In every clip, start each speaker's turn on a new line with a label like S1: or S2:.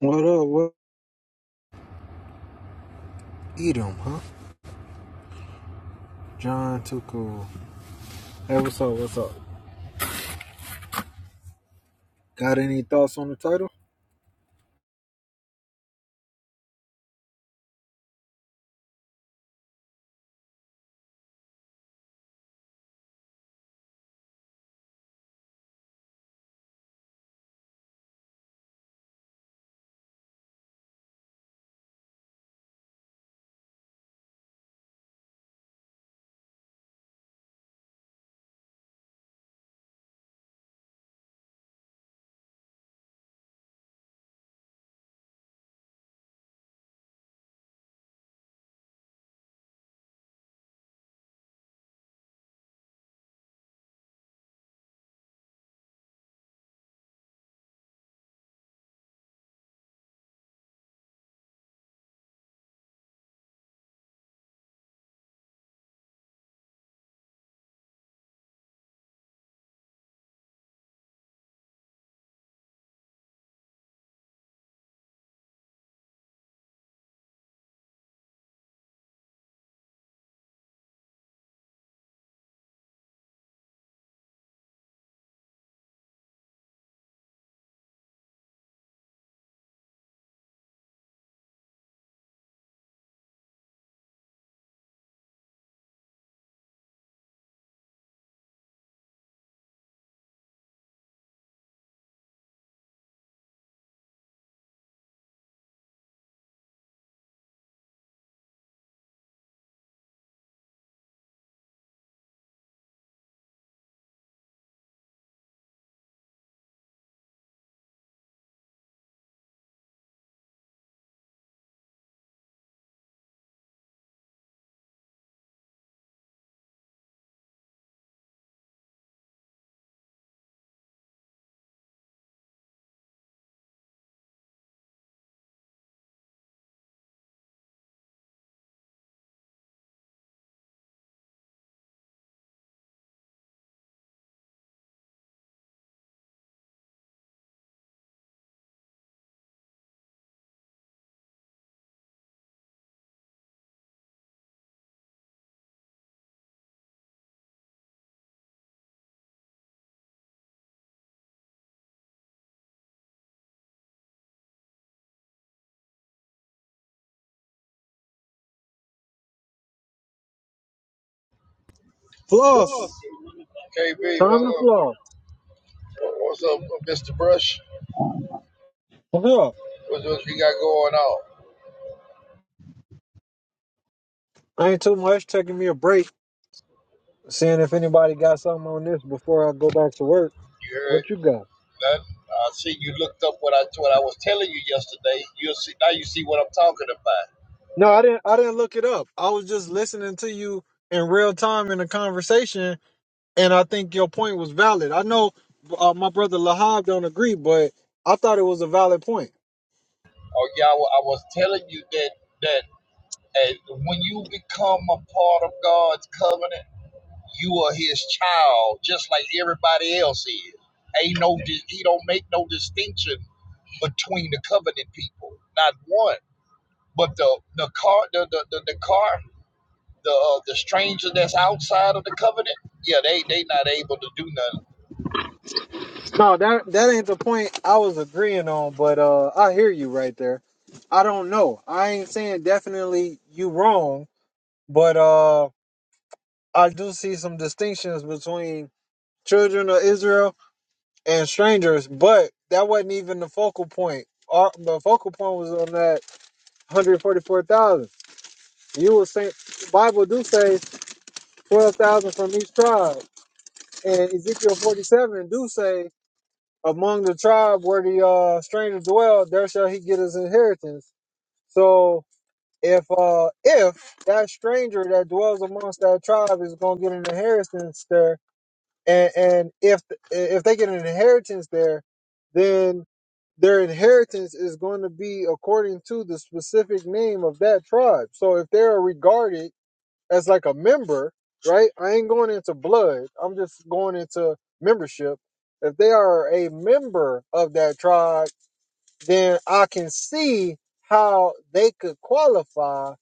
S1: What up? What? Eat 'em, huh? John Tuco. Hey, what's up? What's up? Got any thoughts on the title?
S2: Floss.
S1: Floss.
S2: KB,
S1: Time
S2: what's
S1: to
S2: up?
S1: floss.
S2: What's up, Mr. Brush?
S1: What's up?
S2: What, what you got going on?
S1: Ain't too much. Taking me a break, seeing if anybody got something on this before I go back to work.
S2: You heard
S1: What you got?
S2: nothing? I see you looked up what I what I was telling you yesterday. You'll see now. You see what I'm talking about.
S1: No, I didn't. I didn't look it up. I was just listening to you in real time in a conversation, and I think your point was valid. I know uh, my brother Lahab don't agree, but I thought it was a valid point.
S2: Oh yeah, I, wa- I was telling you that that uh, when you become a part of God's covenant, you are His child, just like everybody else is. Ain't no, di- He don't make no distinction between the covenant people. Not one. But the the car the the, the, the car the uh, the stranger that's outside of the covenant, yeah, they they not able to do nothing.
S1: No, that that ain't the point I was agreeing on, but uh I hear you right there. I don't know. I ain't saying definitely you wrong, but uh I do see some distinctions between children of Israel and strangers, but that wasn't even the focal point. Our, the focal point was on that 144,000. You were saying Bible do say 12,000 from each tribe, and Ezekiel 47 do say among the tribe where the uh, stranger dwell, there shall he get his inheritance. So if uh, if that stranger that dwells amongst that tribe is going to get an inheritance there, and, and if if they get an inheritance there, then their inheritance is going to be according to the specific name of that tribe. So if they are regarded as like a member, right? I ain't going into blood. I'm just going into membership. If they are a member of that tribe, then I can see how they could qualify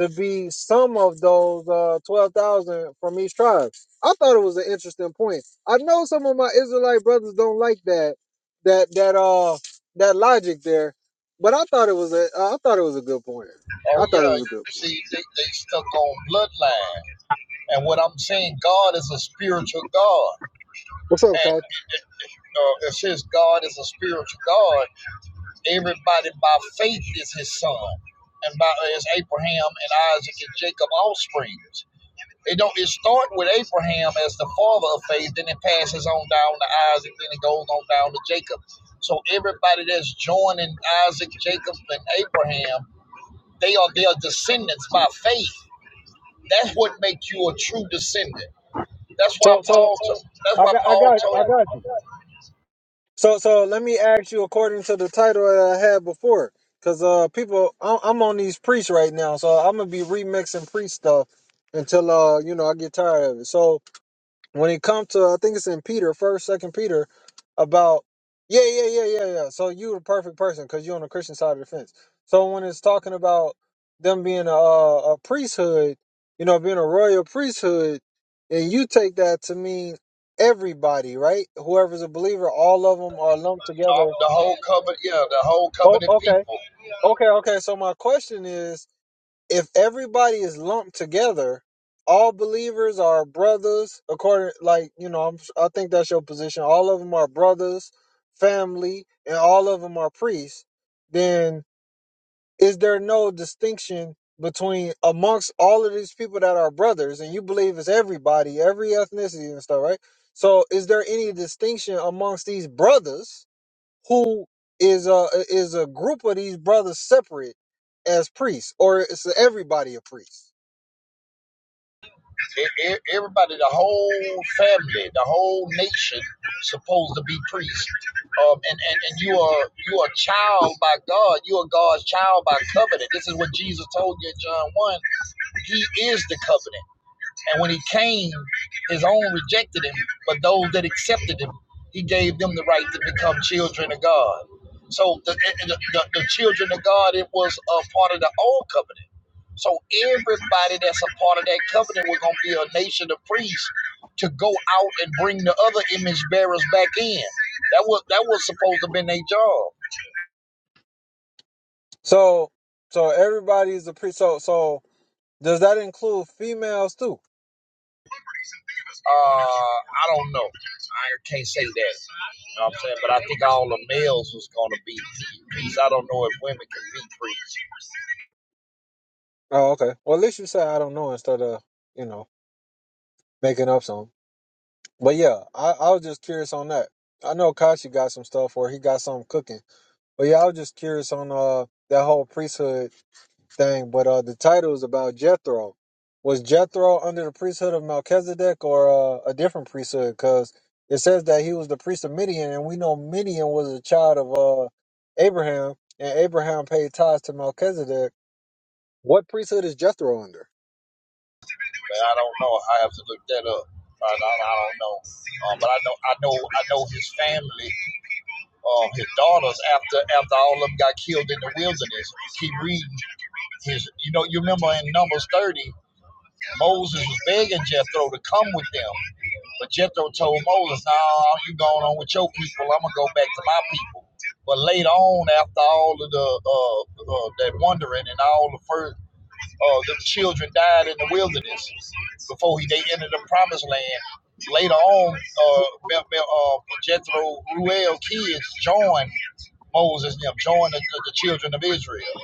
S1: to be some of those uh, 12,000 from each tribe. I thought it was an interesting point. I know some of my Israelite brothers don't like that that that uh that logic there, but I thought it was a I thought it was a good point.
S2: Oh
S1: I thought it
S2: yeah,
S1: was a good
S2: you
S1: point.
S2: see, they they stuck on bloodline. And what I'm saying, God is a spiritual God,
S1: What's up,
S2: and
S1: coach?
S2: uh, it says God is a spiritual God. Everybody by faith is His son, and by is Abraham and Isaac and Jacob offspring. It don't. It start with Abraham as the father of faith, then it passes on down to Isaac, then it goes on down to Jacob. So everybody that's joining Isaac, Jacob, and Abraham, they are their descendants by faith. That's what makes you a true descendant. That's why
S1: So, so
S2: Paul. To, that's
S1: I
S2: why
S1: got, I
S2: Paul
S1: got,
S2: told
S1: I got you. So, so let me ask you according to the title that I had before, because uh, people, I'm, I'm on these priests right now, so I'm gonna be remixing priest stuff until uh, you know, I get tired of it. So, when it comes to I think it's in Peter, first, second Peter, about yeah, yeah, yeah, yeah, yeah. So you the perfect person because you're on the Christian side of the fence. So when it's talking about them being a, a priesthood, you know, being a royal priesthood, and you take that to mean everybody, right? Whoever's a believer, all of them are lumped
S2: uh,
S1: together.
S2: the whole covenant. Yeah, the whole
S1: Oh,
S2: covenant
S1: okay,
S2: people.
S1: okay, okay. So my question is, if everybody is lumped together, all believers are brothers. According, like you know, I'm, I think that's your position. All of them are brothers, family, and all of them are priests. Then is there no distinction between amongst all of these people that are brothers, and you believe it's everybody, every ethnicity and stuff, right? So, is there any distinction amongst these brothers? who is a is a group of these brothers separate as priests, or is everybody a priest?
S2: E- e- Everybody, the whole family, the whole nation, supposed to be priests. Um, and, and and you are you are a child by God. You are God's child by covenant. This is what Jesus told you in John one. He is the covenant. And when he came, his own rejected him, but those that accepted him, he gave them the right to become children of God. So the, the, the, the children of God, it was a part of the old covenant. So everybody that's a part of that covenant was going to be a nation of priests to go out and bring the other image bearers back in. That was that was supposed to have been their job.
S1: So so everybody is a priest. So so does that include females too?
S2: Uh, I don't know. I can't say that. You know what I'm saying? But I think all the males was gonna be priests. I don't know if women can be priests,
S1: Oh, okay. Well, at least you say I don't know instead of you know making up some. But yeah, I, I was just curious on that. I know Kashi got some stuff or he got something cooking. But yeah, I was just curious on uh that whole priesthood thing. But uh the title is about Jethro. Was Jethro under the priesthood of Melchizedek or uh, a different priesthood? Because it says that he was the priest of Midian, and we know Midian was a child of uh Abraham, and Abraham paid tithes to Melchizedek. What priesthood is Jethro under?
S2: but I don't know. I have to look that up. I, I, I don't know. Uh, but I know, I know, I know his family, uh, his daughters. After after all of them got killed in the wilderness, keep reading his. You know, you remember in Numbers 30, Moses was begging Jethro to come with them. But Jethro told Moses, "No, you going on with your people. I'm gonna go back to my people." But later on, after all of the uh, uh, that wandering and all the first, uh, the children died in the wilderness before he they entered the promised land. Later on, uh, uh, Jethro Ruel kids joined Moses and them, joined the, the, children of Israel,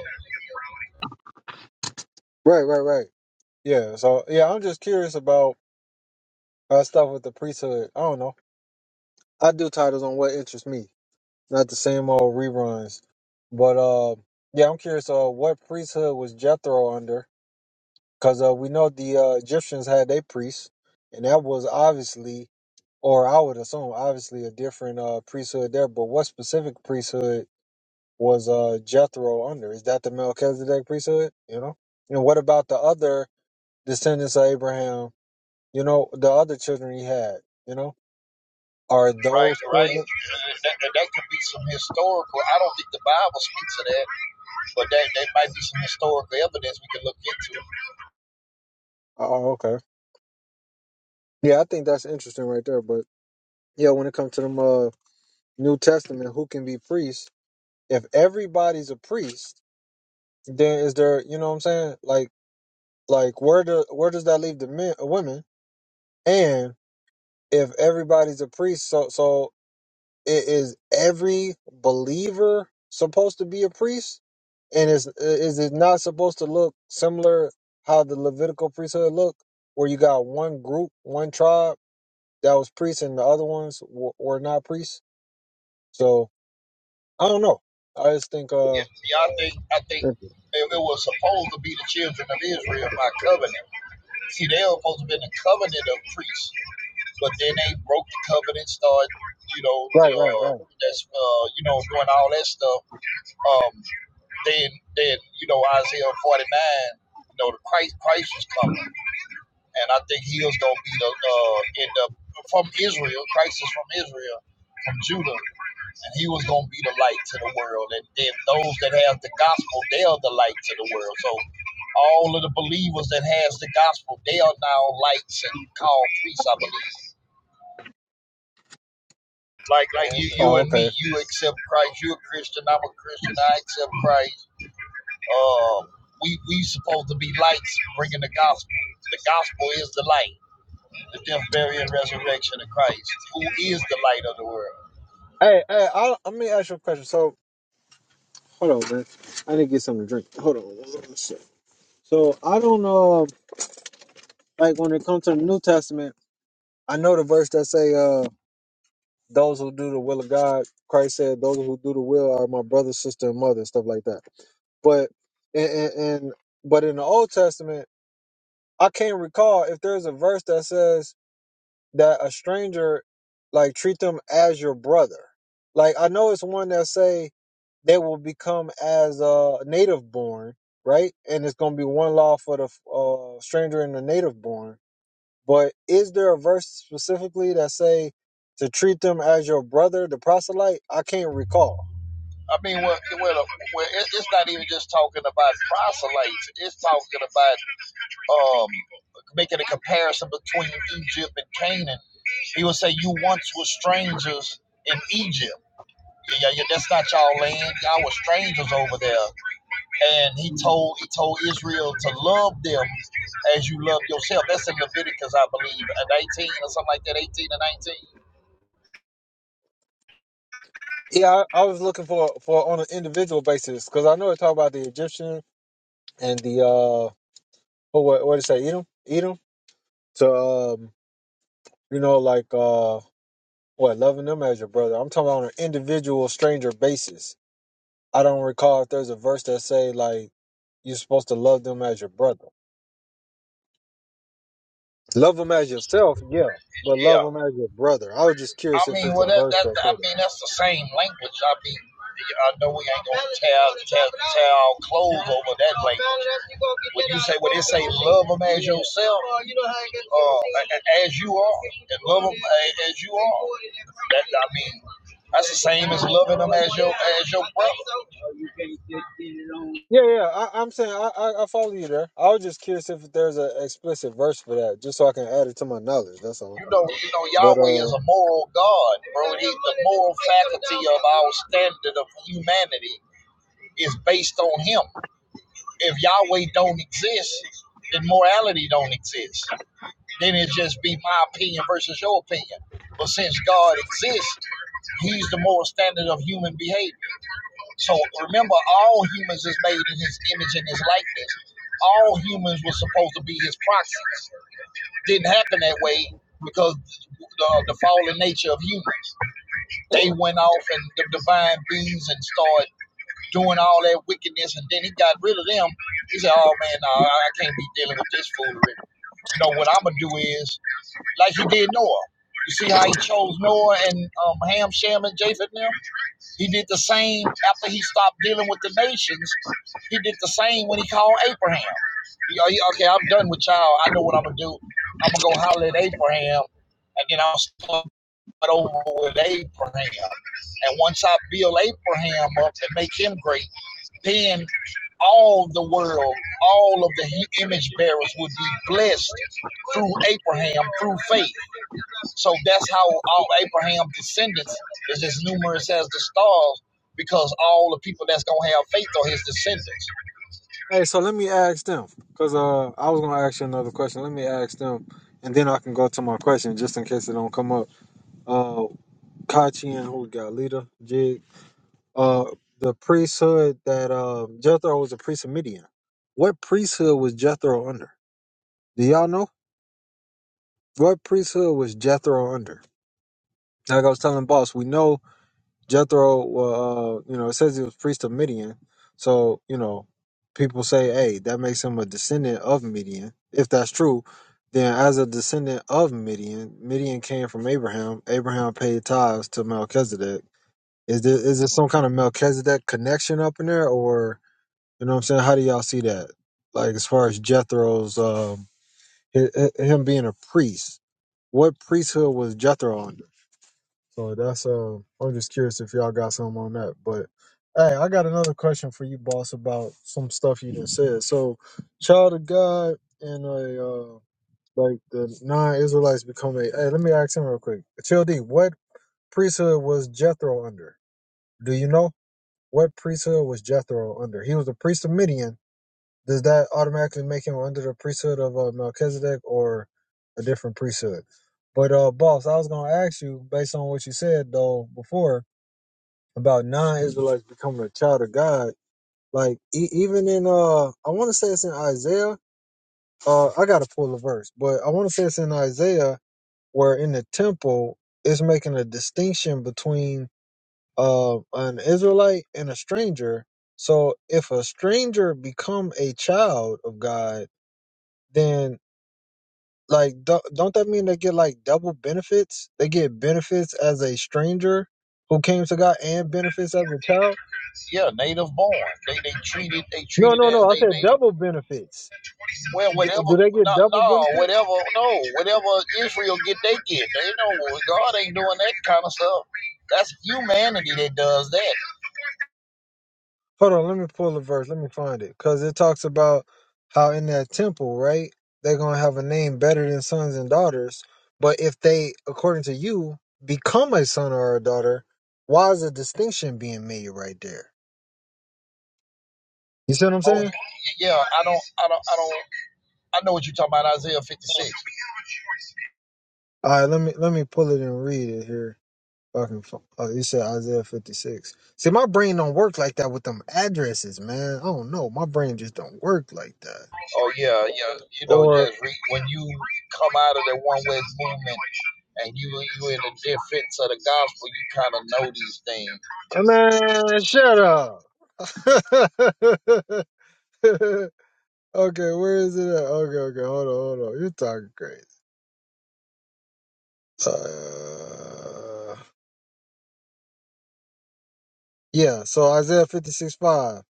S1: Right, right, right. Yeah. So yeah, I'm just curious about uh, stuff with the priesthood. I don't know. I do titles on what interests me, not the same old reruns. But uh, yeah, I'm curious. Uh, what priesthood was Jethro under? Because uh, we know the uh, Egyptians had their priests, and that was obviously, or I would assume, obviously a different uh priesthood there. But what specific priesthood was uh Jethro under? Is that the Melchizedek priesthood? You know. And what about the other descendants of Abraham? You know, the other children he had. You know, are
S2: right?
S1: those
S2: Right?
S1: children?
S2: that that could be some historical. I don't think the Bible speaks of that but there, there might be some historical evidence we can look into.
S1: Oh, okay. Yeah, I think that's interesting right there. But yeah, when it comes to them uh, New Testament, who can be priests? If everybody's a priest, then is there? You know what I'm saying? Like, like where do where does that leave the men, uh, women? And if everybody's a priest, so so it is every believer supposed to be a priest? And is is it not supposed to look similar how the Levitical priesthood looked, where you got one group, one tribe that was priests, and the other ones w- were not priests? So I don't know. I just think uh
S2: Yeah, see, I think I think it, it was supposed to be the children of Israel by covenant. See, they were supposed to be in the covenant of priests, but then they broke the covenant, started, you know,
S1: right, right,
S2: uh,
S1: right.
S2: that's uh, you know, doing all that stuff. Um, then then you know Isaiah forty nine, you know, the Christ Christ is coming, and I think he was gonna be the uh, end up from Israel. Christ is from Israel, from Judah and he was going to be the light to the world. And then those that have the gospel, they are the light to the world. So all of the believers that has the gospel, they are now lights and called priests, I believe. Like like you, you
S1: Oh,
S2: and
S1: okay.
S2: me, you accept Christ. You're a Christian. I'm a Christian. I accept Christ. Uh, we we supposed to be lights, bringing the gospel. The gospel is the light, the death, burial, and resurrection of Christ, who is the light of the world.
S1: Hey, hey, I let me ask you a question. So hold on, man. I need to get something to drink. Hold on. one sec. So I don't know like when it comes to the New Testament, I know the verse that say uh those who do the will of God, Christ said, those who do the will are my brother, sister, and mother, stuff like that. But and, and, and but in the Old Testament, I can't recall if there's a verse that says that a stranger like treat them as your brother. Like I know it's one that say they will become as a native born, right? And it's gonna be one law for the uh, stranger and the native born. But is there a verse specifically that say to treat them as your brother, the proselyte? I can't recall.
S2: I mean, well, well, well it's not even just talking about proselytes. It's talking about um, making a comparison between Egypt and Canaan. He would say, "You once were strangers in Egypt. Yeah, yeah, yeah, that's not y'all land. Y'all were strangers over there." And he told he told Israel to love them as you love yourself. That's in Leviticus, I believe, at 18 or something like that, 18 and 19.
S1: Yeah, I, I was looking for for on an individual basis because I know it talk about the Egyptian and the uh what what did it say Edom Edom. So um, you know like uh What, loving them as your brother? I'm talking about on an individual stranger basis. I don't recall if there's a verse that say like you're supposed to love them as your brother. Love them as yourself, yeah, but
S2: Yeah.
S1: love them as your brother. I was just
S2: I
S1: curious if
S2: mean,
S1: it's a
S2: well, that,
S1: verse
S2: that
S1: that
S2: I
S1: say that.
S2: mean, that's the same language. I mean, I know we ain't gonna tear tear tear our clothes over that language. When you say, when they say, love them as yourself, uh, as you are, and love them as you are. That I mean, that's the same as loving them as your as your brother.
S1: Yeah, yeah, I, I'm saying I, I, I follow you there. I was just curious if there's an explicit verse for that, just so I can add it to my knowledge. That's all.
S2: You know, you know,
S1: But
S2: Yahweh is
S1: uh,
S2: a moral God, bro. He, the moral faculty of our standard of humanity is based on Him. if Yahweh don't exist, then morality don't exist. Then it just be my opinion versus your opinion. But since God exists, He's the moral standard of human behavior. So remember, all humans is made in His image and His likeness. All humans were supposed to be His proxies. Didn't happen that way because the, the fallen nature of humans. They went off and the divine beings and started doing all that wickedness, and then he got rid of them. He said, "Oh man, no, I can't be dealing with this foolery." You know what I'm gonna do is like he did Noah. You see how he chose Noah and um, Ham, Shem, and Japheth. Now he did the same after he stopped dealing with the nations. He did the same when he called Abraham. He- he- okay, I'm done with y'all. I know what I'm gonna do. I'm gonna go holler at Abraham, and then I'll start over with Abraham. And once I build Abraham up and make him great then all the world, all of the image bearers would be blessed through Abraham, through faith. So that's how all Abraham's descendants is as numerous as the stars, because all the people that's gonna have faith are his descendants.
S1: hey, so let me ask them because uh, I was gonna ask you another question. Let me ask them, and then I can go to my question just in case it don't come up. Uh, Kachi and who we got Lita, Jig. Uh, the priesthood that um Jethro was a priest of Midian. What priesthood was Jethro under? Do y'all know what priesthood was Jethro under? Like I was telling boss, we know Jethro. Uh, you know, it says he was priest of Midian. So you know, people say, hey, that makes him a descendant of Midian. If that's true, then as a descendant of Midian, Midian came from Abraham. Abraham paid tithes to Melchizedek Is there is there some kind of Melchizedek connection up in there, or you know what I'm saying? How do y'all see that? Like as far as Jethro's um hi- hi- him being a priest, what priesthood was Jethro under? So that's uh, I'm just curious if y'all got something on that. But hey, I got another question for you, boss, about some stuff you just said. So, child of God and a uh, like the non-Israelites become a. Hey, let me ask him real quick. Child D, what priesthood was Jethro under? Do you know? What priesthood was Jethro under? He was a priest of Midian. Does that automatically make him under the priesthood of uh, Melchizedek or a different priesthood? But uh, boss, I was gonna ask you based on what you said though before about non-Israelites becoming a child of God. Like e- even in uh, I want to say it's in Isaiah. Uh, I gotta pull a verse, but I want to say it's in Isaiah where in the temple it's making a distinction between uh, an Israelite and a stranger. So if a stranger become a child of God, then like do- don't that mean they get like double benefits? They get benefits as a stranger who came to God and benefits as a child.
S2: Yeah, native born. They they treated they
S1: No,
S2: treated
S1: no,
S2: as
S1: no. I
S2: they
S1: said
S2: they
S1: double benefits.
S2: well
S1: D-
S2: whatever
S1: do they
S2: no
S1: get double
S2: no
S1: benefits?
S2: whatever no whatever Israel get they get. They know God ain't doing that kind of stuff. That's humanity that does that.
S1: hold on, let me pull the verse. Let me find it. Because it talks about how in that temple, right, they're going to have a name better than sons and daughters. But if they, according to you, become a son or a daughter, why is a distinction being made right there? You see what I'm
S2: Oh
S1: saying?
S2: yeah, I don't, I don't, I don't. I know what you're talking about, Isaiah 56.
S1: All right, let me let me pull it and read it here. If I can, fi- oh, you said Isaiah 56. See, my brain don't work like that with them addresses, man. I don't know. My brain just don't work like that.
S2: Oh yeah, yeah. You know,
S1: Or,
S2: just re, when you come out of that one way movement and you you in the defense of the gospel, you kind of know these things.
S1: oh, man, shut up. okay, where is it at? Okay, okay, hold on, hold on. You're talking crazy. Uh, yeah, so Isaiah 56 5.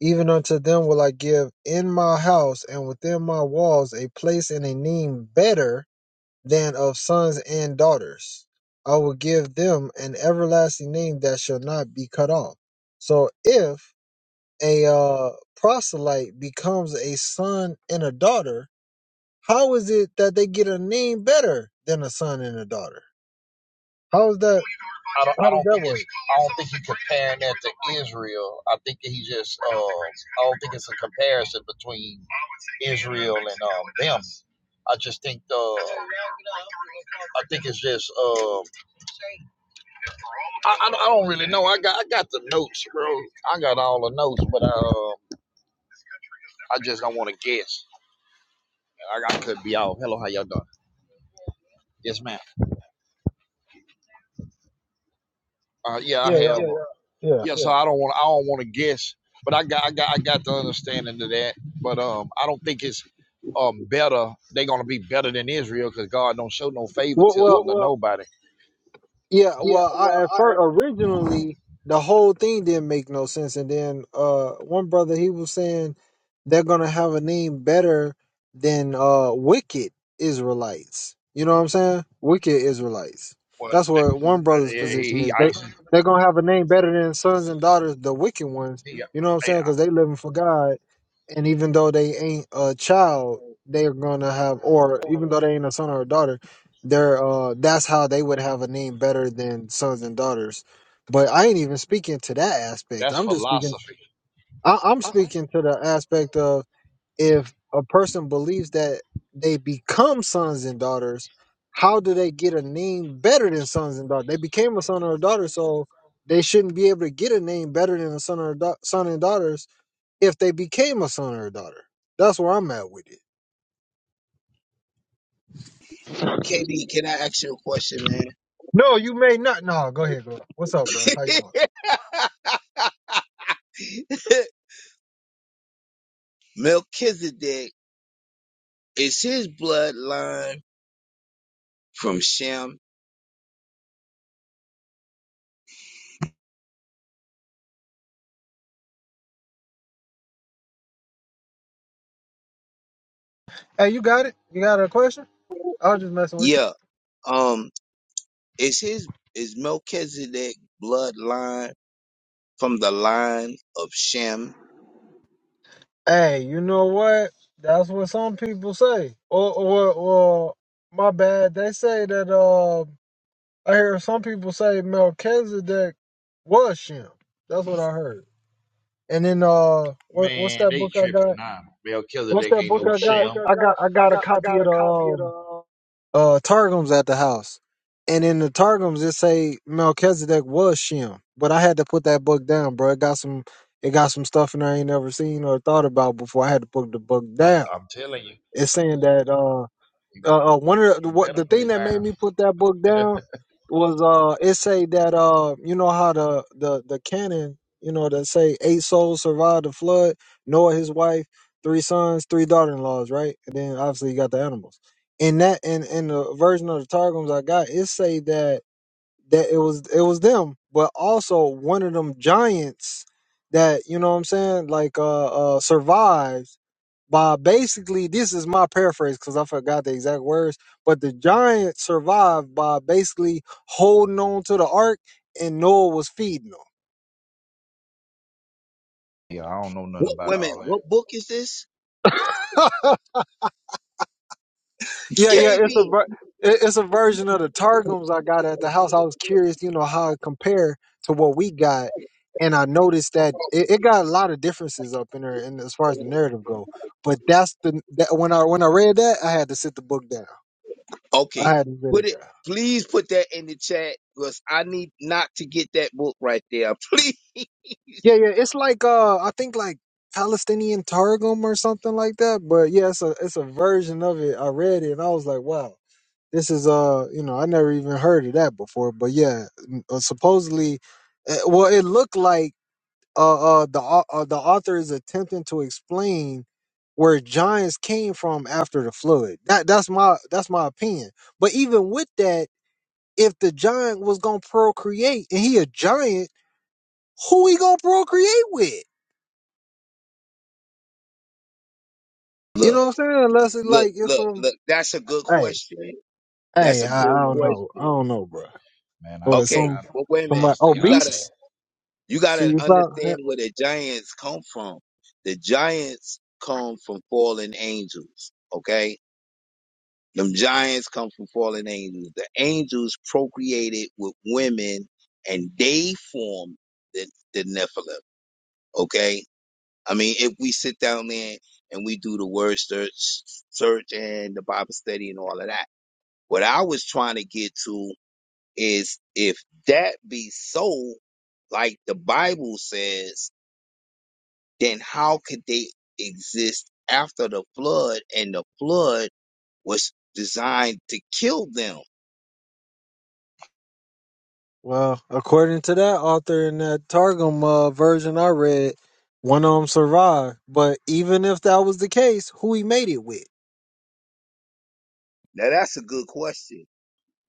S1: Even unto them will I give in my house and within my walls a place and a name better than of sons and daughters. I will give them an everlasting name that shall not be cut off. So if a uh, proselyte becomes a son and a daughter, How is it that they get a name better than a son and a daughter? How is that?
S2: I don't, I
S1: How does
S2: don't
S1: that
S2: think it's,
S1: work?
S2: I don't think he's comparing that to Israel. I think that he just, uh, I don't think it's a comparison between Israel and um them. I just think, uh, I think it's just, um. I, I don't I don't really know. I got I got the notes, bro. I got all the notes, but uh, I just don't want to guess. I, I could be off. Hello, how y'all doing? Yes, ma'am. Uh, yeah, I
S1: Yeah,
S2: have.
S1: yeah.
S2: Yeah, Yeah,
S1: yeah.
S2: Yeah, so I don't want I don't want to guess, but I got I got I got the understanding of that. But um, I don't think it's um better. They're gonna be better than Israel because God don't show no Well,
S1: Well,
S2: favoritism
S1: well,
S2: Well, to well, nobody.
S1: Yeah,
S2: yeah,
S1: well, I,
S2: well,
S1: at
S2: I
S1: first
S2: asked
S1: originally the whole thing didn't make no sense, and then uh, one brother he was saying they're gonna have a name better than uh, wicked Israelites. You know what I'm saying? Wicked Israelites.
S2: Well,
S1: That's what one brother's
S2: yeah, he,
S1: position
S2: he
S1: is. They
S2: icing.
S1: they're gonna have a name better than sons and daughters, the wicked ones.
S2: He, yeah,
S1: You know what I'm saying? Because they living for
S2: I,
S1: God, and even though they ain't a child, they're gonna have, or even though they ain't a son or a daughter they're uh that's how they would have a name better than sons and daughters. But I ain't even speaking to that aspect.
S2: That's
S1: I'm just speaking
S2: philosophy.
S1: I, I'm
S2: Uh-uh.
S1: speaking to the aspect of if a person believes that they become sons and daughters, how do they get a name better than sons and daughters? They became a son or a daughter, so they shouldn't be able to get a name better than a son or a da- son and daughters if they became a son or a daughter. That's where I'm at with it.
S3: Katie, can I ask you a question, man?
S1: No, you may not. No, go ahead, go. Ahead. What's up, bro? How you doing?
S3: Melchizedek, is his bloodline from Shem?
S1: Hey, you got it? You got a question? I was just messing with you.
S3: Yeah. Um, is his is Melchizedek bloodline from the line of Shem?
S1: Hey, you know what? That's what some people say. Or, or, or, my bad. They say that, uh, I hear some people say Melchizedek was Shem. That's what I heard. And then, uh, what, what's
S2: Man,
S1: that
S2: they
S1: book I
S2: tripping
S1: got?
S2: now. Mel Killer
S1: What's
S2: Dick
S1: that
S2: ain't no
S1: book I got?
S2: sham.
S1: I got, I
S2: I got? I
S1: got a
S2: got I
S1: copy
S2: got
S1: of
S2: a
S1: the,
S2: copy of the.
S1: um,
S2: Uh,
S1: uh Targums at the house. And in the Targums it say Melchizedek was Shem. But I had to put that book down, bro. It got some it got some stuff in there I ain't never seen or thought about before. I had to put the book
S2: I'm,
S1: down.
S2: I'm telling you,
S1: It's saying that uh
S2: you,
S1: uh, uh one
S2: you,
S1: of the
S2: you
S1: what,
S2: better
S1: the
S2: put
S1: thing
S2: it
S1: that made
S2: down.
S1: me put that book down was uh it say that uh you know how the the the canon you know that say eight souls survived the flood noah his wife three sons three daughter-in-laws right and then obviously you got the animals in that in in the version of the targums i got it say that that it was it was them, but also one of them giants that you know what I'm saying, like uh, uh survived by basically this is my paraphrase because I forgot the exact words, but the giant survived by basically holding on to the ark and Noah was feeding
S2: Yeah, I don't know nothing
S3: What
S2: about
S3: women,
S2: all that,
S3: what book is this?
S1: them. Yeah, yeah, it's a
S3: KB.
S1: ver- it- it's a version of the targums I got at the house. I was curious, you know, how it compare to what we got, and I noticed that it, it got a lot of differences up in there, and as far as the narrative go. But that's the that when I when I read that, I had to sit the book down.
S3: Okay.
S1: I had to sit
S3: Put
S1: it
S3: it
S1: down.
S3: please put that in the chat because I need not to get that book right there. Please
S1: Yeah, yeah, it's like uh, I think like Palestinian targum or something like that. But yeah, it's a it's a version of it. I read it and I was like, wow, this is uh you know i never even heard of that before but yeah m- uh, supposedly uh, well it looked like uh, uh the au- uh, the author is attempting to explain where giants came from after the flood that that's my that's my opinion but even with that if the giant was gonna procreate and he a giant who he gonna procreate with you know
S3: look,
S1: what i'm saying unless it
S3: look,
S1: like it's
S3: look,
S1: some
S3: look. That's a good
S1: hey
S3: question. That's
S1: hey
S3: a
S1: i, I
S3: good
S1: don't know i
S3: question.
S1: don't know bro
S2: man. I
S1: or
S2: stay
S3: Okay,
S1: some
S2: out. Of,
S3: well, wait a
S2: I
S1: somebody
S3: minute.
S2: stay
S3: You
S2: out of
S3: gotta
S2: that.
S1: obese
S3: you
S1: see
S3: gotta
S1: you
S3: understand where the giants come from. The giants come from fallen angels. Okay, them giants come from fallen angels. The angels procreated with women, and they formed the the Nephilim. Okay, I mean, if we sit down there and we do the word search, search and the Bible study and all of that, what I was trying to get to is if that be so, like the Bible says, then how could they exist after the flood and the flood was designed to kill them?
S1: Well, according to that author in that Targum uh, version I read, one of them survived. But even if that was the case, who he made it with?
S3: Now that's a good question.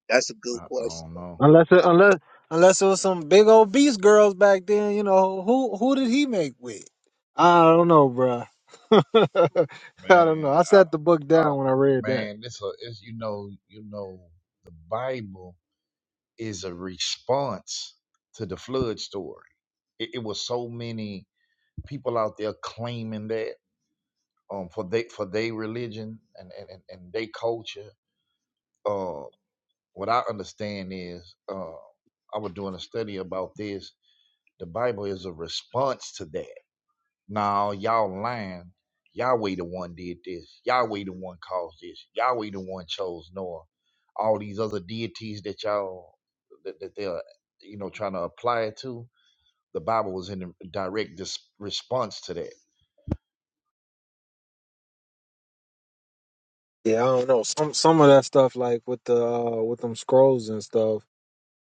S3: That's a good
S2: I, I
S3: question.
S2: don't know,
S1: Unless it, unless unless it was some big old beast girls back then, you know who who did he make with? I don't know, bruh. I don't
S2: man.
S1: know. I sat the book
S2: I, I
S1: down when I read that.
S2: man, this a, it's you know, you know, the Bible is a response to the flood story. It, it was so many people out there claiming that um, for they for their religion and and and, and their culture. Uh, what I understand is, uh, I was doing a study about this. The Bible is a response to that. Now y'all lying. Yahweh the one did this. Yahweh the one caused this. Yahweh the one chose Noah. All these other deities that y'all that, that they're you know trying to apply it to. The Bible was in direct dis- response to that
S1: Yeah, I don't know. Some some of that stuff, like with the uh, with them scrolls and stuff.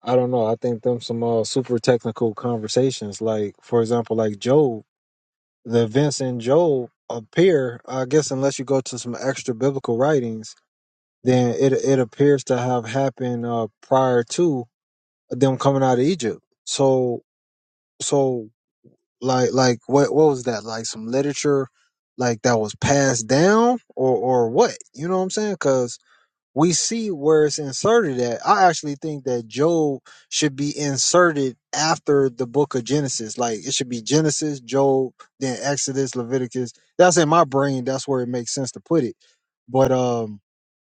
S1: I don't know. I think them some uh, super technical conversations. Like for example, like Job. the events in Job appear, I guess, unless you go to some extra biblical writings, then it it appears to have happened uh, prior to them coming out of Egypt. So so like like what what was that like some literature like that was passed down or or what you know what I'm saying? Because we see where it's inserted at. I actually think that Job should be inserted after the book of Genesis. Like it should be Genesis, Job, then Exodus, Leviticus. That's in my brain. That's where it makes sense to put it. But um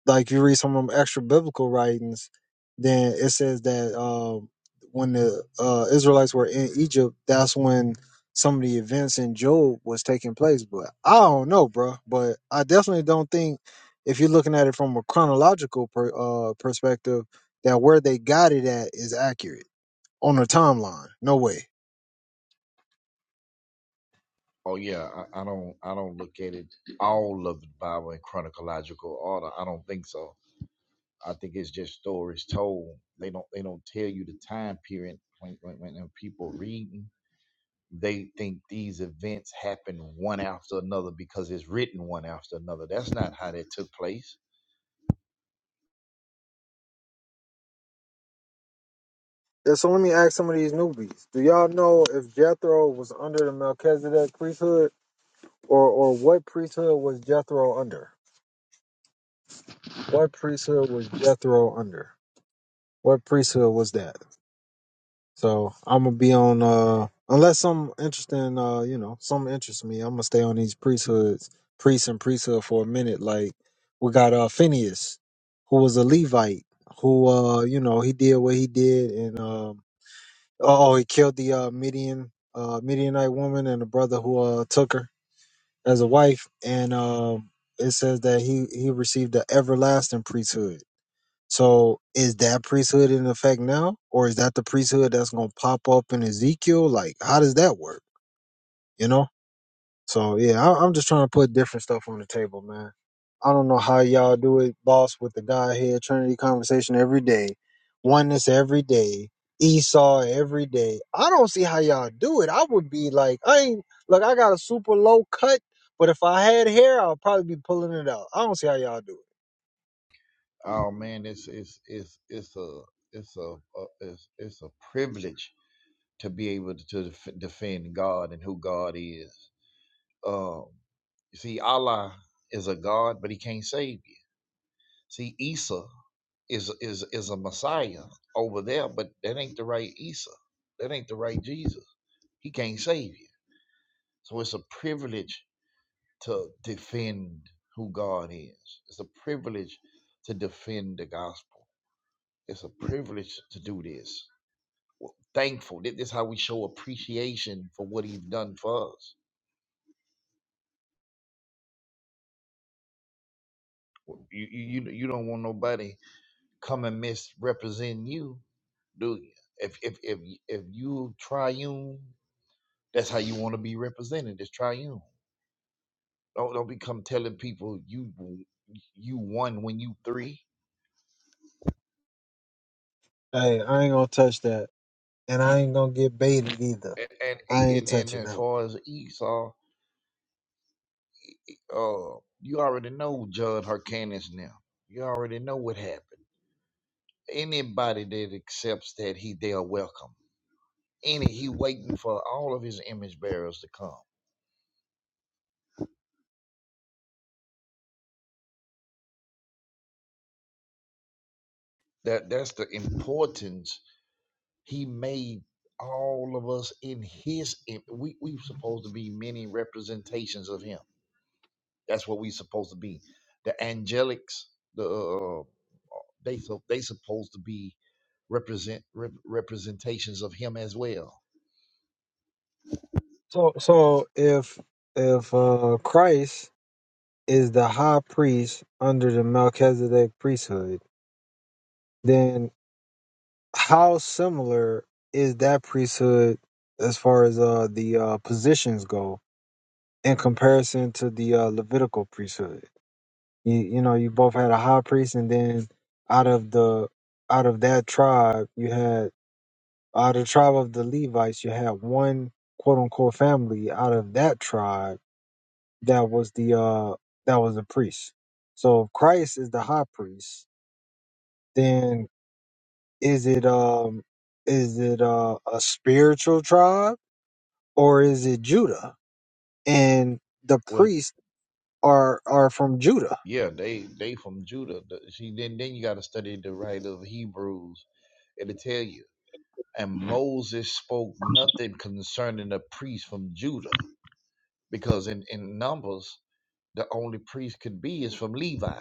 S1: like you read some of them extra biblical writings, then it says that um, when the uh, Israelites were in Egypt, that's when some of the events in Job was taking place. But I don't know, bro. But I definitely don't think if you're looking at it from a chronological per, uh, perspective, that where they got it at is accurate on the timeline. No way.
S2: Oh yeah, I, I don't I don't look at it all of the Bible in chronological order. I don't think so. I think it's just stories told. They don't they don't tell you the time period when when, when people reading. They think these events happen one after another because it's written one after another. That's not how that took place.
S1: Yeah, so let me ask some of these newbies. Do y'all know if Jethro was under the Melchizedek priesthood or, or what priesthood was Jethro under? What priesthood was Jethro under? What priesthood was that? So I'm gonna be on uh unless some interesting uh you know some interests me. I'm gonna stay on these priesthoods, priests and priesthood for a minute. Like we got uh Phineas, who was a Levite, who uh you know he did what he did, and um oh oh, he killed the uh Midian uh Midianite woman and the brother who uh took her as a wife, and um it says that he he received the everlasting priesthood So is that priesthood in effect now, or is that the priesthood that's gonna pop up in Ezekiel? Like, how does that work? You know. So yeah, I, I'm just trying to put different stuff on the table, man. I don't know how y'all do it, boss, with the Godhead Trinity conversation every day, oneness every day, Esau every day. I don't see how y'all do it. I would be like, I ain't look. I got a super low cut, but if I had hair, I'll probably be pulling it out. I don't see how y'all do it.
S2: Oh man, it's it's it's it's a it's a, a it's it's a privilege to be able to def- defend God and who God is. Um, see, Allah is a God, but He can't save you. See, Isa is is is a Messiah over there, but that ain't the right Isa. That ain't the right Jesus. He can't save you. So it's a privilege to defend who God is. It's a privilege to defend the gospel. It's a privilege to do this. Thankful. Thi- This is how we show appreciation for what He's done for us. You you you you don't want nobody come and misrepresent you do you? If if if if you triune, that's how you want to be represented. As triune. Don't don't become telling people you you won when you three.
S1: Hey, I ain't gonna touch that. and I ain't gonna get baited either.
S2: And and
S1: I
S2: e-
S1: ain't
S2: and, and
S1: touching
S2: as
S1: that one.
S2: far as Esau, uh, you already know Judd Hyrcanus now. You already know what happened. Anybody that accepts that he they are welcome. Any he waiting for all of his image bearers to come. That that's the importance He made all of us in his im- we we supposed to be many representations of him. That's what we supposed to be. The angelics, the uh, they so they supposed to be represent rep, representations of him as well.
S1: So so if if uh Christ is the high priest under the Melchizedek priesthood, then how similar is that priesthood as far as uh the uh positions go in comparison to the uh Levitical priesthood? You you know, you both had a high priest and then out of the out of that tribe you had Out of the tribe of the Levites, you had one quote unquote family out of that tribe that was the uh that was a priest. So if Christ is the high priest, then is it um is it uh, a spiritual tribe or is it Judah? And the
S2: Well,
S1: priests are are from Judah.
S2: yeah, they they from Judah. The- See, then then you got to study the writer of Hebrews. It'll tell you. And Moses spoke nothing concerning the priest from Judah, because in in Numbers the only priest could be is from Levi.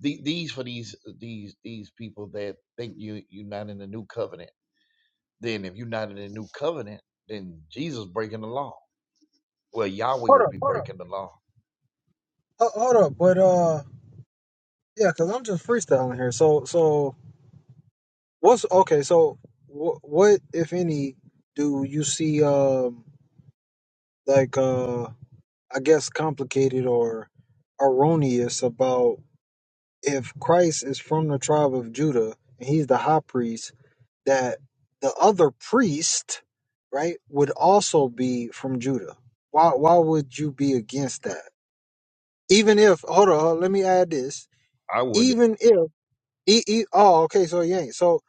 S2: The, these for these these these people that think you you're not in the new covenant. Then if you're not in the new covenant, then Jesus breaking the law. Well, Yahweh
S1: Hold
S2: would
S1: up,
S2: be Hold breaking the law.
S1: ho- hold up, but uh, yeah, because I'm just freestyling here. So so what's okay? So wh- what if any do you see? Um, like uh I guess complicated or erroneous about if Christ is from the tribe of Judah and he's the high priest that the other priest, right, would also be from Judah. Why why would you be against that? Even if hold on, let me add this.
S2: I wouldn't
S1: Even if e, e oh okay, so you ain't so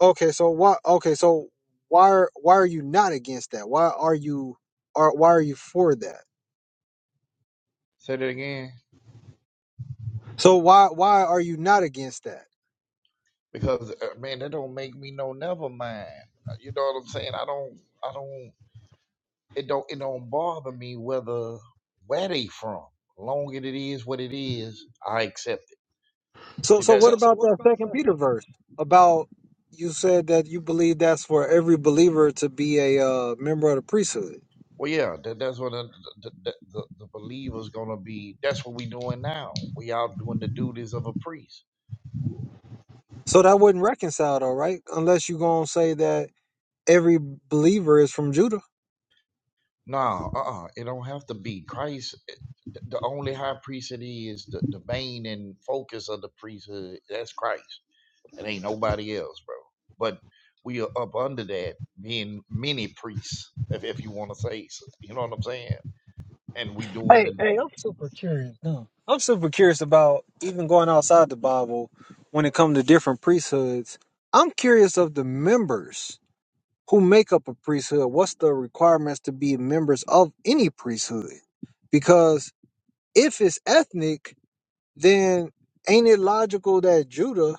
S1: okay, so why okay, so why are why are you not against that? Why are you are why are you for that?
S2: say that again
S1: So why why are you not against that?
S2: because uh, man, that don't make me no never mind. Uh, You know what I'm saying? I don't I don't it don't it don't bother me whether where they from. Long as it is what it is, I accept it. See
S1: So
S2: on.
S1: so
S2: that
S1: what
S2: So, so
S1: about
S2: what
S1: that
S2: about
S1: second
S2: that?
S1: Peter verse about you said that you believe that's for every believer to be a uh, member of the priesthood.
S2: Well, yeah, that, that's what the the, the, the the believer's gonna be. That's what we doing now. We out doing the duties of a priest.
S1: So that wouldn't reconcile though, right? Unless you gonna say that every believer is from Judah.
S2: Nah, uh, uh it don't have to be Christ. eh, The, the only high priest it is the, the vein and focus of the priesthood. That's Christ. It ain't nobody else, bro. But we are up under that, being many priests, if if you want to say, so, you know what I'm saying. And we doing
S1: Hey,
S2: the.
S1: hey, I'm super curious. No. I'm super curious about even going outside the Bible when it comes to different priesthoods. I'm curious of the members. who make up a priesthood what's the requirements to be members of any priesthood because if it's ethnic then ain't it logical that judah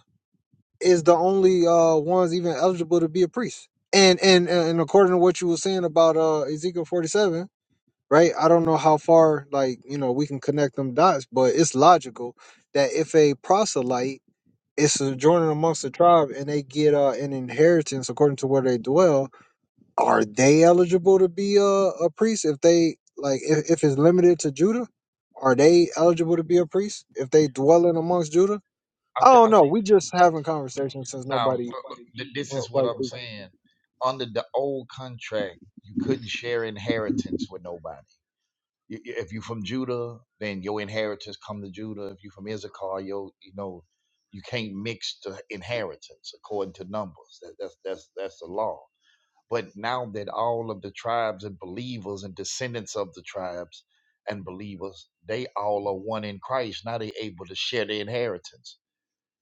S1: is the only uh ones even eligible to be a priest and and and according to what you were saying about uh ezekiel 47 right i don't know how far like you know we can connect them dots but it's logical that if a proselyte is sojourning amongst the tribe and they get uh an inheritance according to where they dwell are they eligible to be a, a priest if they like if, if it's limited to Judah? Are they eligible to be a priest if they dwell in amongst Judah?
S2: I
S1: I
S2: think
S1: don't
S2: I
S1: know.
S2: think.
S1: We just having conversation since
S2: Now,
S1: nobody
S2: th- this is what
S1: nobody
S2: I'm
S1: speaking.
S2: saying. Under the old contract, you couldn't share inheritance with nobody. Y- y- If you are from Judah, then your inheritance come to Judah. If you are from Issachar, your you know, you can't mix the inheritance according to numbers. That, that's that's that's the law. But now that all of the tribes and believers and descendants of the tribes and believers, they all are one in Christ. Now they able to share the inheritance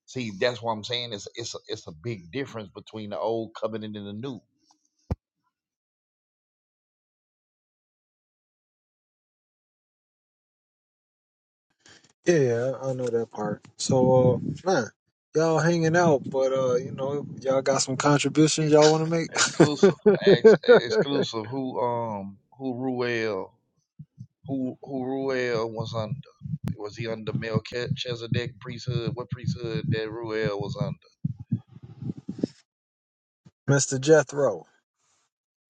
S2: See, that's what I'm saying. It's it's a, it's a big difference between the old covenant and the new.
S1: Yeah, yeah, I I know that part. So uh man, y'all hanging out, but uh, you know, y'all got some contributions y'all wanna make?
S2: Exclusive, ex- exclusive. Who um who Ruel who who Ruel was under? Was he under Melchizedek priesthood? What priesthood that Ruel was under?
S1: Mr. Jethro.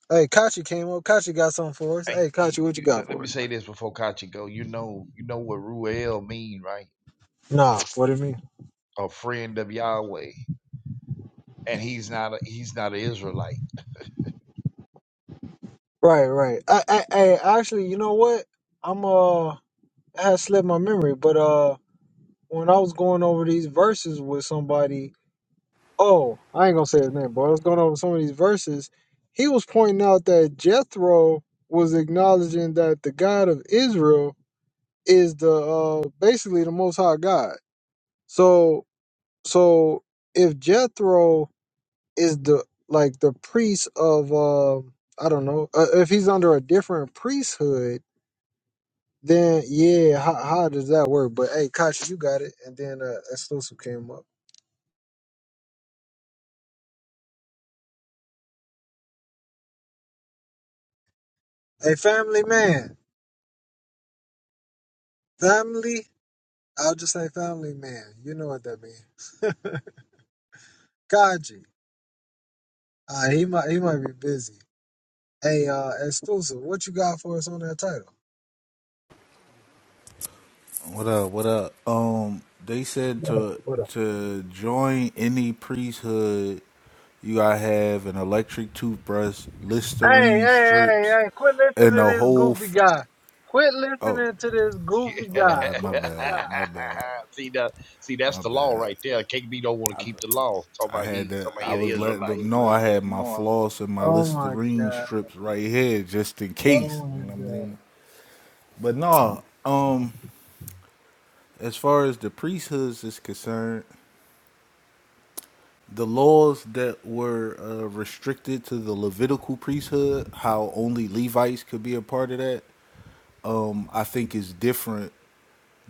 S1: Hey, Kachi came up. Kachi got something for us.
S2: And
S1: Hey,
S2: you,
S1: Kachi, what you
S2: you,
S1: got
S2: let let
S1: for
S2: me
S1: us, man?
S2: say this before Kachi go. You know you know what Ruel mean, right?
S1: Nah, what do you mean?
S2: A friend of Yahweh, and he's not a, he's not an Israelite.
S1: Right, right. I, I, I actually, you know what? I'm uh, it has slipped my memory, but uh, when I was going over these verses with somebody, oh, I ain't gonna say his name, but I was going over some of these verses. He was pointing out that Jethro was acknowledging that the God of Israel is the uh, basically the Most High God. So, so if Jethro is the like the priest of uh, I don't know, uh, if he's under a different priesthood Then yeah, how, how does that work? But hey, Kachi, you got it. And then uh, exclusive came up. Hey, family man, family. I'll just say family man. You know what that means. Kachi, uh, he might he might be busy. Hey, uh, exclusive, what you got for us on that title?
S4: What up? What up? Um, they said to
S1: What up?
S4: to join any priesthood, you gotta have an electric toothbrush,
S1: Hey, hey,
S4: Listerine
S1: hey,
S4: strips,
S1: hey! Quit listening
S4: and
S1: to
S4: a
S1: this
S4: whole.
S1: goofy
S4: F-
S1: guy. Quit
S4: oh,
S1: listening to this goofy
S4: oh, all
S1: guy.
S4: right, my bad, my bad,
S2: see that? See that's
S4: my
S2: the law
S4: bad.
S2: right there. KB don't want to keep the law. Talk
S4: I
S2: about
S4: had
S2: he. Talk
S4: to.
S2: about he
S4: I
S2: had an
S4: was letting
S2: Israelite. No,
S4: them know I had my floss and my
S1: Oh my
S4: Listerine
S1: god.
S4: strips right here, just in case.
S1: Oh
S4: You
S1: my
S4: know what I
S1: god.
S4: mean? But no. Um, as far as the priesthoods is concerned. the laws that were uh, restricted to the Levitical priesthood, how only Levites could be a part of that, um, I think is different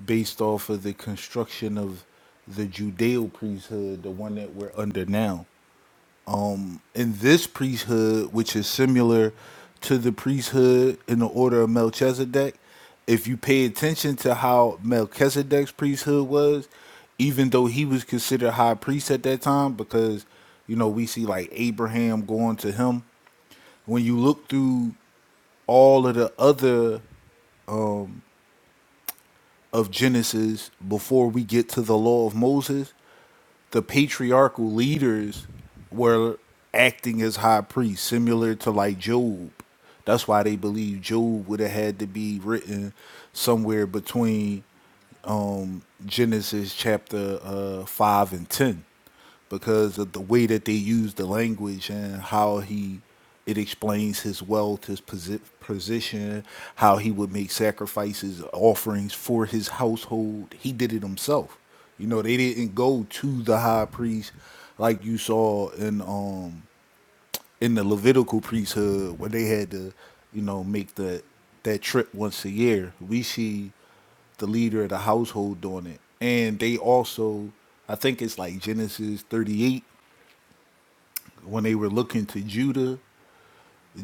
S4: based off of the construction of the Judeo priesthood, the one that we're under now. Um, in this priesthood, which is similar to the priesthood in the order of Melchizedek, if you pay attention to how Melchizedek's priesthood was, even though he was considered high priest at that time, because you know we see like Abraham going to him. When you look through all of the other of Genesis before we get to the law of Moses, the patriarchal leaders were acting as high priests, similar to like Job. That's why they believe Job would have had to be written somewhere between um, Genesis chapter uh, 5 and 10 because of the way that they use the language and how he it explains his wealth, his posi- position, how he would make sacrifices, offerings for his household. He did it himself. You know, they didn't go to the high priest like you saw in um in the Levitical priesthood where they had to, you know, make the that trip once a year. We see the leader of the household doing it. And they also, I think it's like Genesis 38, when they were looking to Judah,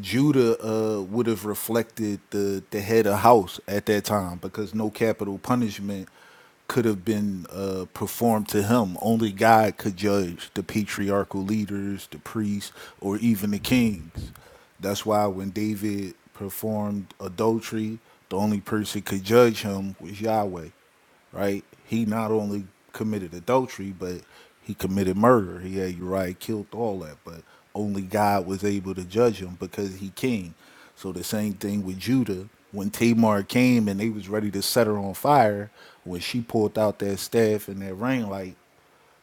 S4: Judah uh, would have reflected the, the head of house at that time because no capital punishment could have been uh, performed to him. Only God could judge the patriarchal leaders, the priests, or even the kings. That's why when David performed adultery, the only person could judge him was Yahweh right? He not only committed adultery, but he committed murder. He had Uriah killed all that, but only God was able to judge him because he king. So the same thing with Judah. When Tamar came and they was ready to set her on fire, when she pulled out that staff and that ring light,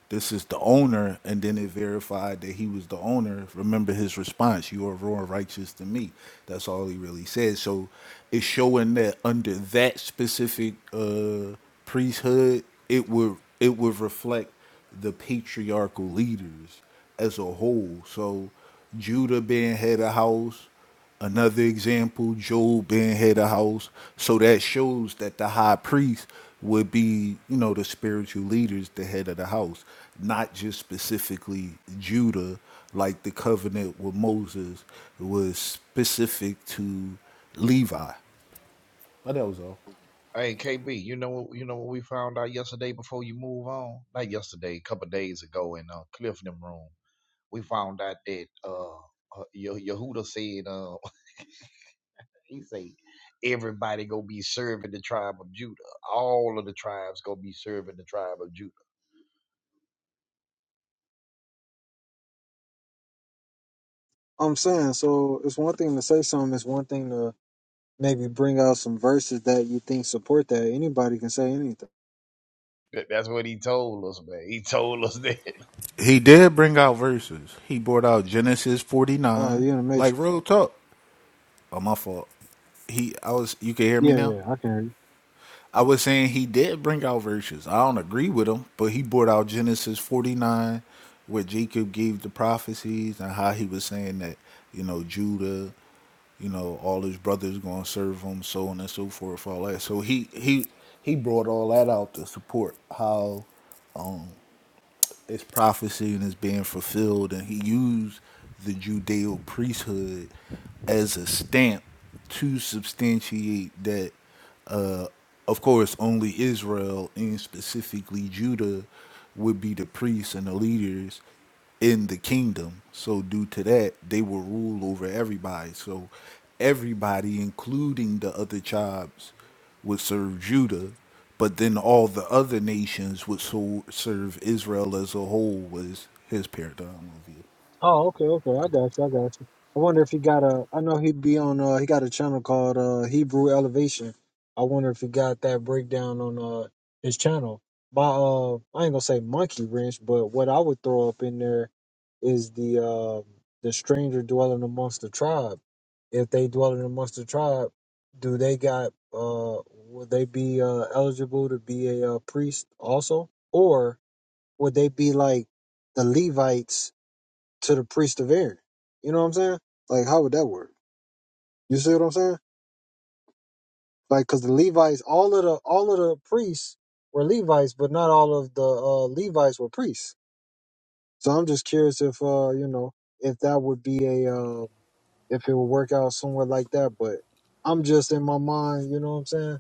S4: this is the owner, and then it verified that he was the owner. Remember his response, you are more righteous than me. That's all he really said. So it's showing that under that specific uh priesthood, it would it would reflect the patriarchal leaders as a whole. So Judah being head of house, Another example, Job being head of house. So that shows that the high priest would be, you know, the spiritual leaders, the head of the house, not just specifically Judah, like the covenant with Moses was specific to Levi. But that was all.
S2: Hey KB, you know You know what we found out yesterday before you move on. Not yesterday, a couple of days ago in uh, Cliff them room, we found out that uh, uh Yehuda said uh he said everybody gonna be serving the tribe of Judah. All of the tribes gonna be serving the tribe of Judah.
S1: I'm saying so. It's one thing to say something. It's one thing to maybe bring out some verses that you think support that. Anybody can say anything.
S2: That- That's what he told us, man. He told us that.
S4: He did bring out verses. He brought out Genesis
S1: Oh,
S4: 49,
S1: you in the
S4: like
S1: matrix?
S4: real talk. Oh, my fault. He, I was, you can hear me
S1: Yeah,
S4: now?
S1: yeah, I can hear you.
S4: I was saying he did bring out virtues. I don't agree with him, but he brought out Genesis 49, where Jacob gave the prophecies and how he was saying that, you know, Judah, you know, all his brothers going to serve him, so on and so forth, all that. So he he he brought all that out to support how it's prophecy and it's being fulfilled, and he used the Judeo priesthood as a stamp to substantiate that of course, only Israel and specifically Judah would be the priests and the leaders in the kingdom. So, due to that, they will rule over everybody. So, everybody, including the other tribes, would serve Judah, but then all the other nations would so serve Israel as a whole, was his paradigm of it.
S1: Oh, okay, okay. I got you. I got you. I wonder if he got a. I know he'd be on. Uh, he got a channel called uh, Hebrew Elevation. I wonder if he got that breakdown on uh his channel. By uh, I ain't gonna say monkey wrench, but what I would throw up in there is the uh the stranger dwelling amongst the tribe. If they dwelling amongst the tribe, do they got uh would they be uh eligible to be a uh, priest also, or would they be like the Levites? to the priest of Aaron. You know what I'm saying? Like, how would that work? You see what I'm saying? Like, because the Levites, all of the all of the priests were Levites, but not all of the uh, Levites were priests. So I'm just curious if uh, you know, if that would be a uh, if it would work out somewhere like that. But I'm just in my mind, you know what I'm saying?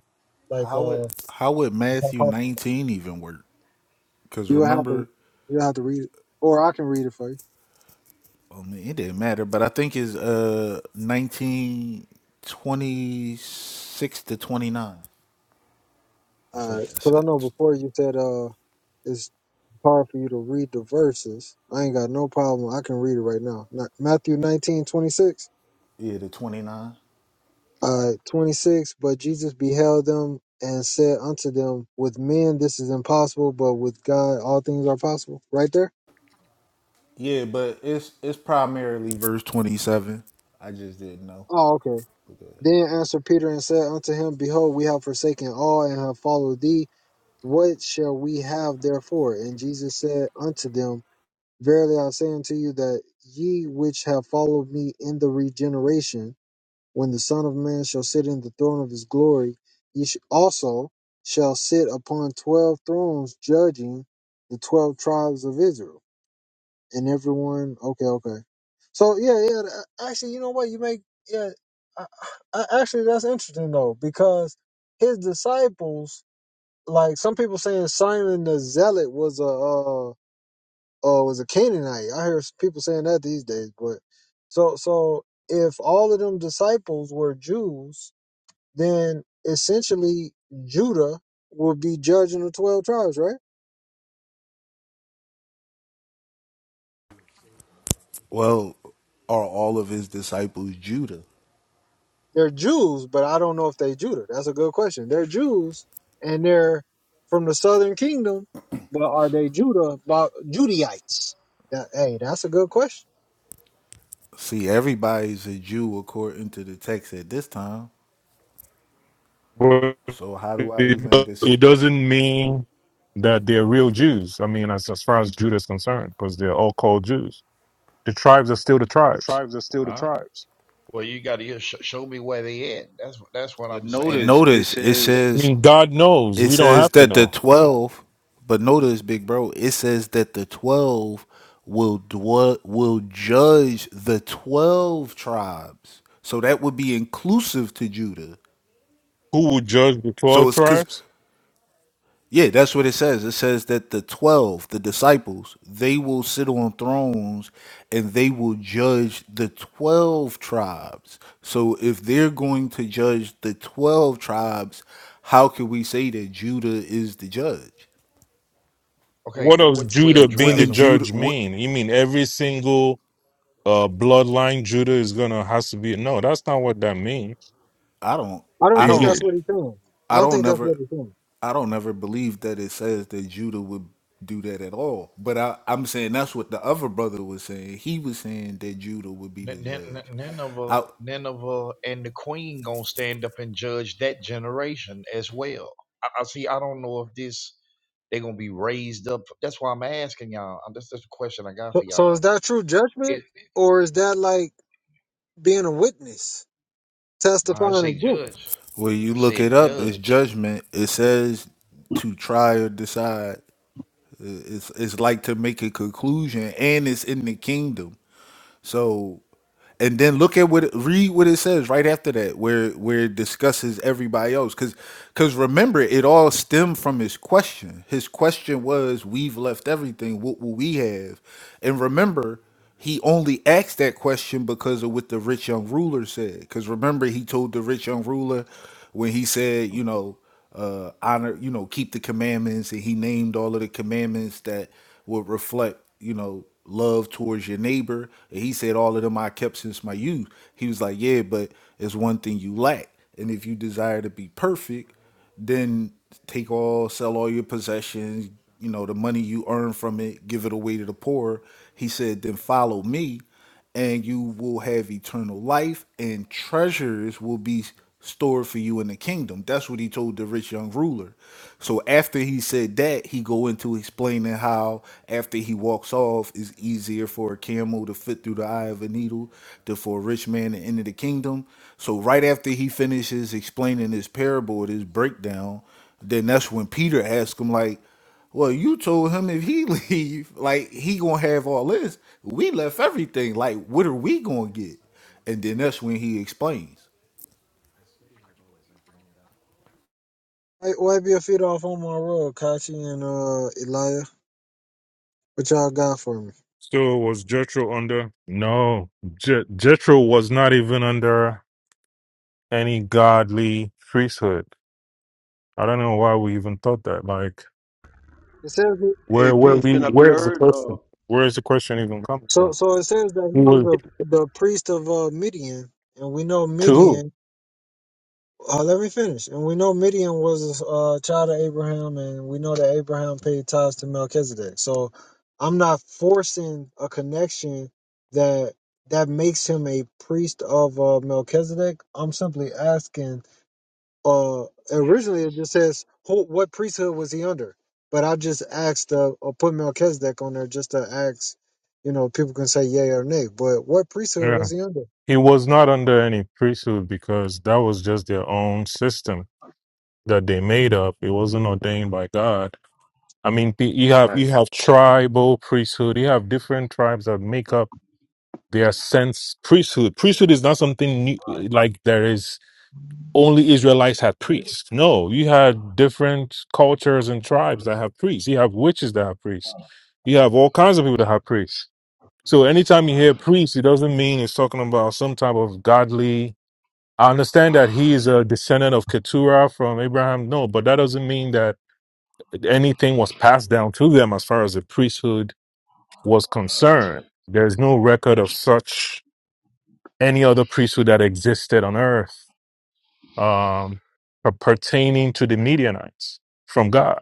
S1: Like,
S4: How would,
S1: uh,
S4: how would
S1: you
S4: Matthew 19 even work? Because
S1: would have to
S4: remember.
S1: you would have to read it, or I can read it for you.
S4: I mean, it didn't matter, but I think it's uh 1926 to 29. I
S1: All
S4: think
S1: right.
S4: that's
S1: Because I know
S4: it.
S1: before you said uh, it's hard for you to read the verses. I ain't got no problem. I can read it right now. Not, Matthew nineteen twenty 26.
S4: Yeah, the 29.
S1: All right, 26. But Jesus beheld them and said unto them, With men this is impossible, but with God all things are possible. Right there?
S4: Yeah, but it's it's primarily verse 27. I just didn't know.
S1: Oh, okay.
S4: Because,
S1: Then answered Peter and said unto him, Behold, we have forsaken all and have followed thee. What shall we have therefore? And Jesus said unto them, Verily I say unto you that ye which have followed me in the regeneration, when the Son of Man shall sit in the throne of his glory, ye sh- also shall sit upon twelve thrones, judging the twelve tribes of Israel. And everyone, okay, okay. So yeah, yeah. th- uh, Actually, you know what? You make yeah. I, I, actually, that's interesting though, because his disciples, like some people saying, Simon the Zealot was a. uh, uh, was a Canaanite. I hear people saying that these days. But so so if all of them disciples were Jews, then essentially Judah would be judging the twelve tribes, right?
S4: well, are all of his disciples Judah?
S1: They're Jews, but I don't know if they Judah. That's a good question. They're Jews and they're from the southern kingdom, but are they Judah? But Judaites. That, hey, that's a good question.
S4: See, everybody's a Jew according to the text at this time.
S5: But
S4: So how do I
S5: it
S4: even dis?
S5: it doesn't mean that they're real Jews. I mean, as, as far as Judah is concerned, because they're all called Jews. The tribes are still the
S2: The
S5: tribes.
S2: tribes are still the All right. tribes. Well, you got to sh- show me where they at. That's what that's what But I'm notice, saying.
S4: But
S2: notice it
S4: notice it
S2: says
S5: I
S4: says
S5: mean, God knows.
S4: It
S5: We don't
S4: says
S5: have to
S4: that the
S5: know.
S4: 12, but notice, big bro, it says that the 12 will dwell, will judge the 12 tribes. So that would be inclusive to Judah.
S5: Who will judge the
S4: So
S5: 12
S4: it's cuz
S5: tribes?
S4: yeah, that's what it says. It says that the 12, the disciples, they will sit on thrones and they will judge the 12 tribes. So if they're going to judge the 12 tribes, how can we say that Judah is the judge?
S2: Okay,
S5: What
S2: what,
S5: does
S2: what twelve
S5: Judah being the
S2: tribes
S4: Wouldn't
S2: are we?
S4: Judah?
S5: judge
S4: What?
S5: mean? You mean every single uh, bloodline Judah is going to has to be? No, that's not what that means.
S4: I don't.
S1: I don't
S4: I
S5: Is
S1: think
S4: don't.
S1: that's
S5: it?
S1: what he's saying. I
S4: I
S1: don't
S4: don't
S1: think that's
S4: never.
S1: what he's saying.
S4: I don't never believe that it says that Judah would do that at all. But I, I'm saying that's what the other brother was saying. He was saying that Judah would be the
S2: Nin- Nin-
S4: judge.
S2: Nin- Nineveh,
S4: I,
S2: Nineveh, and the queen gonna stand up and judge that generation as well. I, I see. I don't know if this they are gonna be raised up. That's why I'm asking y'all. That's, that's the question I got
S1: So,
S2: for
S1: so is
S2: y'all.
S1: that true judgment,
S2: It,
S1: or is that like? being a witness,
S2: no, I
S1: testifying
S2: say
S1: again.
S2: judge.
S4: when you
S2: I
S4: look it
S2: said
S4: up, it's
S2: judge.
S4: judgment. It says to try or decide. It's it's like to make a conclusion, and it's in the kingdom. So and then look at what it, read what it says right after that where where it discusses everybody else because because remember it all stemmed from his question his question was we've left everything what will we have and remember he only asked that question because of what the rich young ruler said because remember he told the rich young ruler when he said you know uh, honor, you know, keep the commandments. And he named all of the commandments that would reflect, you know, love towards your neighbor. And he said, All of them I kept since my youth. He was like, Yeah, but it's one thing you lack. And if you desire to be perfect, then take all, sell all your possessions, you know, the money you earn from it, give it away to the poor. He said, Then follow me and you will have eternal life, and treasures will be stored for you in the kingdom. That's what he told the rich young ruler. So after he said that, he go into explaining how after he walks off, it's easier for a camel to fit through the eye of a needle than for a rich man to enter the kingdom. So right after he finishes explaining this parable, this breakdown, then that's when Peter asked him like well, you told him if he leave, like he gonna have all this. We left everything. Like, what are we gonna get? And then that's when he explains.
S1: Hey, wipe your feet off on my rug, Kachi and uh Elijah. What y'all got for me?
S5: So was Jethro under? No, Je- Jethro was not even under any godly priesthood. I don't know why we even thought that. Like,
S1: It says
S6: Hey,
S5: where, where
S6: peace.
S5: we,
S6: Can I be
S5: where's the
S6: heard? Uh,
S5: question? Where is the question even coming
S1: so.
S5: from?
S1: So it says that
S5: He
S1: he was
S5: was
S1: the the priest of uh, Midian, and we know
S5: To who?
S1: Midian. Uh, let me finish. And we know Midian was a uh, child of Abraham, and we know that Abraham paid tithes to Melchizedek. So I'm not forcing a connection that that makes him a priest of uh, Melchizedek. I'm simply asking uh originally it just says who, what priesthood was he under but i just asked uh or put melchizedek on there just to ask you know people can say yay or nay but what priesthood
S5: Yeah.
S1: was he under
S5: He was not under any priesthood because that was just their own system that they made up. It wasn't ordained by God. I mean, pe- you have
S7: Right.
S5: you have tribal priesthood. You have different tribes that make up their sense priesthood. Priesthood is not something new, like there is. only Israelites had priests. No, you had different cultures and tribes that have priests. You have witches that have priests. You have all kinds of people that have priests. So anytime you hear priest, it doesn't mean it's talking about some type of godly. I understand that he is a descendant of Keturah from Abraham. No, but that doesn't mean that anything was passed down to them as far as the priesthood was concerned. There's no record of such any other priesthood that existed on earth um, pertaining to the Midianites from God.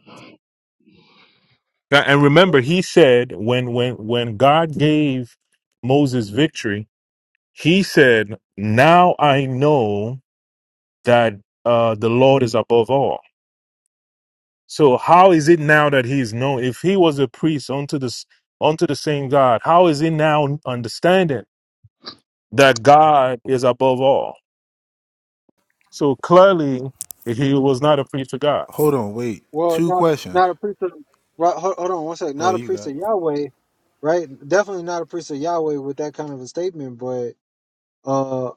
S5: A- And remember, he said when when when God gave Moses victory, he said, "Now I know that uh, the Lord is above all." So how is it now that he is known? If he was a priest unto this unto the same God, how is he now understanding that God is above all? So clearly, he was not a priest to God.
S4: Hold on, wait.
S1: well
S4: Two
S1: not
S4: questions.
S1: not a priest of right hold, hold on one second
S4: Go
S1: not a
S4: ahead, you
S1: priest
S4: got.
S1: of
S4: it.
S1: yahweh right definitely not a priest of yahweh with that kind of a statement but uh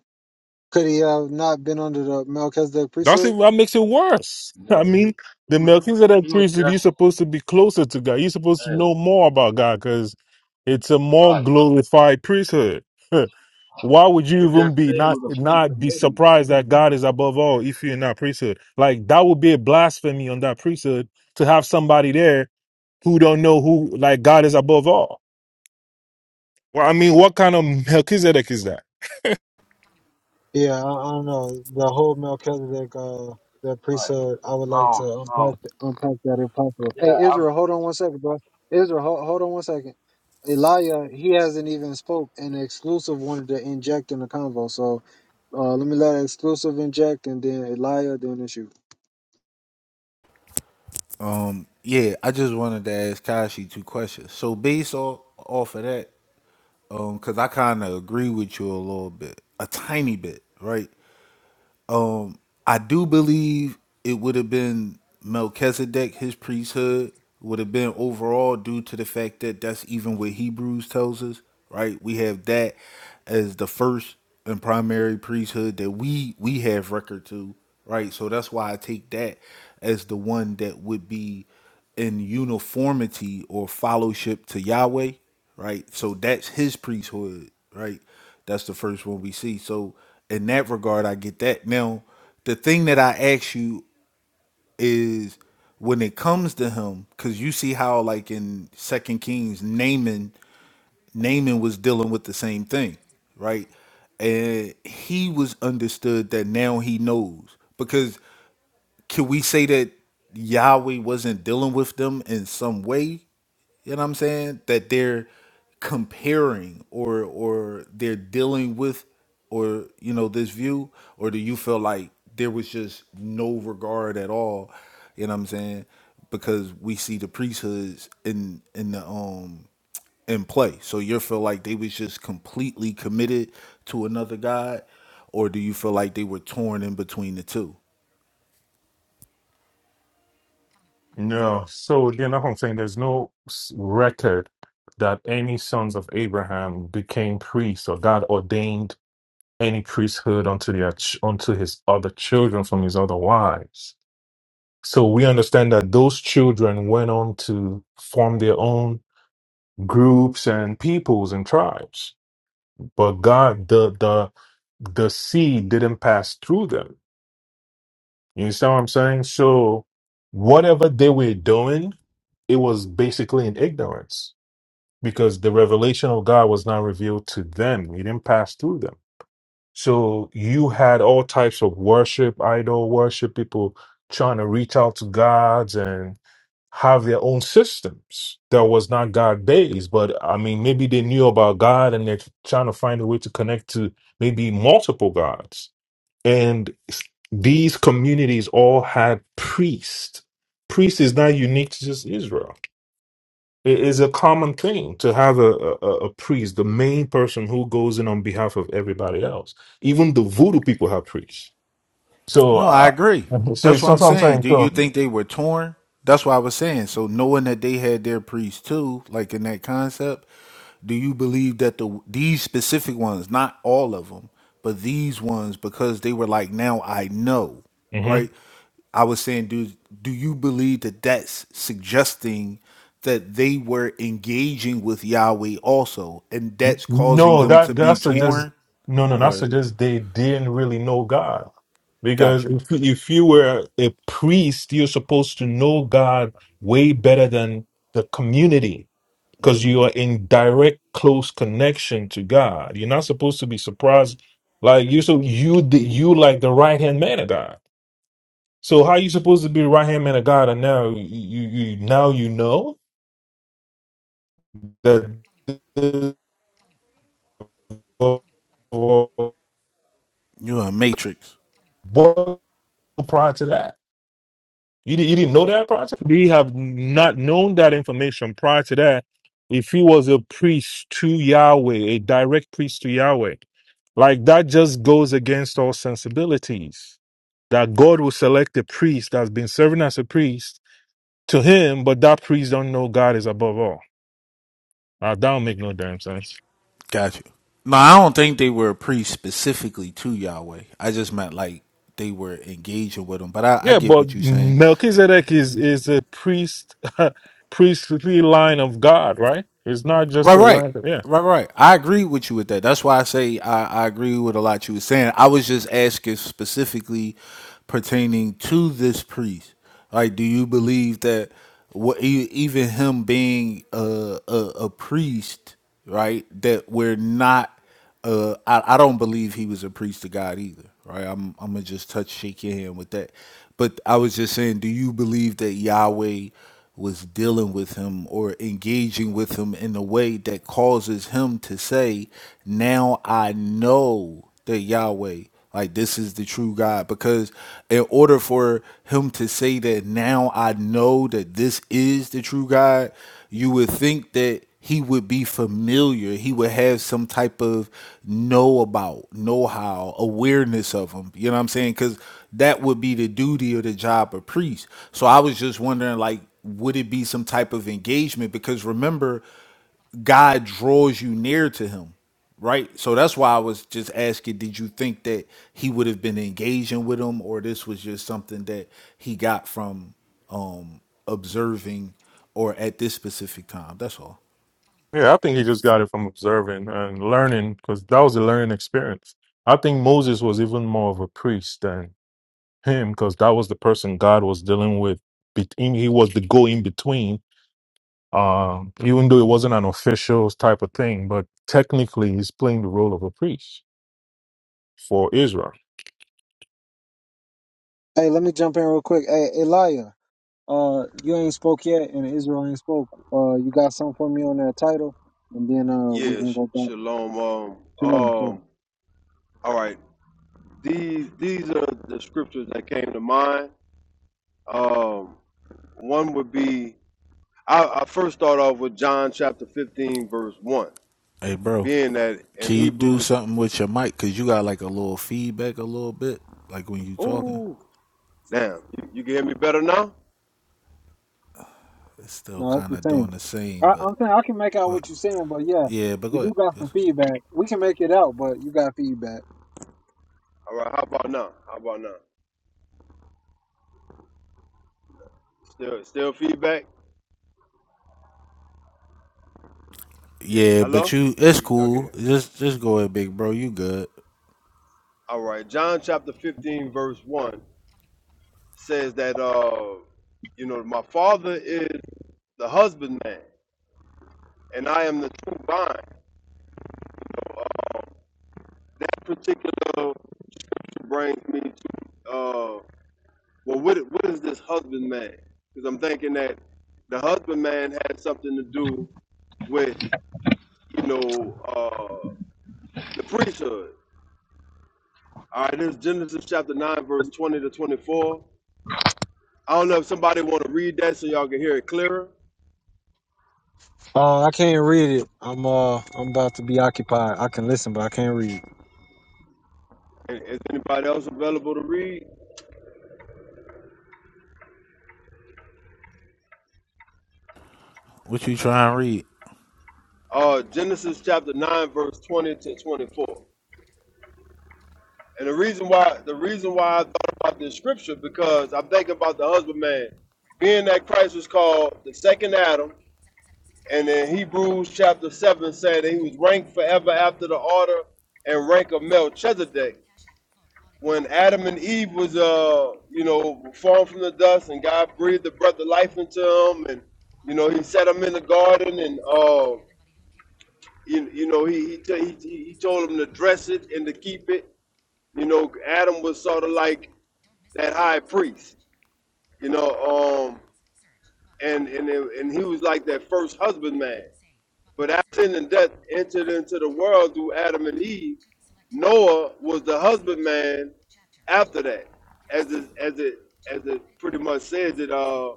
S1: could he have not been under the melchizedek
S5: That's
S1: priesthood
S5: it, that makes it worse. I
S7: No,
S5: mean,
S7: he, he
S5: the
S7: was
S5: Melchizedek
S7: he was
S5: priesthood, you're
S7: just
S5: supposed to be closer to God. You're supposed to
S7: hey,
S5: know more about God because it's a more
S7: right.
S5: glorified priesthood. Why would
S7: It
S5: you
S7: just
S5: even be
S7: said it
S5: not
S7: was a free
S5: not be
S7: committee.
S5: surprised that God is above all if you're in that priesthood? Like that would be a blasphemy on that priesthood to have somebody there who don't know who like God is above all. Well, I mean, what kind of Melchizedek is that?
S1: Yeah, I, I don't know. The whole Melchizedek uh that
S7: Right.
S1: priesthood, I would like to
S7: Shalom,
S1: unpack
S7: shalom.
S1: unpack that if possible.
S7: Yeah,
S1: Hey
S7: I'm
S1: Israel, hold on one second, bro. Israel, hold, hold on one second. Elijah, he hasn't even spoke and exclusive wanted to inject in the convo. So uh let me let exclusive inject and then Elijah then issue.
S4: Yeah, I just wanted to ask Kashi two questions. So based off off of that, um, because I kind of agree with you a little bit, a tiny bit, right? Um, I do believe it would have been Melchizedek, his priesthood would have been overall due to the fact that that's even what Hebrews tells us, right? We have that as the first and primary priesthood that we we have record to, right? So that's why I take that as the one that would be in uniformity or fellowship to Yahweh, right? So that's his priesthood, right? That's the first one we see. So in that regard, I get that. Now, the thing that I ask you is when it comes to him, because you see how like in Second Kings, Naaman, Naaman was dealing with the same thing, right? And he was understood that now he knows. Because can we say that Yahweh wasn't dealing with them in some way? You know what I'm saying? That they're comparing or or they're dealing with or you know this view or do you feel like there was just no regard at all? You know what I'm saying? Because we see the priesthoods in in the um in play. So you feel like they was just completely committed to another god or do you feel like they were torn in between the two?
S5: No. So again, that's what I'm saying. There's no s- record that any sons of Abraham became priests or God ordained any priesthood unto their ch- unto his other children from his other wives. So we understand that those children went on to form their own groups and peoples and tribes. But God, the the the seed didn't pass through them. You understand what I'm saying? So whatever they were doing, it was basically in ignorance because the revelation of God was not revealed to them. It didn't pass through them. So you had all types of worship, idol worship, people trying to reach out to gods and have their own systems that was not God based. But I mean, maybe they knew about God and they're trying to find a way to connect to maybe multiple gods and s- these communities all had priests. Priest is not unique to just Israel. It is a common thing to have a, a, a a priest, the main person who goes in on behalf of everybody else. Even the voodoo people have priests. So,
S4: No, I
S5: uh,
S4: agree.
S5: so
S4: That's
S5: it's
S4: what
S5: what
S4: I'm
S5: I'm
S4: saying.
S5: saying.
S4: Do you
S5: So,
S4: think they were torn? That's what I was saying. So knowing that they had their priests too, like in that concept, do you believe that the these specific ones, not all of them, but these ones, because they were like, now I know, right? I was saying, do do you believe that that's suggesting that they were engaging with Yahweh also, and
S5: N-
S4: that's causing
S5: No,
S4: them
S5: that
S4: to be
S5: that suggests
S4: torn?
S5: no, no, that
S4: Or
S5: suggests they didn't really know God. Because
S4: got you?
S5: if you, if you were a priest, you're supposed to know God way better than the community because you are in direct, close connection to God. You're not supposed to be surprised. Like you, so you the- you like the right hand man of God. So how are you supposed to be right hand man of God, and now you you- now you know that
S4: You're a matrix.
S5: prior to that. You, di- you didn't know that prior to that? We have not known that information prior to that. If he was a priest to Yahweh, a direct priest to Yahweh, like that just goes against all sensibilities. That God will select a priest that's been serving as a priest to him, but that priest don't know God is above all. Uh, that don't make no damn sense.
S4: Got you. No, I don't think they were a priest specifically to Yahweh. I just meant like they were engaging with him. But I, I
S5: Yeah,
S4: get
S5: but
S4: what you're saying.
S5: Melchizedek is is a priest, priestly line of God, right? It's not just
S4: Right,
S5: a
S4: right.
S5: line. Yeah.
S4: Right, right. I agree with you with that. That's why I say I, I agree with a lot you were saying. I was just asking specifically pertaining to this priest. Like, do you believe that what e- even him being a, a, a priest, right, that we're not uh, I, I don't believe he was a priest to God either, right? I'm I'm gonna just touch shake your hand with that. But I was just saying, do you believe that Yahweh was dealing with him or engaging with him in a way that causes him to say, Now I know that Yahweh. Like this is the true God because in order for him to say that now I know that this is the true God, you would think that he would be familiar. He would have some type of know about, know how, awareness of him. You know what I'm saying? Cuz that would be the duty or the job of priest. So I was just wondering like would it be some type of engagement because remember God draws you near to him, right? So that's why I was just asking, did you think that he would have been engaging with him or this was just something that he got from um observing or at this specific time? That's all.
S5: Yeah, I think he just got it from observing and learning because that was a learning experience. I think Moses was even more of a priest than him because that was the person God was dealing with. bet- He was the go in between, um, even though it wasn't an official type of thing, but technically he's playing the role of a priest for Israel.
S1: Hey, let me jump in real quick. Hey Elijah, uh you ain't spoke yet and Israel ain't spoke. Uh you got something for me on that title and then uh we can
S6: yes.
S1: go back.
S6: Shalom.
S1: Too
S6: Um.
S1: long, too long.
S6: Um. All right. These these are the scriptures that came to mind. Um. One would be I, I first start off with John chapter fifteen verse one,
S4: Hey bro,
S6: being that in
S4: can you do
S6: Hebrews.
S4: something with your mic cuz you got like a little feedback a little bit like when you talking?
S6: Oh, damn. You, you can hear me better now.
S4: It's still
S1: No, it's
S4: kind
S1: the
S4: of
S1: same.
S4: doing the same,
S1: I,
S4: but
S1: I'm saying I can make out
S4: but
S1: what you're saying, but yeah,
S4: yeah, but
S1: you
S4: go
S1: do
S4: ahead.
S1: got some feedback. We can make it out, but you got feedback.
S6: All right. How about now? How about now? Still still feedback. Yeah.
S4: Yeah, but
S6: Hello.
S4: you it's
S6: Okay.
S4: cool. Just just go ahead, big bro. You good.
S6: All right. John chapter fifteen verse one says that uh, you know, my father is the husbandman, and I am the true vine. Uh, that particular brings me to uh, well, what what is this husbandman? Because I'm thinking that the husbandman had something to do with you know uh, the priesthood. All right, this is Genesis chapter nine, verse twenty to twenty-four. I don't know if somebody want to read that so y'all can hear it clearer.
S1: Uh, I can't read it. I'm uh, I'm about to be occupied. I can listen, but I can't read.
S6: Is anybody else available to read?
S4: What you trying to read?
S6: uh, Genesis chapter nine, verse twenty to twenty-four. And the reason why the reason why I thought about this scripture because I'm thinking about the husbandman, being that Christ was called the second Adam, and in Hebrews chapter seven said that he was ranked forever after the order and rank of Melchizedek. When Adam and Eve was uh you know formed from the dust, and God breathed the breath of life into them, and you know he set them in the garden, and uh you, you know, he he, t- he he told him to dress it and to keep it. You know, Adam was sort of like that high priest. You know, um, and and and he was like that first husbandman. But after sin and death entered into the world through Adam and Eve, Noah was the husbandman after that, as it, as it as it pretty much says it. Uh,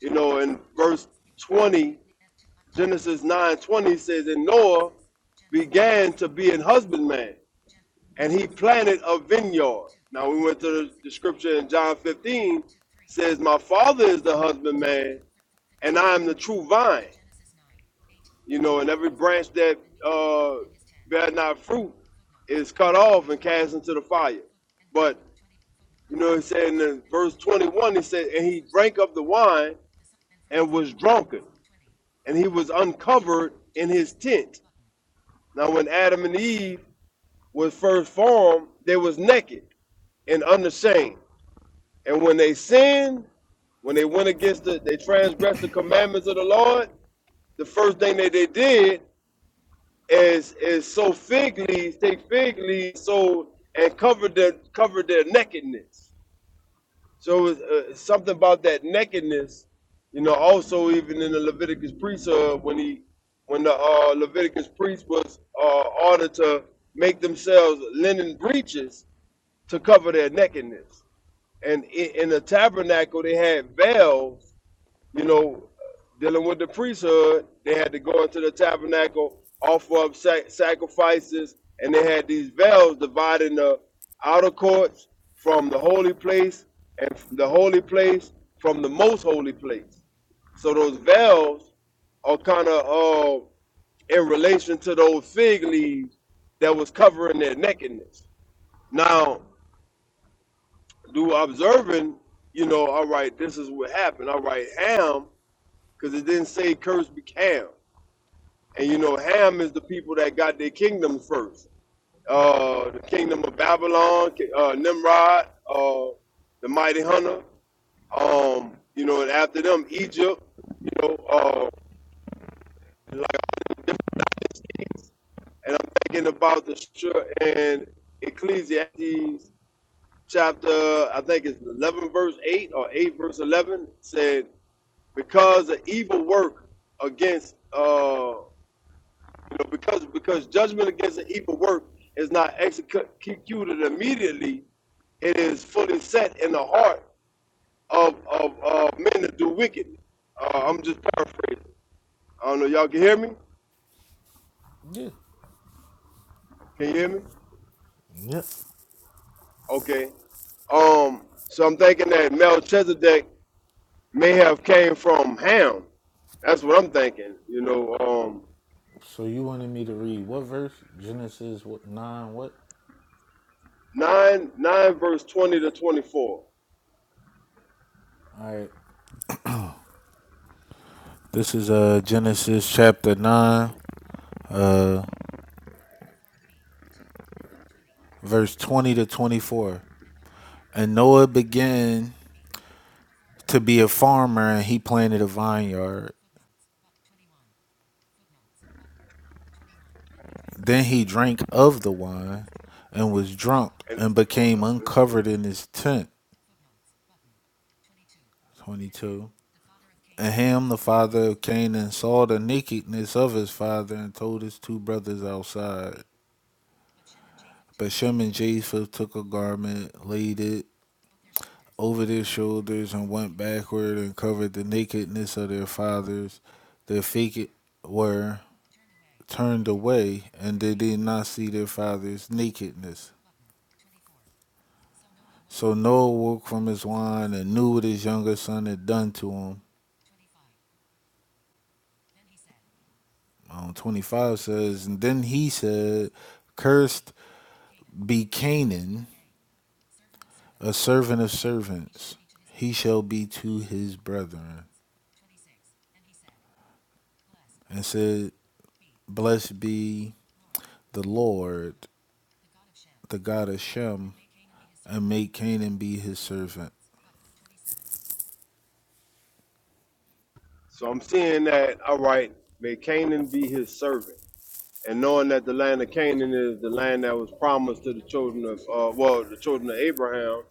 S6: you know, in verse twenty, Genesis nine twenty says, and Noah began to be an husbandman and he planted a vineyard. Now we went to the, the scripture in John 15 says, My father is the husbandman, and I am the true vine. You know, and every branch that uh bear not fruit is cut off and cast into the fire. But you know, he said in verse 21, he said, And he drank of the wine and was drunken, and he was uncovered in his tent. Now when Adam and Eve was first formed, they was naked and unashamed. And when they sin, when they went against the, they transgressed the commandments of the Lord, the first thing that they did is is sow fig leaves, take fig leaves, so and cover their cover their nakedness. So it's, uh, something about that nakedness, you know. Also, even in the Leviticus priesthood, when he when the uh, Leviticus priest was uh, ordered to make themselves linen breeches to cover their nakedness and i- in the tabernacle they had veils, you know, dealing with the priesthood. They had to go into the tabernacle, offer up sac- sacrifices, and they had these veils dividing the outer courts from the holy place and f- the holy place from the most holy place. So those veils are kind of uh, in relation to those fig leaves that was covering their nakedness. Now, do observing, you know, all right, this is what happened. All right, Ham, because it didn't say curse be Ham. And, you know, Ham is the people that got their kingdom first. Uh, the kingdom of Babylon, uh, Nimrod, uh, the mighty hunter. Um, you know, and after them, Egypt, you know, uh, like, and I'm thinking about the scripture in Ecclesiastes chapter, I think it's 11 verse 8 or 8 verse 11 said, because an evil work against uh you know because because judgment against an evil work is not executed immediately it is fully set in the heart of of uh, men that do wickedness uh, i'm just paraphrasing i don't know y'all can hear me can you hear me okay um so i'm thinking that melchizedek may have came from ham that's what i'm thinking you know um
S4: So you wanted me to read what verse? Genesis what nine what?
S6: 9 9 verse 20 to 24
S4: All right. This is uh Genesis chapter nine, uh verse twenty to twenty four. And Noah began to be a farmer and he planted a vineyard. Then he drank of the wine and was drunk
S6: And
S4: and
S6: oh
S4: became
S6: no.
S4: uncovered in his tent. Twenty two. And Ham, the father of Canaan, saw the nakedness of his father and told his two brothers outside. But Shem and Japheth took a garment, laid it over their shoulders, and went backward and covered the nakedness of their fathers. Their feet were turned away, and they did not see their fathers' nakedness. So Noah woke from his wine and knew what his younger son had done to him. Um, 25 says, And then he said, Cursed be Canaan, a servant of servants. He shall be to his brethren. And said, Blessed be the Lord, the God of Shem, and make Canaan be his servant.
S6: So I'm seeing that, all right, may Canaan be his servant. And knowing that the land of Canaan is the land that was promised to the children of uh, well, the children of Abraham,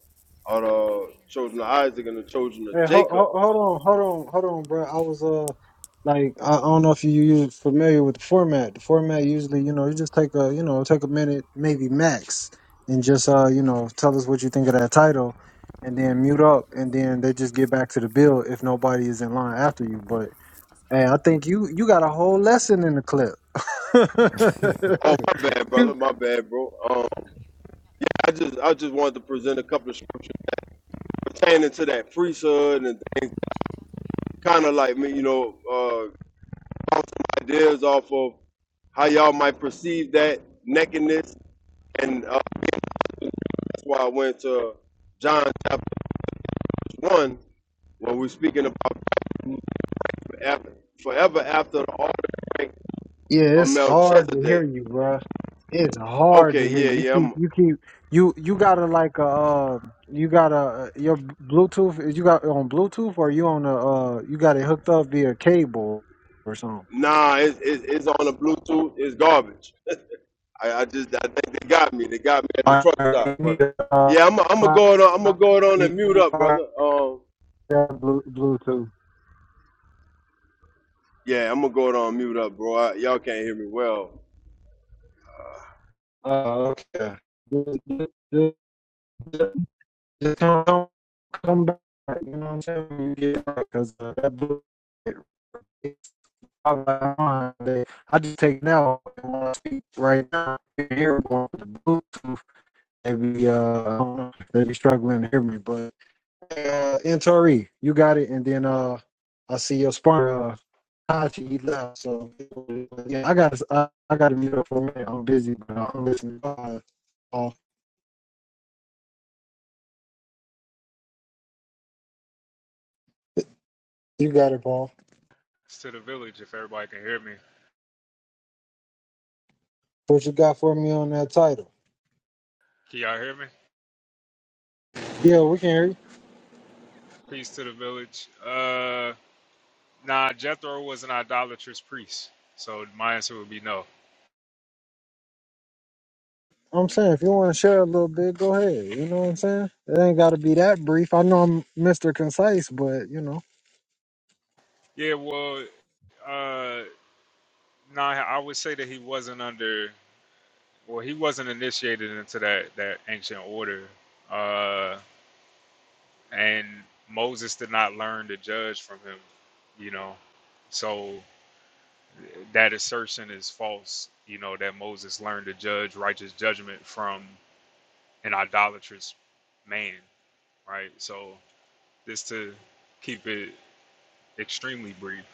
S6: or the children of Isaac and the children of
S1: Hey, hold,
S6: Jacob.
S1: hold, hold on, hold on, hold on, bro. I was uh, like, I, I don't know if you you familiar with the format. The format usually, you know, you just take a, you know, take a minute, maybe max, and just uh, you know, tell us what you think of that title, and then mute up, and then they just get back to the bill if nobody is in line after you. But Hey, I think you you got a whole lesson in the clip.
S6: Oh my bad, brother,
S1: You-
S6: my bad, bro. Um, I just I just wanted to present a couple of scriptures pertaining to that priesthood and things kinda like me, you know, uh bounce some ideas off of how y'all might perceive that nakedness and uh, why I went to John chapter 1 when we're speaking about after, forever after the order
S1: yeah,
S6: of
S1: it's hard to hear
S6: Melchizedek.
S1: you, bruh. It's hard to
S6: Okay,
S1: hear
S6: yeah,
S1: you. You
S6: yeah.
S1: keep
S6: I'm,
S1: you keep you you gotta like a uh, you got a your Bluetooth is you got it on Bluetooth or you on a uh you got it hooked up via cable or something.
S6: nah, it's, it's, it's on the Bluetooth. It's garbage. I, I just I think they got me. They got me at the
S1: I
S6: truck stop.
S1: need
S6: But
S1: a uh,
S6: yeah, I'm I'm gonna
S1: fi-
S6: go it on. I'm gonna go it on
S1: you
S6: and mute
S1: need
S6: up,
S1: a
S6: brother. Um,
S1: Bluetooth.
S6: yeah, I'm gonna go it on mute up, bro. I, y'all can't hear me well.
S1: Oh, okay. Just don't, come back. You know what I'm saying? you get because uh, that book, it, it's all I I just take now and want to speak right now. You hear going with the Bluetooth. Maybe uh, I don't know. They be struggling to hear me, but uh, Tori, you got it. And then uh, I see your sparring. Uh, he left, so yeah, I got I, I got to meet up for a minute. I'm busy, but I'm listening. Uh, Paul, you got it, Paul.
S8: Peace to the village, if everybody can hear me.
S1: What you got for me on that title?
S8: Can y'all hear me?
S1: Yeah, we can hear you.
S8: Peace to the village. Uh, nah, Jethro was an idolatrous priest, so my answer would be no.
S1: I'm saying if you want to share a little bit, go ahead. You know what I'm saying? It ain't got to be that brief. I know I'm Mr. Concise, but you know.
S8: Yeah, well, uh, nah, I would say that he wasn't under, well, he wasn't initiated into that that ancient order, uh, and Moses did not learn to judge from him, you know, so that assertion is false. You know that Moses learned to judge righteous judgment from an idolatrous man, right? So just to keep it extremely brief.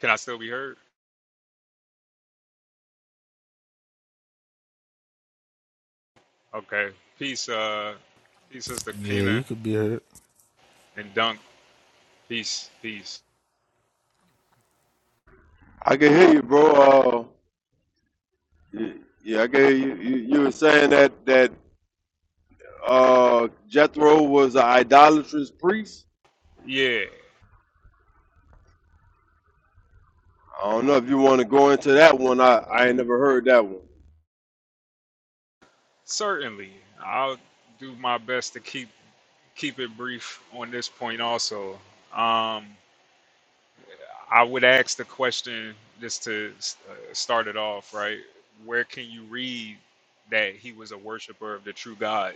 S8: Can I still be heard? Okay. Peace, uh peace sister
S4: Yeah,
S8: Kina
S4: you could be hurt.
S8: and Dunk. Peace, peace.
S6: I can hear you, bro. Uh, y- yeah, I can hear you. You, you were saying that that uh, Jethro was an idolatrous priest.
S8: Yeah,
S6: I don't know if you want to go into that one. I, I ain't never heard that one.
S8: certainly. I'll do my best to keep keep it brief on this point also. Um I would ask the question just to uh, start it off, right? Where can you read that he was a worshiper of the true God?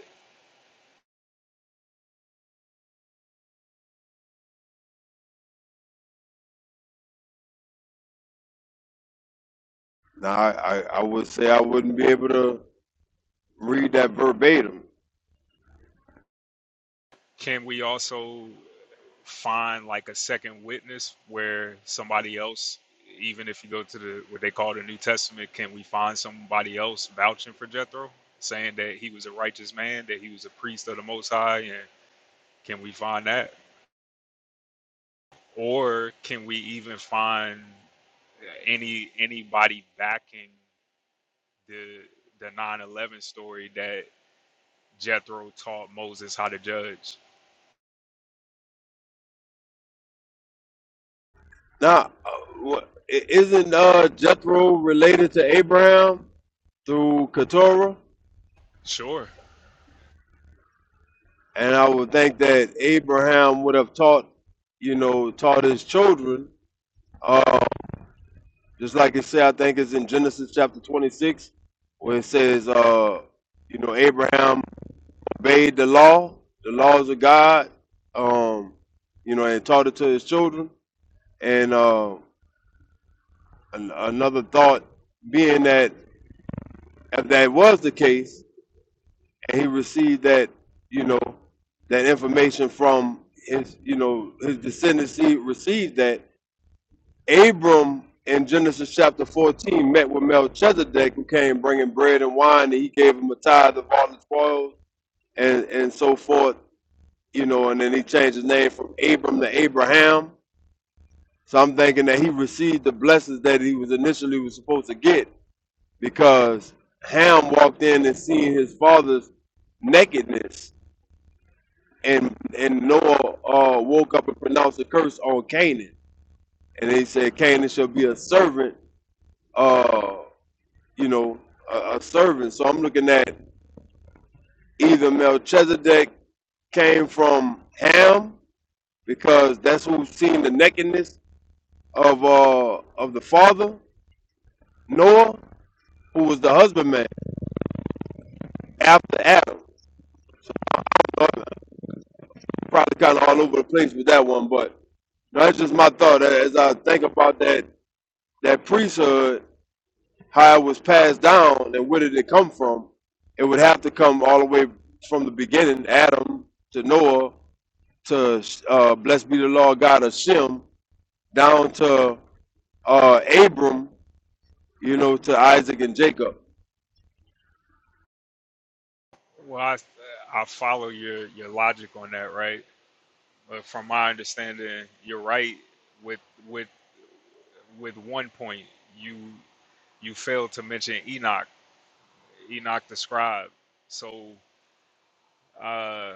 S6: Now, I, I, I would say I wouldn't be able to read that verbatim.
S8: Can we also find like a second witness where somebody else, even if you go to the what they call the New Testament, can we find somebody else vouching for Jethro, saying that he was a righteous man, that he was a priest of the Most High, and can we find that, or can we even find any anybody backing the the nine eleven story that Jethro taught Moses how to judge?
S6: Now, uh, isn't uh, Jethro related to Abraham through Keturah?
S8: Sure.
S6: And I would think that Abraham would have taught, you know, taught his children. Uh, just like it said, I think it's in Genesis chapter 26, where it says, uh, you know, Abraham obeyed the law, the laws of God, um, you know, and taught it to his children. And uh, an- another thought being that if that was the case, and he received that, you know, that information from his, you know, his descendants, he received that. Abram in Genesis chapter 14 met with Melchizedek, who came bringing bread and wine, and he gave him a tithe of all the spoils and, and so forth you know, and then he changed his name from Abram to Abraham. So I'm thinking that he received the blessings that he was initially was supposed to get because Ham walked in and seen his father's nakedness, and and Noah uh, woke up and pronounced a curse on Canaan, and he said Canaan shall be a servant, uh, you know, a, a servant. So I'm looking at either Melchizedek came from Ham because that's who seen the nakedness of uh of the father Noah, who was the husbandman after Adam. So I'm probably kind of all over the place with that one, but that's just my thought as I think about that that priesthood, how it was passed down, and where did it come from? It would have to come all the way from the beginning, Adam to Noah to uh, blessed be the Lord God of Shem, down to uh, Abram, you know, to Isaac and Jacob.
S8: Well, I I follow your your logic on that, right? But from my understanding, you're right with with with one point. You you failed to mention Enoch, Enoch the scribe. So uh,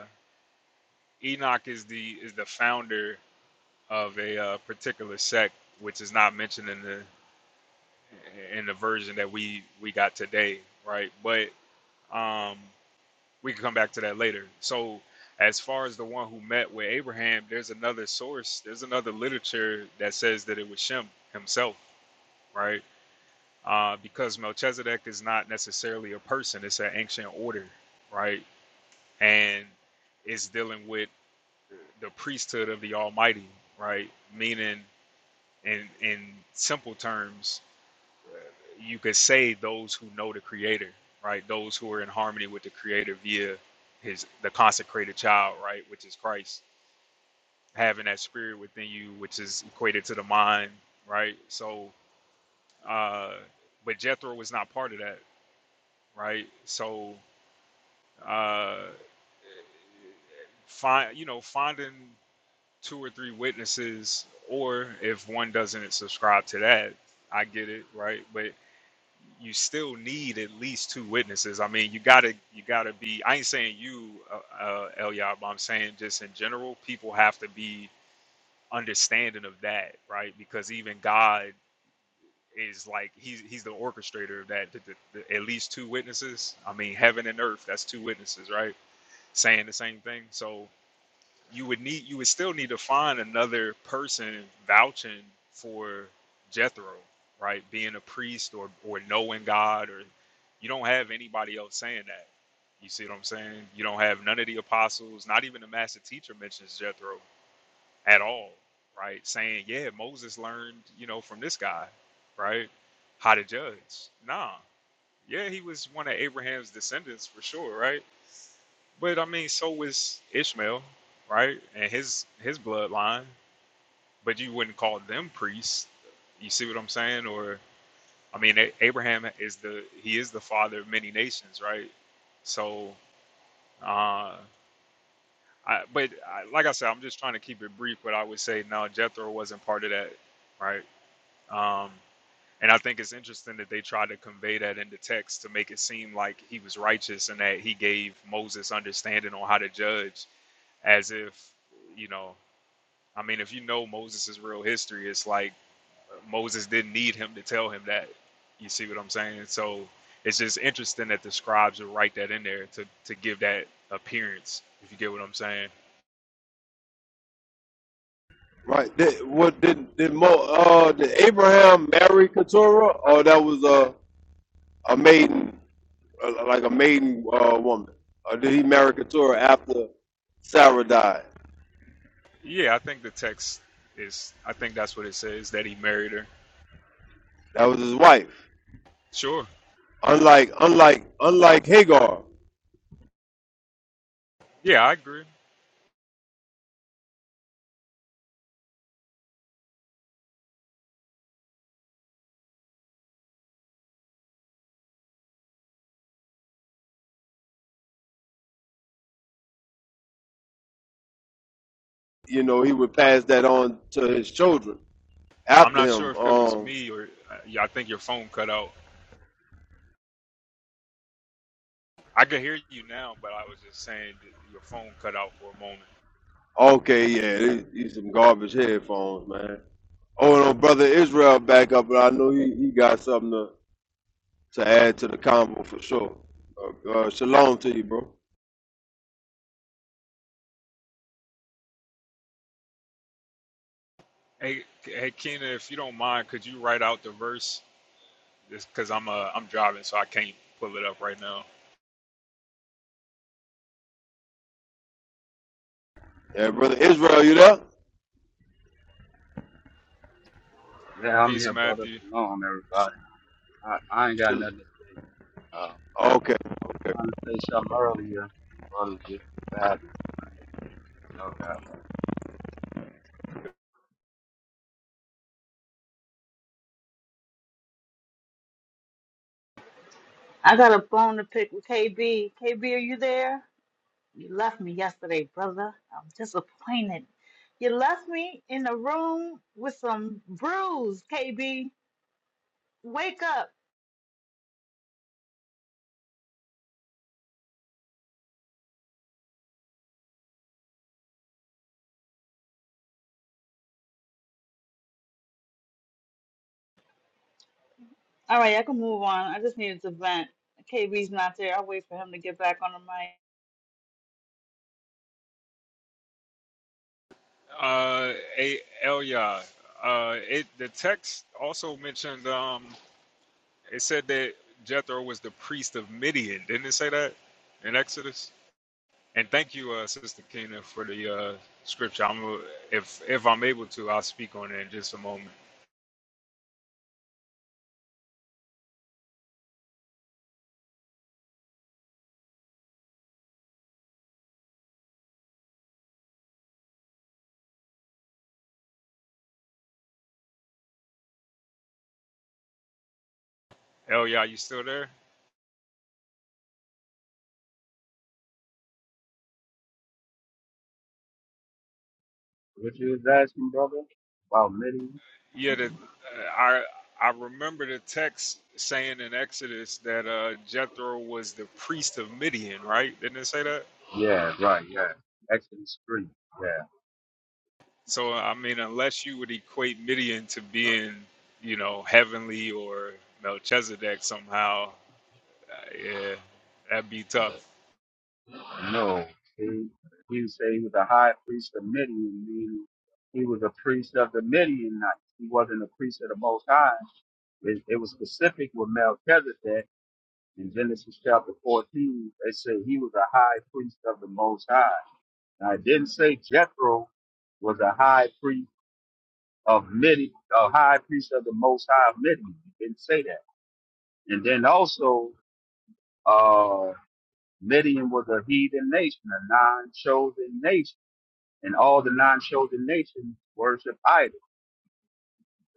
S8: Enoch is the is the founder of a uh, particular sect, which is not mentioned in the in the version that we we got today, right? But um, we can come back to that later. So as far as the one who met with Abraham, there's another source, there's another literature that says that it was Shem himself right? Uh, because Melchizedek is not necessarily a person, it's an ancient order, right? And it's dealing with the priesthood of the Almighty, right? Meaning, in, in simple terms, uh, you could say those who know the Creator, right? Those who are in harmony with the Creator via his the consecrated child, right? Which is Christ, having that spirit within you, which is equated to the mind, right? So, uh, but Jethro was not part of that right? So, uh, find you know finding two or three witnesses, or if one doesn't subscribe to that, I get it, right? But you still need at least two witnesses. I mean, you gotta you gotta be. I ain't saying you, uh, uh, Eliab. I'm saying just in general, people have to be understanding of that, right? Because even God is like he's he's the orchestrator of that. The- the- the- at least two witnesses. I mean, heaven and earth. That's two witnesses, right? saying the same thing. So you would need you would still need to find another person vouching for Jethro, right? Being a priest or or knowing God or you don't have anybody else saying that. You see what I'm saying? You don't have none of the apostles, not even the master teacher mentions Jethro at all, right? Saying, yeah, Moses learned, you know, from this guy, right? How to judge. Nah. Yeah, he was one of Abraham's descendants for sure, right? But I mean, so was Ishmael, right? And his his bloodline. But you wouldn't call them priests. You see what I'm saying? Or I mean, A- Abraham is the he is the father of many nations, right? So, uh, I, but I, like I said, I'm just trying to keep it brief. But I would say no, Jethro wasn't part of that, right? Um, and I think it's interesting that they tried to convey that in the text to make it seem like he was righteous and that he gave Moses understanding on how to judge as if you know i mean if you know moses' real history it's like moses didn't need him to tell him that you see what i'm saying so it's just interesting that the scribes would write that in there to, to give that appearance if you get what i'm saying
S6: Right. Did, what did did Mo, uh did Abraham marry Keturah or that was a a maiden uh, like a maiden uh, woman? Or did he marry Keturah after Sarah died?
S8: yeah i think the text is i think that's what it says that he married her
S6: That was his wife.
S8: sure
S6: Unlike unlike unlike Hagar,
S8: yeah i agree
S6: you know, he would pass that on to his children
S8: i'm
S6: after
S8: not sure
S6: him.
S8: if it was
S6: Um
S8: me or uh, yeah, i think your phone cut out i could hear you now but i was just saying that your phone cut out for a moment
S6: okay, yeah, these, these some garbage headphones, man. Oh no, brother Israel back up and I know he, he got something to. to add to the combo for sure. Uh, uh, shalom to you, bro.
S8: Hey, hey, Keena, if you don't mind, could you write out the verse? Just because I'm uh, I'm driving, so I can't pull it up right now.
S6: Yeah, brother Israel, you there?
S7: yeah, I'm
S8: Peace,
S7: here, brother.
S8: Matthew.
S7: Shalom,
S6: Sh-
S7: everybody. I, I ain't got
S6: shal-
S7: nothing to say. Uh,
S6: okay,
S7: I was
S6: okay.
S7: trying to say something earlier, and brother just decided. I ain't got no doubt.
S8: Uh, hey, Elia. Uh, it the text also mentioned. Um, it said that Jethro was the priest of Midian. Didn't it say that in Exodus? And thank you, uh, Sister Keena, for the uh, scripture. I'm uh, if if I'm able to, I'll speak on it in just a moment. Elia, you still there?
S7: What you was asking, brother? About Midian?
S8: Yeah, the, uh, I I remember the text saying in Exodus that uh, Jethro was the priest of Midian, right? Didn't it say that?
S7: Yeah, right, yeah. Exodus 3. Yeah.
S8: So I mean, unless you would equate Midian to being, you know, heavenly or Melchizedek somehow, uh, yeah, that'd be tough.
S7: No, he, he said he was a high priest of Midian, meaning he was a priest of the Midianites. He wasn't a priest of the Most High. It, it was specific with Melchizedek in Genesis chapter 14. They say he was a high priest of the Most High. Now, it didn't say Jethro was a high priest of Midian, a high priest of the Most High of Midian. It didn't say that. And then also, uh, Midian was a heathen nation, a non-chosen nation. and all the non-chosen nations worship idols.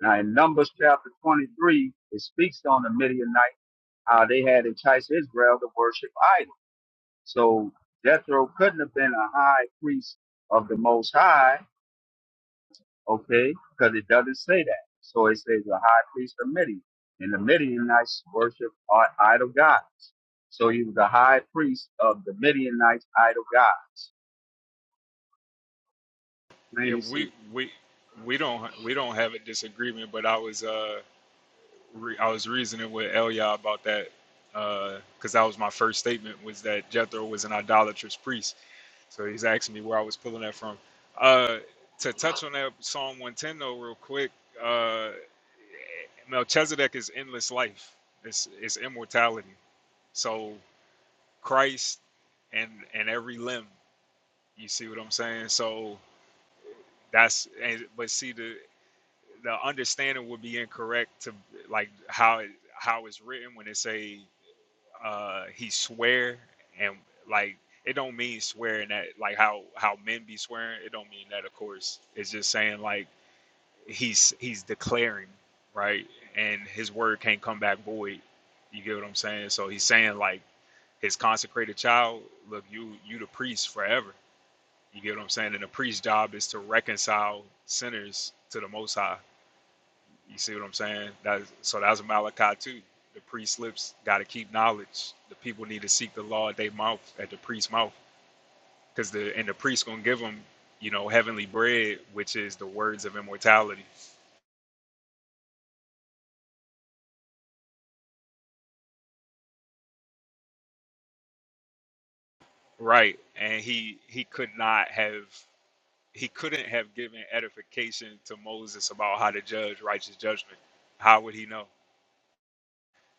S7: Now in Numbers chapter 23, it speaks on the Midianites, how they had enticed Israel to worship idols. So Jethro couldn't have been a high priest of the Most High, okay, because it doesn't say that. So it says a high priest of Midian. And the Midianites worship idol gods. So he was a high priest of the Midianites idol gods. Plain
S8: Yeah,
S7: and
S8: we
S7: simple.
S8: we we don't we don't have a disagreement, but I was uh re- I was reasoning with Elia about that because that was my first statement was that Jethro was an idolatrous priest So he's asking me where I was pulling that from. Uh, to touch on that Psalm 110 though, real quick, uh, Melchizedek is endless life. It's it's immortality. So Christ and and every limb. You see what I'm saying? So that's and, but see the the understanding would be incorrect to like how it how it's written when it say uh he swear and like it don't mean swearing that like how how men be swearing it don't mean that of course it's just saying like he's he's declaring right and his word can't come back void you get what i'm saying so he's saying like his consecrated child look you you the priest forever you get what i'm saying and the priest's job is to reconcile sinners to the most high you see what I'm saying? That's, so that's Malachi too. The priest lips got to keep knowledge. The people need to seek the law at their mouth, at the priest's mouth, because the and the priest gonna give them, you know, heavenly bread, which is the words of immortality, right? And he he could not have he couldn't have given edification to Moses about how to judge righteous judgment. How would he know?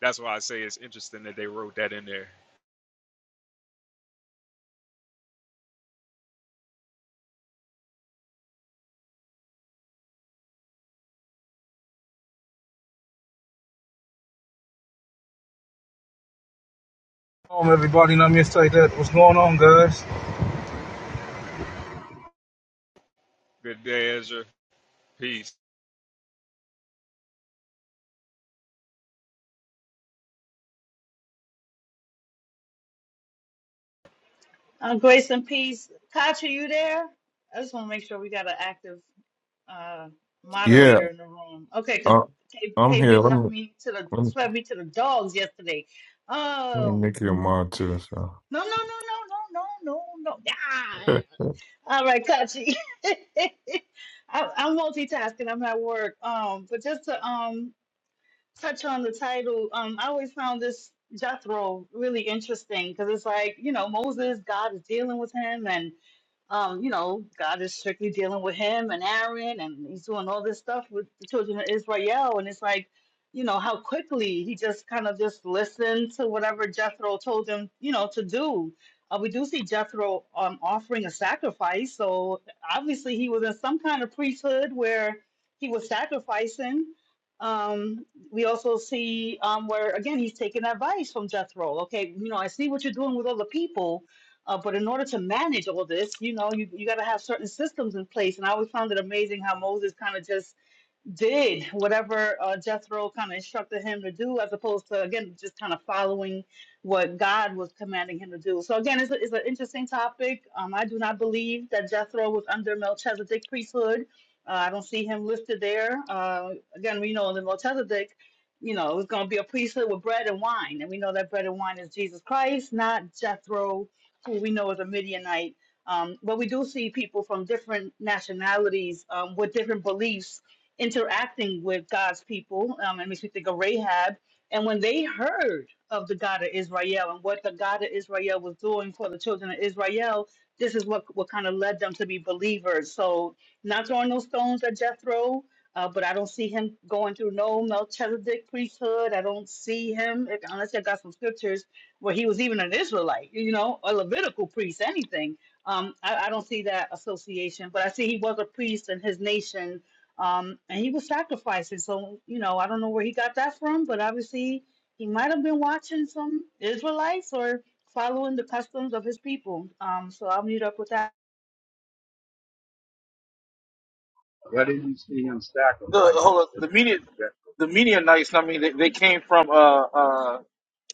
S8: That's why I say it's interesting that they wrote that in there.
S9: Home, everybody. Not me like that. What's going on, guys?
S8: Good day, Ezra. Peace.
S5: Yeah, I, I'm here. Let me let me, let me make you a mod too. So,
S7: What did you see him
S9: The
S7: sacrificing?
S9: hold on, the media, the Midianites. I mean, they, they came from uh uh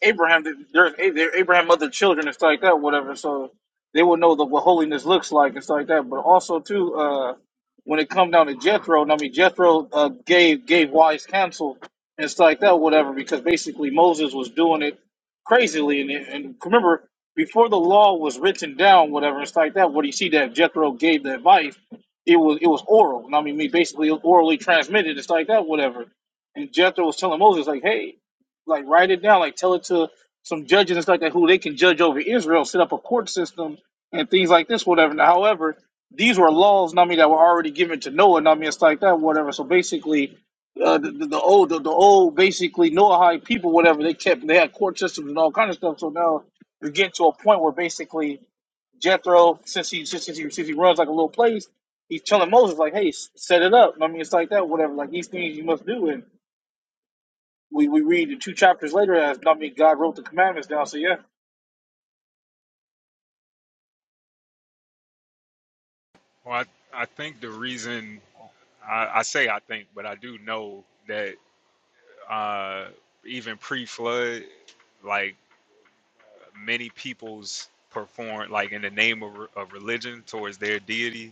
S9: Abraham. They- They're, they're Abraham other children and stuff like that, whatever. So they will know the, what holiness looks like and stuff like that. But also too, uh, when it come down to Jethro, I mean Jethro uh, gave gave wise counsel and stuff like that, whatever. Because basically Moses was doing it crazily, and, it- and remember before the law was written down, whatever and stuff like that. What do you see that Jethro gave the advice? It was it was oral. I mean, me basically orally transmitted. It's like that, whatever. And Jethro was telling Moses, like, hey, like write it down, like tell it to some judges and stuff like that, who they can judge over Israel, set up a court system and things like this, whatever. Now, however, these were laws, I mean, that were already given to Noah, I mean, it's like that, whatever. So basically, uh, the, the, the old, the, the old, basically Noahide people, whatever they kept, they had court systems and all kind of stuff. So now you're getting to a point where basically Jethro, since he since he since he runs like a little place, he's telling Moses like, "Hey, s- set it up." I mean, it's like that, whatever. Like these things you must do, and we we read the two chapters later as I mean, God wrote the commandments down. So yeah,
S8: Well, I, I think the reason I, I say I think, but I do know that uh, even pre-flood, like many peoples perform like in the name of, re- of religion towards their deity,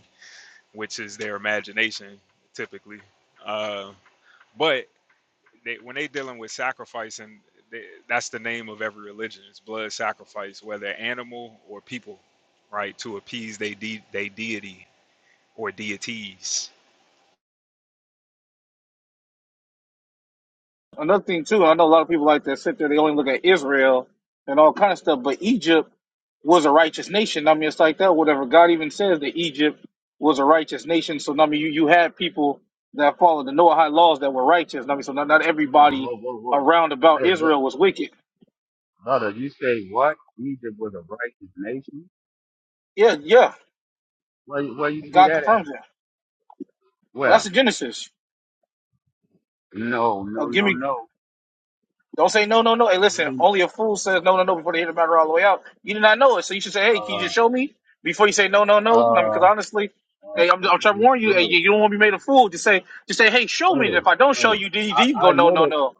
S8: which is their imagination typically. Uh, but they, when they dealing with sacrifice, and they, that's the name of every religion, it's blood sacrifice, whether animal or people, right, to appease they de- they deity or deities.
S9: another thing too, I know a lot of people like that sit there. They only look at Israel and all kind of stuff, but Egypt was a righteous nation. I mean, it's like that, whatever. God even says that Egypt was a righteous nation. So I mean, you you had people that followed the Noahide laws that were righteous. I mean, so not not
S7: No, no,
S9: everybody
S7: whoa, whoa, whoa.
S9: around about
S7: Hey, bro-
S9: Israel was wicked.
S7: brother, you say what? Egypt was a righteous nation?
S9: Yeah, yeah.
S7: Where, where you
S9: and
S7: see
S9: God
S7: that at?
S9: confirms it. Well, that's
S7: Well,
S9: the Genesis.
S7: no,
S9: Uh,
S7: no,
S9: give
S7: no,
S9: me.
S7: no.
S9: Don't say no, no, no. Hey,
S7: He
S9: listen.
S7: didn't,
S9: Only a fool says no, no, no before they hear the matter all the way out. You did not know it, so you should say, "Hey, can you
S7: Uh,
S9: just show me?" Before you say no, no, no. I mean,
S7: uh,
S9: because honestly,
S7: uh,
S9: hey, I'm, I'm trying to
S7: okay,
S9: warn you.
S7: go
S9: Hey,
S7: ahead.
S9: you you don't want to be
S7: Go
S9: made a
S7: ahead.
S9: fool. Just say, just say, "Hey, show
S7: Go
S9: me." And
S7: ahead.
S9: if I don't show you, then you, then you
S7: I,
S9: go
S7: I
S9: no,
S7: know
S9: no,
S7: the,
S9: no.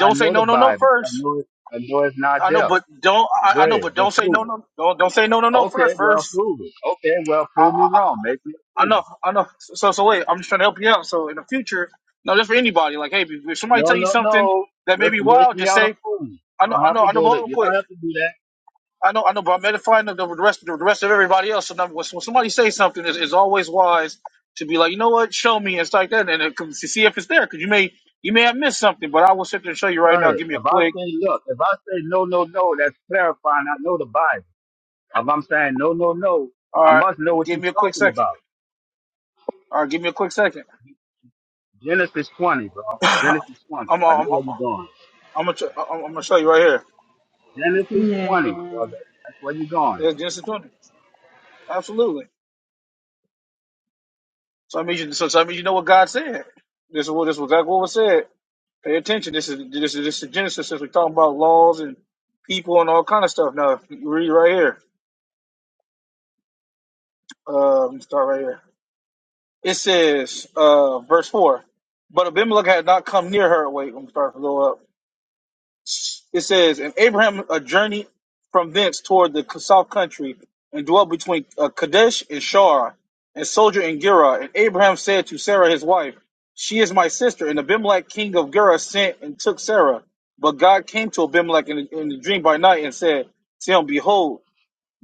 S7: I
S9: say
S7: know the
S9: no, no, no
S7: Bible. I
S9: first.
S7: know it, I know it's not
S9: I know,
S7: there.
S9: but don't. I,
S7: Go
S9: I know,
S7: ahead,
S9: but don't
S7: but
S9: say
S7: prove
S9: no,
S7: it.
S9: no. Don't don't say no, no, no
S7: Okay,
S9: first.
S7: well,
S9: First.
S7: prove it. Okay, well, prove me wrong. Make me a
S9: I
S7: fool.
S9: know, I know. So, so wait, I'm just trying to help you out. So, in the future, no, just for anybody, like, hey, if if somebody
S7: No,
S9: tell you
S7: no,
S9: something
S7: no.
S9: that may
S7: Just
S9: be
S7: make
S9: wild,
S7: me
S9: just
S7: out a
S9: say,
S7: fool.
S9: I know,
S7: Don't
S9: I
S7: have
S9: know,
S7: to
S9: I know,
S7: go
S9: but
S7: to,
S9: hold real
S7: you
S9: quick.
S7: don't have to do that.
S9: I know, I know, but I'm edifying the, the rest, the rest of everybody else. So, now, when, when somebody says something, it's, it's always wise to be like, you know what, show me and stuff like that, and it, comes- to see if it's there, because you may, you may have missed something. But I will sit there and show you right now.
S7: sir.
S9: Give me a
S7: If I
S9: quick,
S7: say look, if I say no, no, no, that's clarifying. I know the Bible. If I'm saying no, no, no,
S9: all
S7: I
S9: right,
S7: must know what you're
S9: give me a quick
S7: talking
S9: second,
S7: about.
S9: all right, give me a quick second.
S7: Genesis 20, bro. Genesis 20.
S9: I'm, I'm,
S7: I know
S9: I'm,
S7: where you're going.
S9: I'm gonna, I'm gonna show you right here.
S7: Genesis 20, brother. That's where you're going.
S9: It's Genesis 20. Absolutely. So I mean, you, so, so I mean, you know what God said. This is what this was exactly what was said. Pay attention. This is this is this is Genesis. Since we're talking about laws and people and all kind of stuff. Now if you read right here. Uh, let me start right here. It says, uh, verse four. But Abimelech had not come near her. Wait, let me start to go up. It says, and Abraham a journey from thence toward the south country and dwelt between uh, Kadesh and Shur, and sojourned in Gerar. And Abraham said to Sarah his wife, She is my sister. And Abimelech king of Gerar sent and took Sarah. But God came to Abimelech in, in the dream by night and said to him, Behold,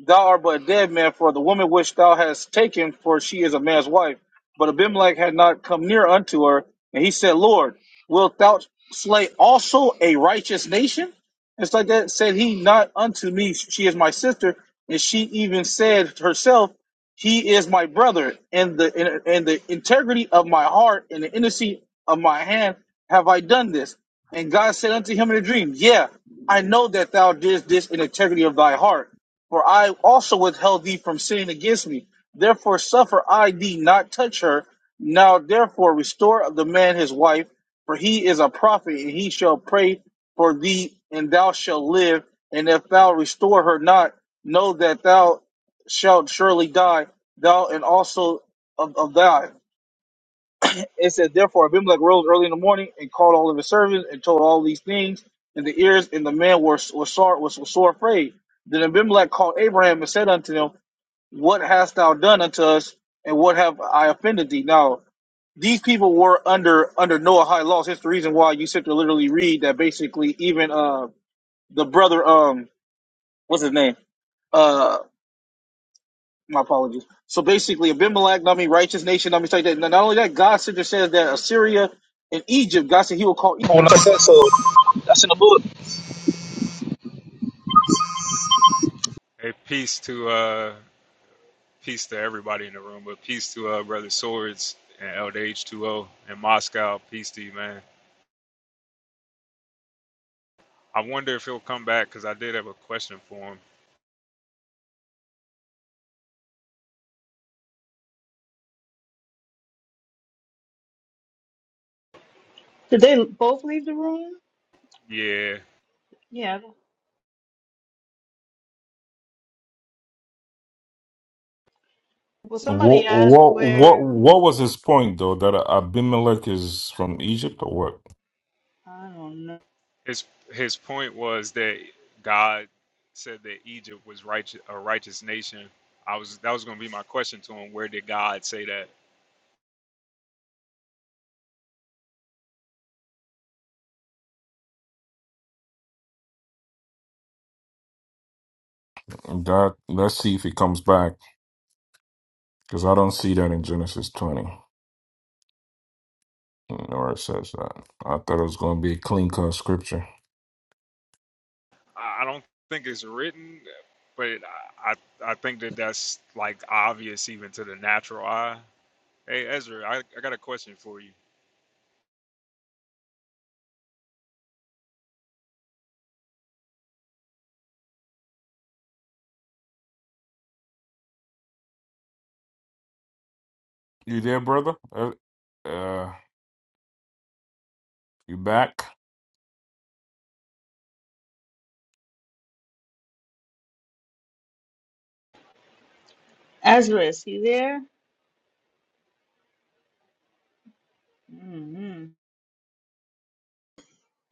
S9: Thou art but a dead man, for the woman which thou hast taken, for she is a man's wife. But Abimelech had not come near unto her, and he said, Lord, wilt thou slay also a righteous nation? It's like that said he not unto me, she is my sister, and she even said herself, He is my brother, and the and, and the integrity of my heart and the innocency of my hand have I done this. And God said unto him in a dream, Yeah, I know that thou didst this in integrity of thy heart for I also withheld thee from sinning against me. Therefore suffer I thee not touch her. Now therefore restore the man his wife, for he is a prophet, and he shall pray for thee, and thou shalt live. And if thou restore her not, know that thou shalt surely die, thou and also of, of thy. It says, Therefore Abimelech rose early in the morning and called all of his servants and told all these things in the ears, and the man was, was, sore, was, was sore afraid. Then Abimelech called Abraham and said unto him, What hast thou done unto us, and what have I offended thee? Now, these people were under under Noahide laws. It's the reason why you sit to literally read that basically even uh the brother um what's his name? Uh, My apologies. So basically, Abimelech, I mean, righteous nation, I mean, like that. Not only that, God said says that Assyria and Egypt, God said He will call. Egypt. When I said so, that's in the book.
S8: Hey, peace to uh, Peace to everybody in the room, but peace to uh, Brother Swords and LDH2O in Moscow. Peace to you, man. I wonder if he'll come back because I did have a question for him. Yeah,
S5: what what what what was his point though? That Abimelech is from Egypt or what?
S8: his his point was that God said that Egypt was righteous, a righteous nation. I was that was going to be my question to him. Where did God say that?
S5: That let's see if he comes back because I don't see that in Genesis 20 where it says that. I thought it was going to be a clean cut scripture.
S8: I I don't think it's written, but I I I think that that's like obvious even to the natural eye. Hey Ezra, I, I got a question for you.
S5: You there, brother? Uh, uh you back?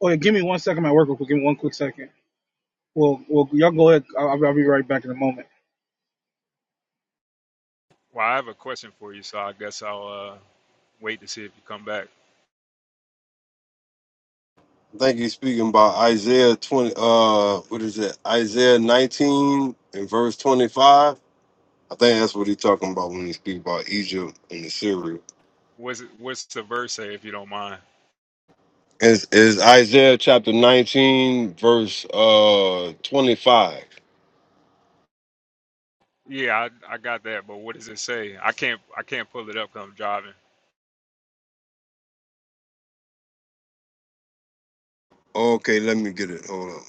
S9: Oh yeah, give me one second. I'm at work real quick. Give me one quick second. Well, well, y'all go ahead. I'll, I'll be right back in a moment.
S8: Well, I have a question for you, so I guess I'll uh, wait to see if you come back.
S6: I think he's speaking about Isaiah 20, uh, what is it? Isaiah 19 and verse 25. I think that's what he's talking about when he speaks about Egypt and Assyria.
S8: What's it, what's the verse say, if you don't mind?
S6: Is is Isaiah chapter 19, verse uh 25.
S8: Yeah, I, I got that, but what does it say? I can't I can't pull it up 'cause I'm driving.
S6: Okay, let me get it. Hold on.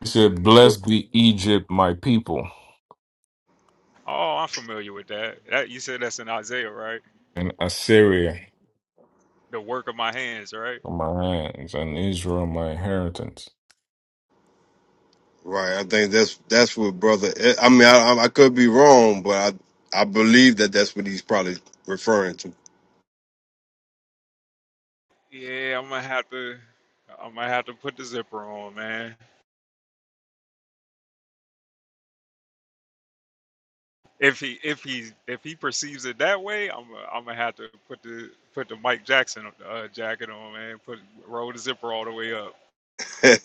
S5: He said, "Blessed be Egypt, my people,
S8: Oh, I'm familiar with that. That you said that's in Isaiah, right?
S5: and Assyria."
S8: The work of my hands, right?
S5: my hands and Israel, my inheritance.
S6: Right. I think that's that's what brother. eh, I mean, I, I could be wrong, but I I believe that that's what he's probably referring to.
S8: Yeah, I'm gonna have to I'm gonna have to put the zipper on, man. If he if he if he perceives it that way, I'm gonna- I'm gonna have to put the put the Mike Jackson uh, jacket on, man. Put roll the zipper all the way up.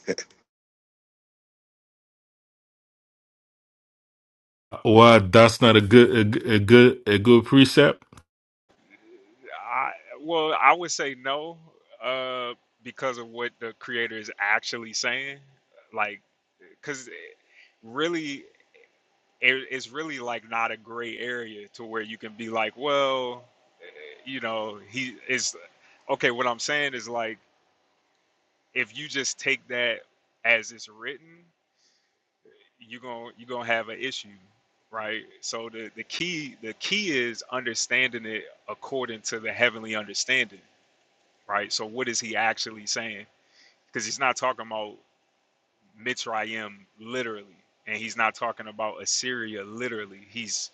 S5: Why that's not a good a a good a good precept?
S8: I well, I would say no, uh, because of what the creator is actually saying. Like, because really, it, it's really like not a gray area to where you can be like, well, eh, you know, he is okay. What I'm saying is like, if you just take that as it's written, you're gonna you're gonna have an issue, right? So the the key the key is understanding it according to the heavenly understanding right? So what is he actually saying? Because he's not talking about Mitzrayim literally, and he's not talking about Assyria literally. He's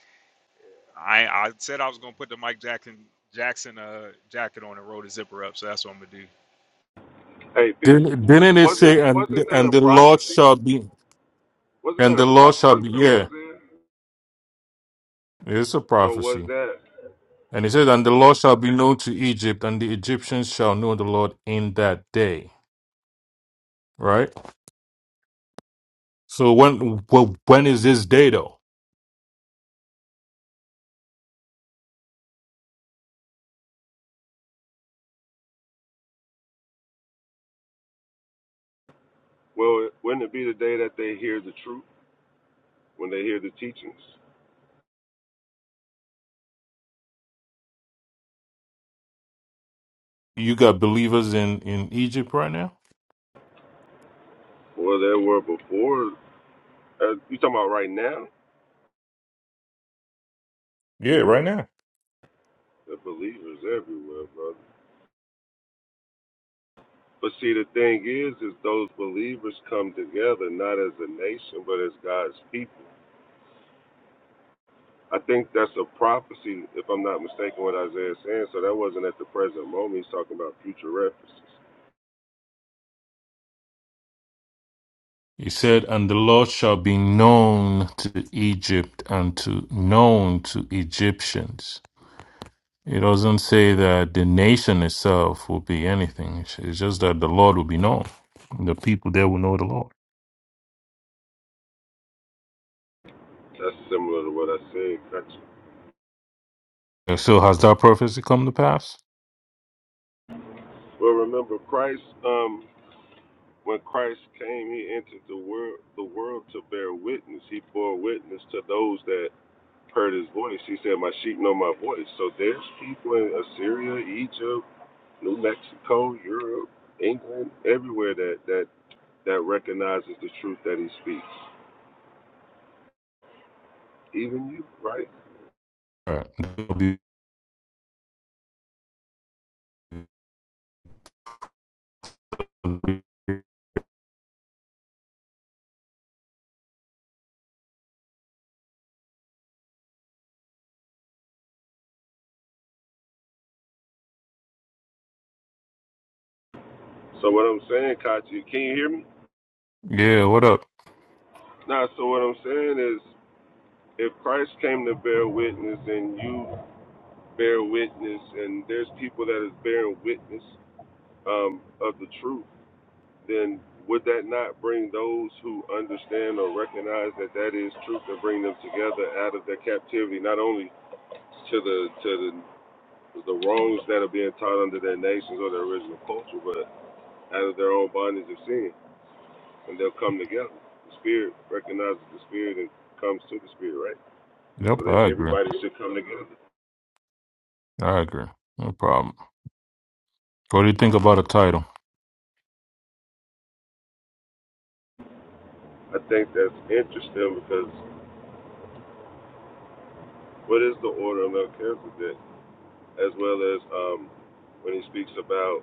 S8: I I said I was gonna put the Mike Jackson Jackson uh jacket on and roll the zipper up, so that's what I'm gonna do.
S10: Hey, peace.
S5: Didn't, didn't it
S10: Wasn't
S5: say and
S10: wasn't that a
S5: and the Lord
S10: prophecy?
S5: shall be
S10: Wasn't that
S5: and
S10: a
S5: the Lord shall
S10: prophecy
S5: be
S10: from
S5: yeah,
S10: Isaiah?
S5: it's a
S10: So was
S5: prophecy.
S10: that?
S5: And it says, And the Lord shall be known to Egypt, and the Egyptians shall know the Lord in that day. Right? So when well, when is this day though?
S10: Well, wouldn't it be the day that they hear the truth when they hear the teachings?
S5: You got believers in in Egypt right now?
S10: Well, there were before. Uh, you talking about right now?
S5: Yeah, right now.
S10: The believers everywhere, brother. But see, the thing is, is those believers come together not as a nation, but as God's people. I think that's a prophecy, if I'm not mistaken, what Isaiah's saying. So that wasn't at the present moment. He's talking about future references.
S5: He said, And the Lord shall be known to Egypt and to known to Egyptians. It doesn't say that the nation itself will be anything. It's it's just that the Lord will be known. The people there will know the Lord.
S10: That's similar to what I said. Gotcha.
S5: And So has that prophecy come to pass?
S10: Well, remember Christ. Um, when Christ came, He entered the world, the world to bear witness. He bore witness to those that heard His voice. He said, "My sheep know My voice." So there's people in Assyria, Egypt, New Mexico, Europe, England, everywhere that that that recognizes the truth that He speaks. Even you, right?
S5: Right. There'll be-
S10: So what I'm saying, Kachi, can you hear me?
S5: Yeah, what up?
S10: Nah. So what I'm saying is, if Christ came to bear witness and you bear witness and there's people that is bearing witness um, of the truth, then would that not bring those who understand or recognize that that is truth and bring them together out of their captivity, not only to the to the the wrongs that are being taught under their nations or their original culture, but out of their own bondage of sin, and they'll come together. The spirit recognizes the spirit and comes to the spirit, right? So
S5: Yep,
S10: that
S5: I agree.
S10: everybody should come together.
S5: I agree. No problem. What do you think about a title?
S10: I think that's interesting because What is the order of Melchizedek, as well as um, when he speaks about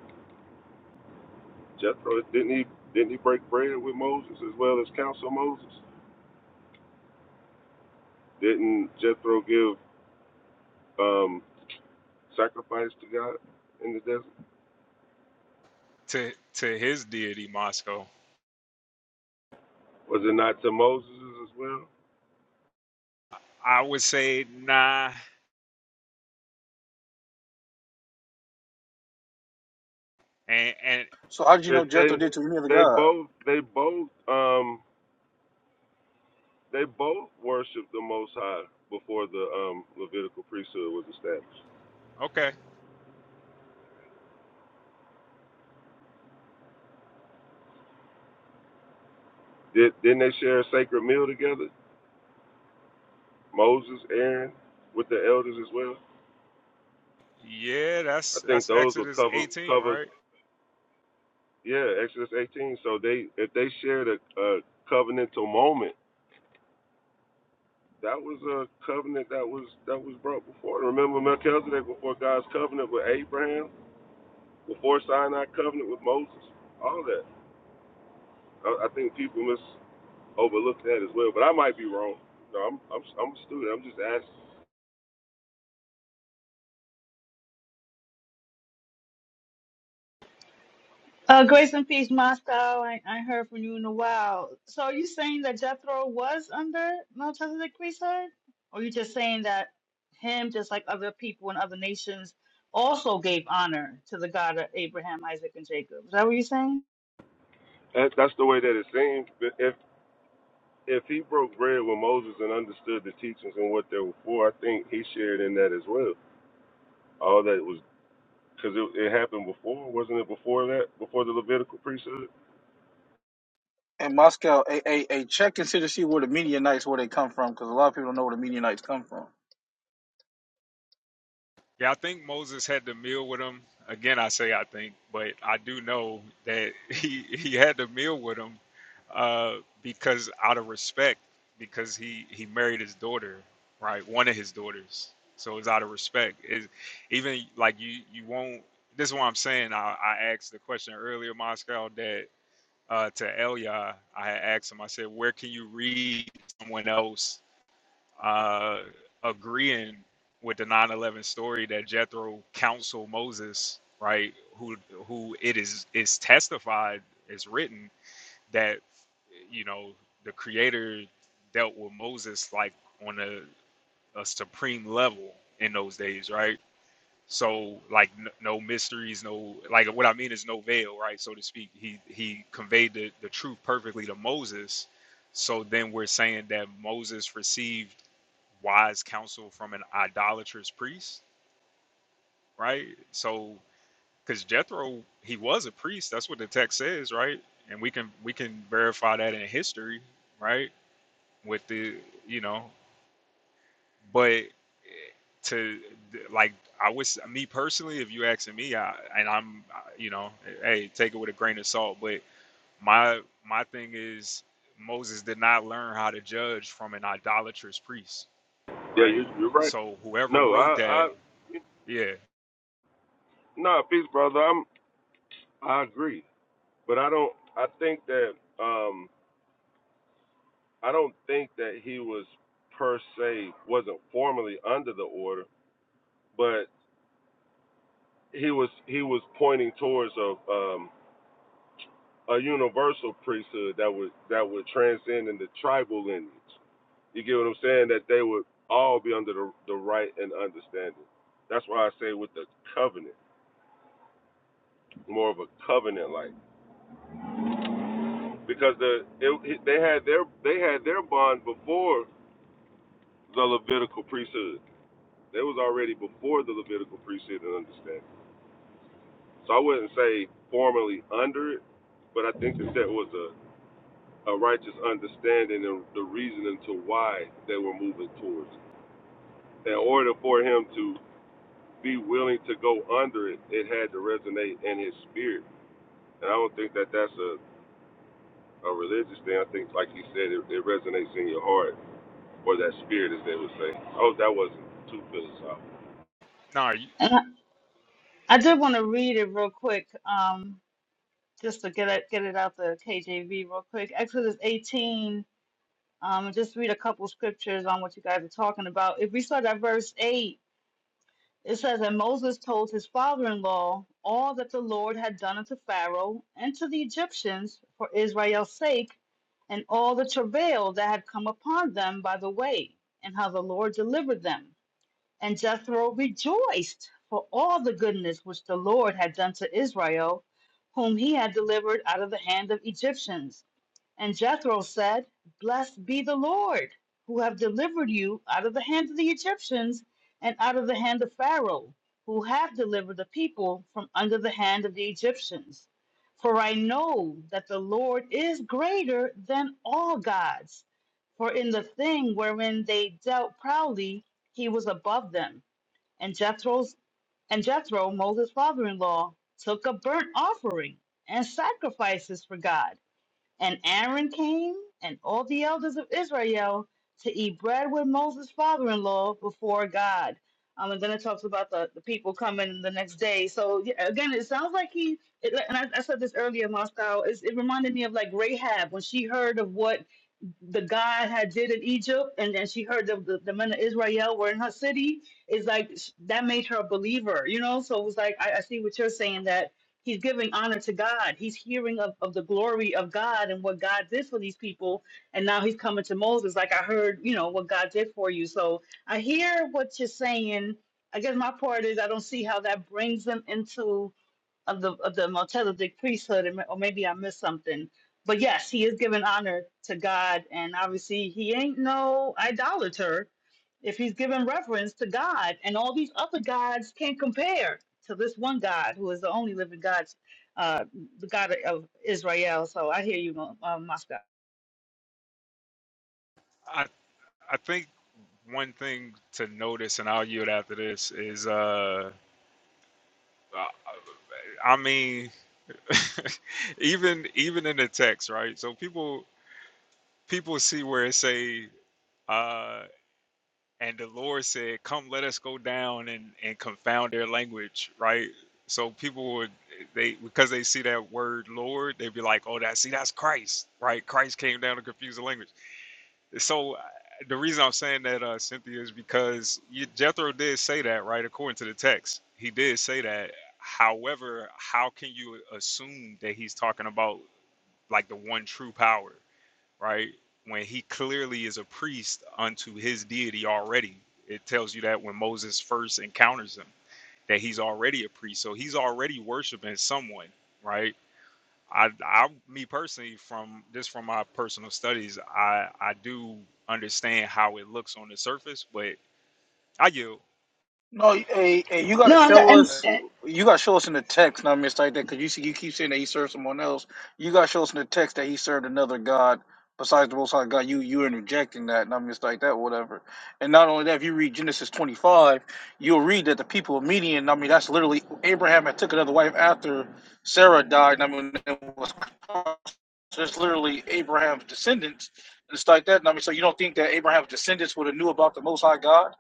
S10: Jethro? Didn't he didn't he break bread with Moses as well as counsel Moses? Didn't Jethro give um, sacrifice to God in the desert?
S8: To to his deity Moscow,
S10: Was it not to Moses as well?
S8: I would say nah, and and
S9: So how did you
S10: That
S9: know Jethro
S10: they
S9: did to any other
S10: they
S9: god?
S10: both they both um, they both worshipped the Most High before the um, Levitical priesthood was established.
S8: okay,
S10: Did, didn't they share a sacred meal together? Moses, Aaron, with the elders as well.
S8: yeah,
S10: I
S8: that's
S10: think
S8: that's
S10: those would
S8: Exodus
S10: cover
S8: 18,
S10: cover
S8: right?
S10: yeah Exodus 18. So they if they shared a, a covenantal moment, that was a covenant that was that was brought before. Remember Melchizedek before God's covenant with Abraham, before Sinai covenant with Moses, all that. I, I think people must overlook that as well, but I might be wrong. No, I'm I'm I'm a student. I'm just asking. that's the way that it seems. if if he broke bread with Moses and understood the teachings and what they were for, I think he shared in that as well all that was Because it, it happened before, wasn't it? Before that, before the Levitical priesthood.
S9: and Moscow, a, a, a check and see to see where the Midianites where they come from, because a lot of people don't know where the Midianites come from.
S8: Yeah, I think Moses had the meal with him. Again, I say I think, but I do know that he he had the meal with him uh, because out of respect, because he he married his daughter, right? One of his daughters. So it's out of respect. It, even like you you won't. This is what I'm saying. I, I asked the question earlier, Moscow, that uh, to Elia, I had asked him. I said, where can you read someone else uh, agreeing with the nine eleven story that Jethro counseled Moses, right? Who who it is is testified, is written that you know the Creator dealt with Moses like on a, a supreme level in those days, right? So like n- no mysteries, no like what I mean is no veil, right? So to speak, he he conveyed the, the truth perfectly to Moses. So then we're saying that Moses received wise counsel from an idolatrous priest, right? So, because Jethro, he was a priest. That's what the text says, right? And we can we can verify that in history, right? With the you know, but eh, to like I was me personally, if you asking me, I, and I'm you know, eh, hey, take it with a grain of salt. But my my thing is Moses did not learn how to judge from an idolatrous priest,
S10: Yeah,
S8: right?
S10: you, you're right.
S8: So whoever
S10: No,
S8: wrote
S10: I,
S8: that,
S10: I,
S8: yeah.
S10: nah, peace, brother. I'm, I agree, but I don't. I think that, um, I don't think that he was per se wasn't formally under the order, but he was he was pointing towards a um a universal priesthood that would that would transcend into tribal lineage. You get what I'm saying? That they would all be under the, the right and understanding. That's why I say with the covenant, more of a covenant like, because the it, they had their they had their bond before the Levitical priesthood. They was already before the Levitical priesthood and understanding. So I wouldn't say formally under it, but I think that there was a, a righteous understanding and the reasoning to why they were moving towards it. In order for him to be willing to go under it, it had to resonate in his spirit. And I don't think that that's a, a religious thing. I think, like he said, it, it resonates in your heart or that spirit, as they would say. Oh, that wasn't too philosophical.
S8: No, you- I I think one thing to notice, and I'll yield after this, is uh, I I mean, even even in the text, right? So people people see where it say, uh, and the Lord said, "Come, let us go down and and confound their language," right? So people would they because they see that word Lord, they'd be like, "Oh, that see that's Christ, right? Christ came down to confuse the language." So uh, the reason I'm saying that, uh, Cynthia, is because you, Jethro did say that, right? According to the text, he did say that. However, how can you assume that he's talking about like the one true power, right? When he clearly is a priest unto his deity already. It tells you that when Moses first encounters him, that he's already a priest. So he's already worshiping someone, right? I, I, me personally, from just from my personal studies, I, I do understand how it looks on the surface, but I you,
S9: No, hey, hey, you gotta show us. You gotta show us in the text, not miss like that, because you see, you keep saying that he served someone else. You gotta show us in the text that he served another god besides the Most High God. You you interjecting that, not miss like that, whatever. And not only that, if you read Genesis twenty five, you'll read that the people of Median. I mean, that's literally Abraham had took another wife after Sarah died. I mean, it was. So it's literally Abraham's descendants and it's like that. And I mean, so you don't think that Abraham's descendants would have knew about the Most High God?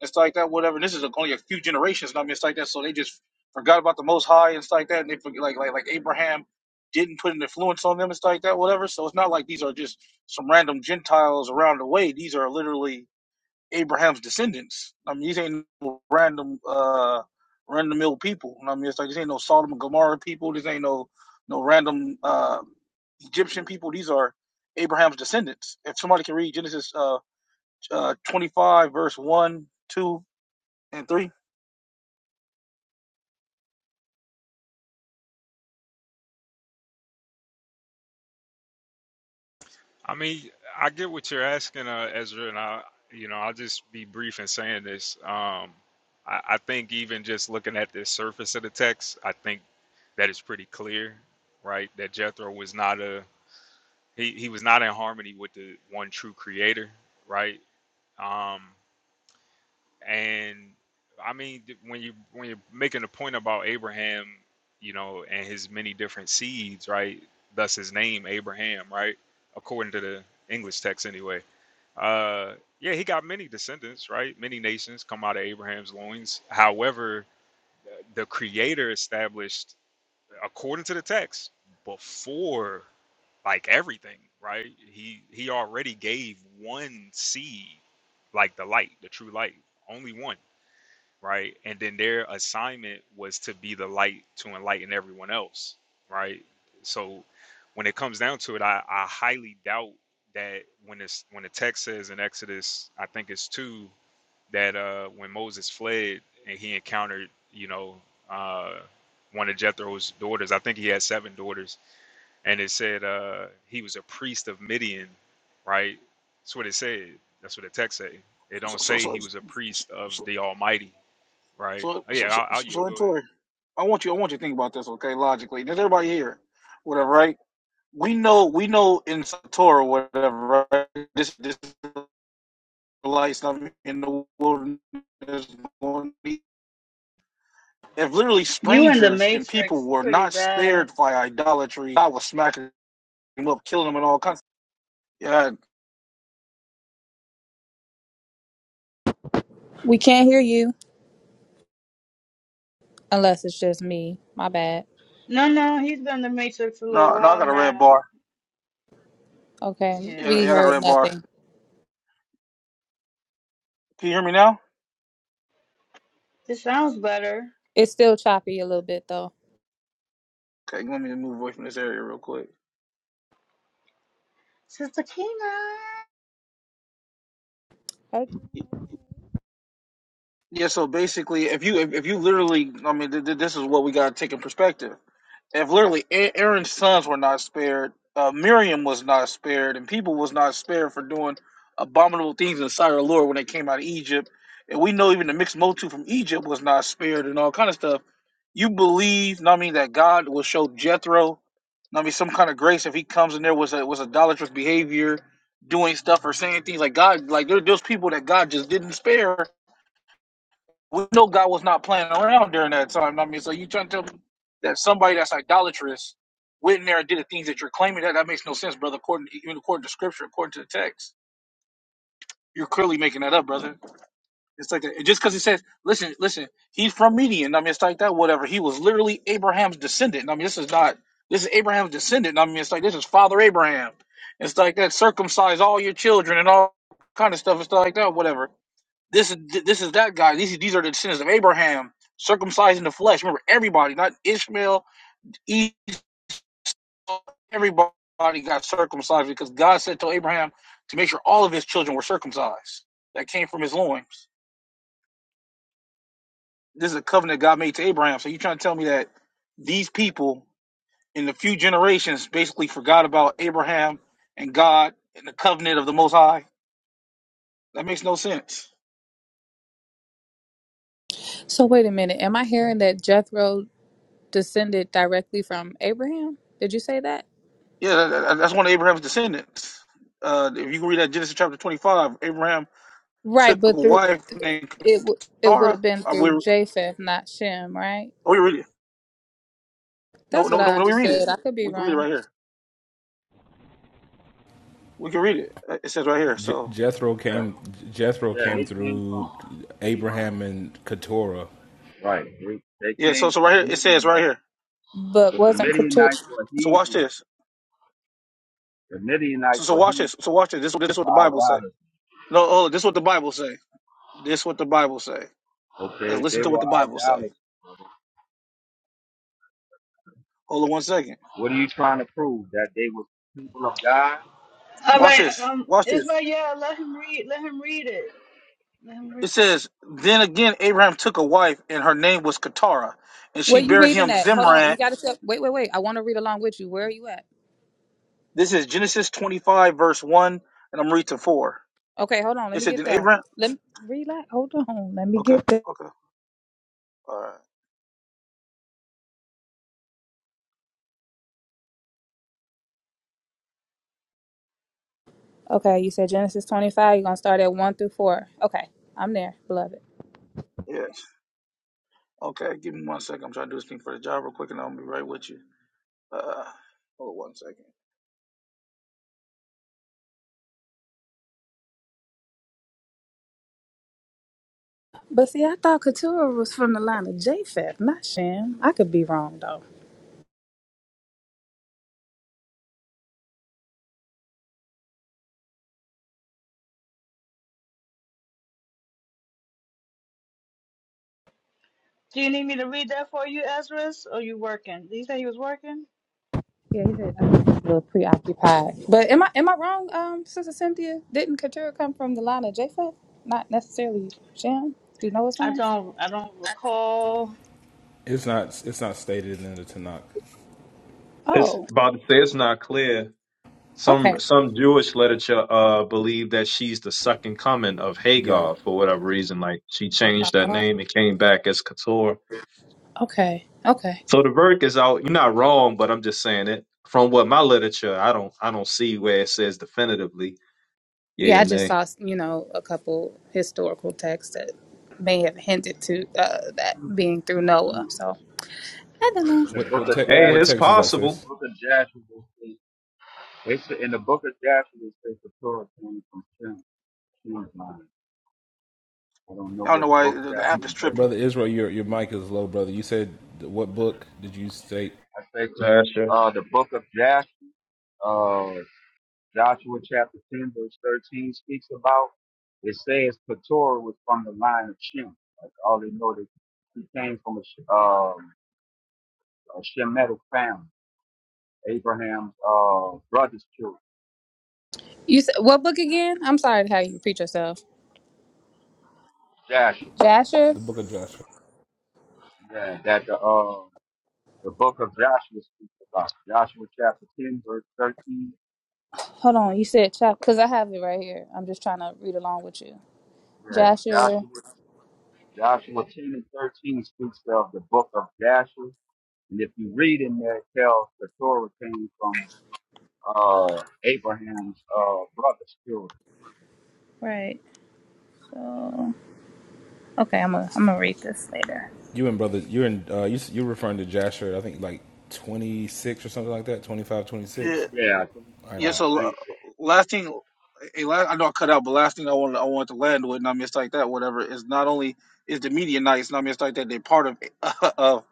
S9: It's like that, whatever. And this is only a few generations. And I mean, it's like that. So they just forgot about the Most High and it's like that. And they forget, like like like Abraham didn't put an influence on them. It's like that, whatever. So it's not like these are just some random Gentiles around the way. These are literally Abraham's descendants. I mean, these ain't no random uh random mill people. And I mean, it's like these ain't no Sodom and Gomorrah people. These ain't no no random. uh Egyptian people, these are Abraham's descendants. If somebody can read Genesis uh, uh, 25, verse 1, 2, and 3.
S8: I mean, I get what you're asking, uh, Ezra, and I, you know, I'll just be brief in saying this. Um, I, I think even just looking at the surface of the text, I think that is pretty clear, right? That Jethro was not a he, he was not in harmony with the one true Creator, right? Um, And I mean, th- when you when you're making a point about Abraham, you know, and his many different seeds, right? Thus his name Abraham, right? According to the English text, anyway. Uh, yeah, he got many descendants, right? Many nations come out of Abraham's loins. However, the Creator established, according to the text, before like everything, right? He he already gave one seed, like the light, the true light, only one right? And then their assignment was to be the light to enlighten everyone else, right? So when it comes down to it, I, I highly doubt that when it's when the text says in Exodus, I think it's two, that uh when Moses fled and he encountered, you know, uh one of Jethro's daughters, I think he had seven daughters, and it said uh he was a priest of Midian, right? That's what it said. That's what the text say. It
S9: So,
S8: don't
S9: so,
S8: say
S9: so,
S8: he
S9: so,
S8: was a
S9: so,
S8: priest of
S9: so,
S8: the Almighty Right.
S9: so,
S8: Oh, yeah,
S9: so, so
S8: I'll, I'll yield.
S9: so, and
S8: Go ahead.
S9: Tori, I want you, I want you to think about this, okay, logically. Does everybody here, whatever, right? We know, we know in Torah, whatever, right? This, this lights in the wilderness going to be. If literally strangers and people were not spared by idolatry, I was smacking them up, killing them, and all kinds Yeah,
S11: We can't hear you unless it's just me. My bad.
S9: no, no, I got a red bar.
S11: Okay,
S9: Yeah,
S11: we
S9: yeah, I got a
S11: heard
S9: red bar.
S11: nothing.
S9: Can you hear me now?
S11: It's still choppy a little bit though.
S9: Okay, let me move away from this area real quick.
S11: Hey,
S9: Yeah, so basically, if you if, if you literally, I mean, th- th- this is what we got to take in perspective. If literally A- Aaron's sons were not spared, uh, Miriam was not spared, and people was not spared for doing abominable things in the sight of the Lord when they came out of Egypt, and we know even the mixed multitude from Egypt was not spared and all kind of stuff. You believe, know what I mean, that God will show Jethro, know what I mean, some kind of grace if he comes in there was a, was idolatrous behavior, doing stuff or saying things like God, like there, there's people that God just didn't spare we know God was not playing around during that time. I mean, so you trying to tell me that somebody that's idolatrous went in there and did the things that you're claiming that that makes no sense, brother. According to, even according to scripture, according to the text, you're clearly making that up, brother. It's like that. just because it says, listen, listen, he's from Median. I mean, it's like that. Whatever. He was literally Abraham's descendant. I mean, this is not. This is Abraham's descendant. I mean, it's like this is Father Abraham. It's like that. Circumcise all your children and all kind of stuff. It's like that. Whatever this is this is that guy. These these are the descendants of Abraham, circumcised in the flesh. Remember, everybody, not Ishmael, E- everybody got circumcised because God said to Abraham to make sure all of his children were circumcised. That came from his loins. This is a covenant God made to Abraham. So you trying to tell me that these people in the few generations basically forgot about Abraham and God and the covenant of the Most High? That makes no sense.
S11: So wait a minute. Am I hearing that Jethro descended directly from Abraham? Did you say that?
S9: Yeah, that- that's one of Abraham's descendants. Uh, if you can read that Genesis chapter twenty-five, Abraham
S11: Right,
S9: took a
S11: but through
S9: wife named
S11: it w- it would
S9: Keturah.
S11: have been
S9: Are we?
S11: through
S9: Are
S11: Japheth, not Shem, right?
S9: we reading? No,
S11: That's what
S9: no,
S11: I
S9: no, no. We read it.
S11: understood. I could be
S9: We can read it
S11: wrong,
S9: right here. We can read it. Uh, It says right here.
S12: Je-
S9: So
S12: Jethro
S7: Yeah,
S12: came. Jethro
S7: yeah.
S9: oh,
S12: came
S7: They came
S12: through
S7: from Abraham.
S12: Abraham and Keturah.
S7: Right. They, they
S9: yeah. So
S7: came
S9: so
S7: through
S9: right
S7: the
S9: here it says right
S7: Midianites.
S9: here.
S11: but
S7: But the
S11: wasn't Keturah.
S7: Midianites were
S9: So watch
S7: heathen.
S9: this.
S7: The
S9: So,
S7: Midianites
S9: so
S7: were
S9: watch
S7: heathen.
S9: this. So watch this. This this
S7: They
S9: is what
S7: were
S9: the Bible say.
S7: idolaters.
S9: No, hold on. This is what the Bible say. This is what the Bible say. Let's
S7: Okay,
S9: listen
S7: they
S9: to what
S7: were
S9: the Bible say.
S7: idolaters.
S9: Hold on one second.
S7: What are you trying to prove? That they were people of God?
S9: Watch this. Watch this. It says, Then again Abraham took a wife, and her name was Keturah, and
S11: Where
S9: she
S11: you
S9: bare
S11: reading
S9: him
S11: at? Hold on. You
S9: Zimran.
S11: got to tell. Wait, wait, wait. I want to read along with you. Where are you at?
S9: This is Genesis twenty five verse one, and I'm reading to four.
S11: Okay, hold on. Let me
S9: Is it
S11: get
S9: in
S11: there.
S9: Abraham?
S11: Let me relax. Hold on. Let me
S9: Okay,
S11: get there.
S9: okay, all right,
S11: Okay, you said Genesis 25. You're going to start at 1 through 4. Okay, I'm there, beloved.
S9: yeah, okay. Give me one second. I'm trying to do this thing for the job real quick, and I'll be right with you. Uh, hold on one second.
S11: But see, I thought Keturah was from the line of Japheth, not Shem. I could be wrong, though. Yeah, he said I was a little preoccupied. But am I am I wrong, um, Sister Cynthia? Didn't Keturah come from the line of Japheth? Not necessarily Shem? Do you know his lines?
S12: It's not. It's not stated in the Tanakh.
S13: It's
S11: Oh,
S13: about to say it's not clear.
S11: okay.
S13: Some some Jewish literature uh believe that she's the second coming of
S12: Yeah.
S13: Hagar for whatever reason. Like she changed that
S11: Uh,
S13: name and came back as Keturah.
S11: Okay, okay.
S13: So the verdict is out. You're not wrong, but I'm just saying it from what my literature. I don't I don't see where it says definitively.
S11: Yeah,
S13: Yeah,
S11: I just
S13: nay.
S11: saw, you know, a couple historical texts that may have hinted to uh, that being through Noah. So, I don't know.
S7: in the
S12: What
S7: book
S12: what
S7: of
S12: te-
S13: Hey,
S7: Joshua,
S12: what
S13: it's
S12: text is that,
S7: the
S13: possible.
S12: sis?
S7: book of Joshua, it- they said in the book of Joshua, it says the Torah came from Shem, Shem's line. I don't know
S9: I don't know
S7: what the
S9: why
S7: book,
S9: the the
S7: chapter,
S9: app is
S7: and verse.
S9: tripping.
S12: Brother Israel, your your mic is low, brother. You said what book did you state?
S7: I say,
S13: Sure.
S7: uh, the book of Joshua, uh, Joshua chapter 10, verse 13 speaks about, it says Keturah was from the line of Shem. Like all they know that he came from a, Sh- um, a Shemitic family, Abraham's, uh, brother's children,
S11: You said what book again? I'm sorry to have you repeat yourself.
S7: Joshua.
S11: Jasher.
S12: The book of Joshua.
S7: Yeah, that, the uh, The book of Joshua speaks about it. Joshua chapter 10, verse 13.
S11: Hold on. You said chapter because I have it right here. I'm just trying to read along with you.
S7: Yeah,
S11: Jasher.
S7: Joshua, Joshua 10 and 13 speaks of the book of Joshua. And if you read in there, it tells the Torah came from uh, Abraham's uh, brother's children.
S11: Right. So okay, I'm gonna I'm gonna read this later.
S12: You and brother, you're in. Uh, you you're referring to Joshua. I think like twenty six or something like that. Twenty five, twenty
S9: Yeah.
S7: Yeah, I think,
S12: All right,
S7: uh,
S9: Yeah,
S12: bet.
S7: I
S9: so la-
S7: think so.
S9: last thing, eh, la- I know I cut out, but last thing I want I want to land with, and I mean it's like that, whatever, is not only is the Midianites, and I mean it's like that, they're part of of,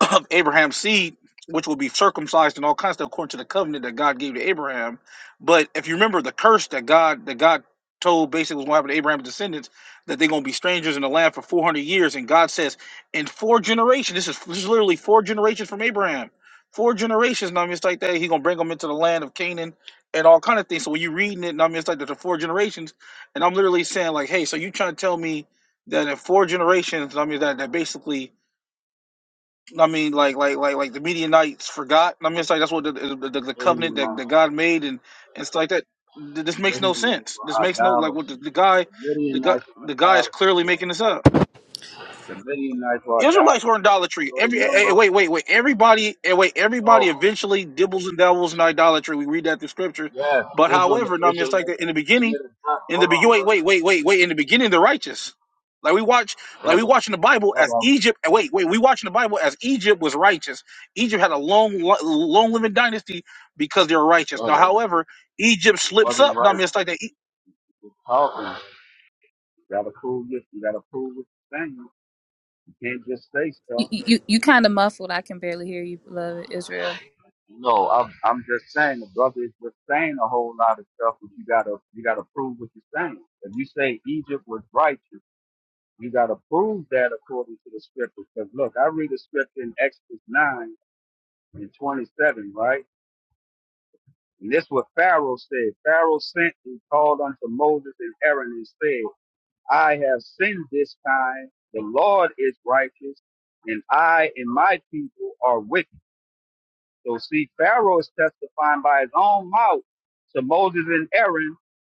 S9: of Abraham's seed, which will be circumcised and all kinds of stuff according to the covenant that God gave to Abraham. But if you remember the curse that God that God told basically was going to happen to Abraham's descendants, that they're going to be strangers in the land for 400 years, and God says, in four generations, this is this is literally four generations from Abraham. Four generations, and I mean, it's like that. He's gonna bring them into the land of Canaan, and all kind of things. So when you're reading it, and I mean, it's like there's four generations, and I'm literally saying like, hey, so you trying to tell me that in four generations, I mean, that that basically, I mean, like like like like the Midianites forgot. I mean, it's like that's what the the, the, the covenant that,
S7: Midianites,
S9: that God made, and and stuff like that. Th- This makes no
S7: Midianites
S9: sense. This
S7: were
S9: makes no like
S7: idolaters.
S9: what the, the guy,
S7: The
S9: the guy,
S7: Midianites were
S9: the guy is
S7: idolaters.
S9: clearly making this up.
S7: The Midianites were
S9: Israelites
S7: idolaters.
S9: were in idolatry.
S7: So the
S9: Every eh, eh,
S7: number,
S9: wait, wait, wait. Everybody, eh, wait. Everybody
S7: no,
S9: eventually dibbles and dabbles in idolatry. We read that through scripture.
S7: yes,
S9: But
S7: Israel,
S9: however, not mistake
S7: Israelites
S9: that in the beginning,
S7: committed not.
S9: in the
S7: Hold
S9: be-
S7: on,
S9: wait,
S7: brother.
S9: wait, wait, wait, wait. In the beginning, the righteous. Like we watch, like we
S7: brother,
S9: watch in the Bible
S7: brother,
S9: as Egypt. eh, Wait, wait. We watch in the Bible as Egypt was righteous. Egypt had a long, long living dynasty because they were righteous. Now,
S7: brother,
S9: however, Egypt
S7: it
S9: slips
S7: wasn't
S9: up. Not
S7: right
S9: mistake
S7: talking. You gotta prove it. You gotta prove what you're saying. You can't just say
S11: You
S7: stuff.
S11: you, you kind of muffled. I can barely hear you, beloved Israel.
S7: No, I'm I'm just saying the brother is just saying a whole lot of stuff, but you gotta you gotta prove what you're saying. If you say Egypt was righteous, you gotta prove that according to the scripture. Because look, I read the scripture in Exodus nine and twenty seven, right? And this is what Pharaoh said. Pharaoh sent and called unto Moses and Aaron and said, I have sinned this time. The Lord is righteous, and I and my people are wicked. So see, Pharaoh is testifying by his own mouth to Moses and Aaron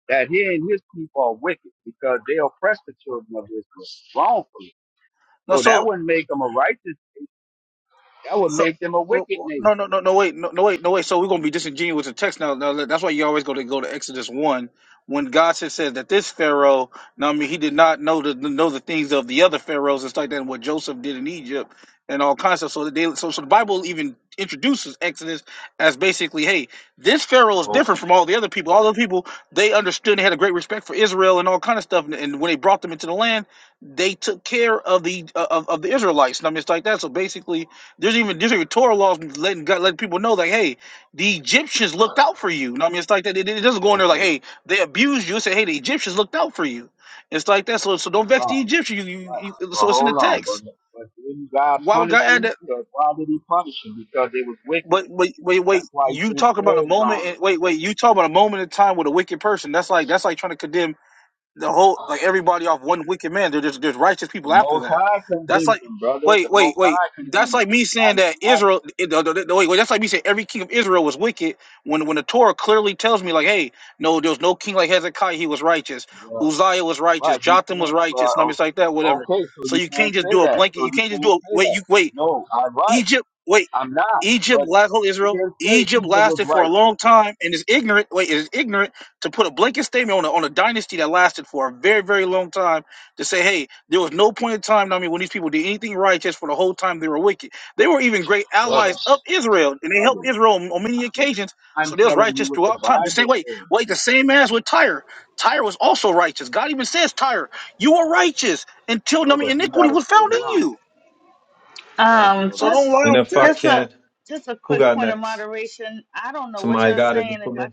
S7: that he and his people are wicked because they oppress the children of Israel wrongfully. So
S9: that.
S7: that wouldn't make them a righteous. That would
S9: So,
S7: make them a
S9: oh,
S7: wicked
S9: oh,
S7: nation.
S9: no, no, no, no, wait, no, no, wait, no, wait. So we're gonna be disingenuous with the text now. now that's why you always go to go to Exodus one when God said, said that this Pharaoh, now I mean, he did not know the know the things of the other pharaohs and stuff like that, and what Joseph did in Egypt and all kinds of. So that they, so, so the Bible even introduces Exodus as basically, hey, this Pharaoh is
S7: Oh,
S9: different from all the other people. All the people they understood, and had a great respect for Israel and all kind of stuff. And, and when they brought them into the land, they took care of the of, of the Israelites. And I mean, it's like that. So basically there's even there's even Torah laws letting God letting people know like, hey, the Egyptians looked out for you. You know what I mean, it's like that. It, it doesn't go in there like,
S7: okay.
S9: hey, they abused you. Say, hey, the Egyptians looked out for you. It's like that. So so don't vex the
S7: Wrong.
S9: Egyptians. You,
S7: Right.
S9: you, you
S7: Well,
S9: so it's in the
S7: hold on,
S9: text.
S7: brother. But didn't God
S9: Why would God
S7: punish
S9: add
S7: them?
S9: that?
S7: Because why did he punish them? Because they was wicked.
S9: But wait, wait, wait.
S7: That's why he
S9: You
S7: sent
S9: talk about a
S7: plagues on them.
S9: moment. And, wait, wait. You talk about a moment in time with a wicked person. That's like that's like trying to condemn the whole like everybody off one wicked man. There- There's just there's righteous
S7: The
S9: people after
S7: Most
S9: that.
S7: High
S9: That's
S7: condemned
S9: like
S7: them, brother.
S9: wait
S7: The
S9: wait
S7: Most
S9: wait.
S7: High condemned
S9: That's
S7: them.
S9: like me saying
S7: I,
S9: that Israel. it- the- the- the- Wait wait. That's like me saying every king of Israel was wicked when when the Torah clearly tells me like hey no there was no king like Hezekiah he was righteous
S7: I, uh,
S9: Uzziah was righteous
S7: right, you
S9: Jotham was
S7: can't,
S9: righteous numbers
S7: well,
S9: like that
S7: o-
S9: whatever.
S7: okay, so
S9: So
S7: you
S9: you
S7: can't
S9: can't just
S7: say
S9: do a
S7: that.
S9: blanket.
S7: So
S9: You
S7: you
S9: can't just do
S7: can't
S9: a
S7: say
S9: wait
S7: that.
S9: you wait
S7: No, I'm right.
S9: Egypt wait.
S7: I'm not.
S9: Egypt,
S7: But
S9: la- hold
S7: he
S9: Israel.
S7: didn't say
S9: Egypt
S7: Eva was
S9: lasted for a
S7: right.
S9: long time and is ignorant. Wait, is ignorant to put a blanket statement on a, on a dynasty that lasted for a very, very long time to say, hey, there was no point in time, I mean, when these people did anything righteous for the whole time they were wicked. They were even great
S7: Brother,
S9: allies of Israel, and they helped
S7: brother,
S9: Israel on, on many
S7: I'm,
S9: occasions.
S7: I'm
S9: So they was
S7: telling you
S9: righteous
S7: what the
S9: throughout time. The same
S7: Bible
S9: way,
S7: says.
S9: wait, the same as with Tyre. Tyre was also righteous. God even says, Tyre, you were righteous until I mean,
S7: Brother, you
S9: iniquity
S7: gotta
S9: was
S7: slow
S9: found in
S7: down.
S9: you.
S7: You gotta slow
S9: So
S7: down.
S9: don't lie
S13: And
S9: on
S13: if
S9: the
S13: I
S9: text.
S13: can, who got next? Somebody got it before me.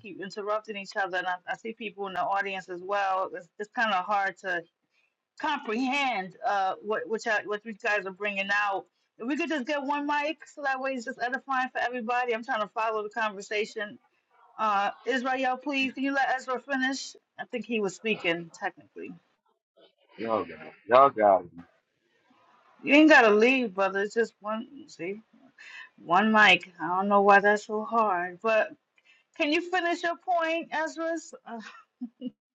S7: Y'all got it. Y'all got it.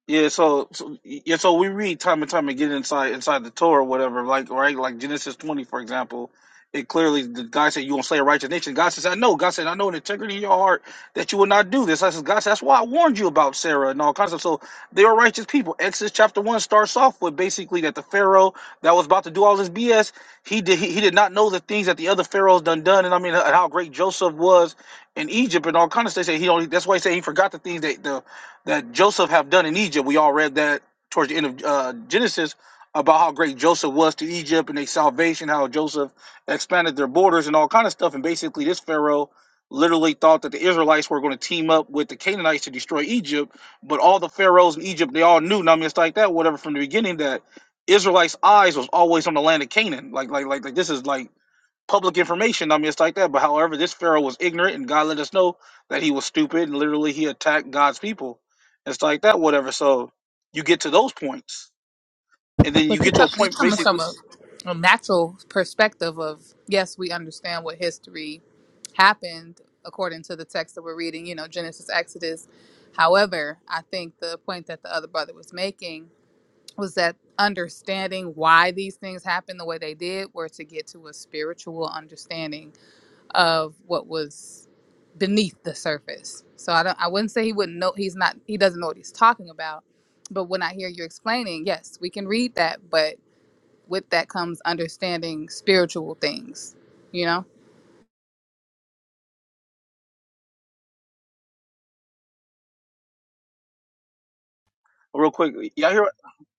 S9: Yeah, so, so yeah, so we read time and time again inside inside the Torah, or whatever. Like right, like Genesis twenty, for example, it clearly the guy said you gonna slay a righteous nation. God says, I know. God said, I know in integrity in your heart that you will not do this. I says, God said, that's why I warned you about Sarah and all kinds of. So they are righteous people. Exodus chapter one starts off with basically that the Pharaoh that was about to do all this BS, he did he, he did not know the things that the other pharaohs done done, and I mean and how great Joseph was in Egypt and all kinds of stuff. He only that's why he said he forgot the things that the that Joseph have done in Egypt. We all read that towards the end of uh, Genesis about how great Joseph was to Egypt and their salvation, how Joseph expanded their borders and all kind of stuff. And basically, this Pharaoh literally thought that the Israelites were going to team up with the Canaanites to destroy Egypt. But all the pharaohs in Egypt, they all knew, and I mean, it's like that, whatever, from the beginning that Israelites' eyes was always on the land of Canaan. Like, like, like, like this is like public information. I mean, it's like that. But however, this Pharaoh was ignorant, and God let us know that he was stupid, and literally he attacked God's people. It's like that, whatever. So you get to those points, and then
S11: But
S9: you
S11: you're,
S9: get to
S11: com-
S9: a
S11: you're
S9: point,
S11: coming from
S9: basically,
S11: a, a natural perspective of yes, we understand what history happened according to the text that we're reading. You know, Genesis, Exodus. However, I think the point that the other brother was making was that understanding why these things happened the way they did were to get to a spiritual understanding of what was beneath the surface. So I don't I wouldn't say he wouldn't know he's not he doesn't know what he's talking about. But when I hear you explaining, yes, we can read that, but with that comes understanding spiritual things, you know?
S9: real quick. Y'all hear?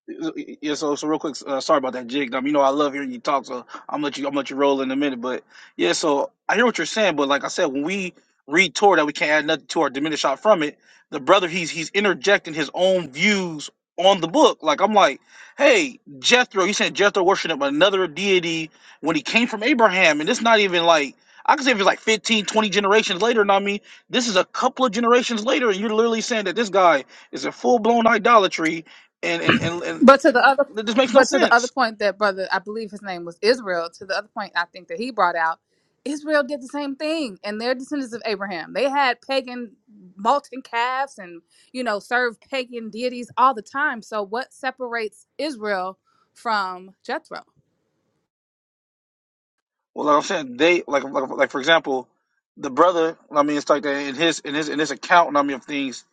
S9: Yeah, so so real quick, uh, sorry about that, Jig. Um, you know I love hearing you talk, so I'm let you I'm let you roll in a minute. But yeah, so I hear what you're saying, but like I said, when we read Torah that we can't add nothing to or diminish out from it, the brother he's he's interjecting his own views on the book. Like I'm like, hey, Jethro, you saying Jethro worshiped another deity when he came from Abraham, and it's not even like I could say if it's like 15, 20 generations later, and I mean, this is a couple of generations later, and you're literally saying that this guy is a full blown idolatry, and and and, and
S11: But to the other,
S9: that just makes no
S11: but to the other
S9: sense.
S11: point that brother, I believe his name was Israel. To the other point, I think that he brought out, Israel did the same thing, and they're descendants of Abraham. They had pagan molten calves, and you know, served pagan deities all the time. So what separates Israel from Jethro?
S9: Well, like I'm saying, they like like like for example, the brother. I mean, it's like that in his in his in his account. I mean, of things,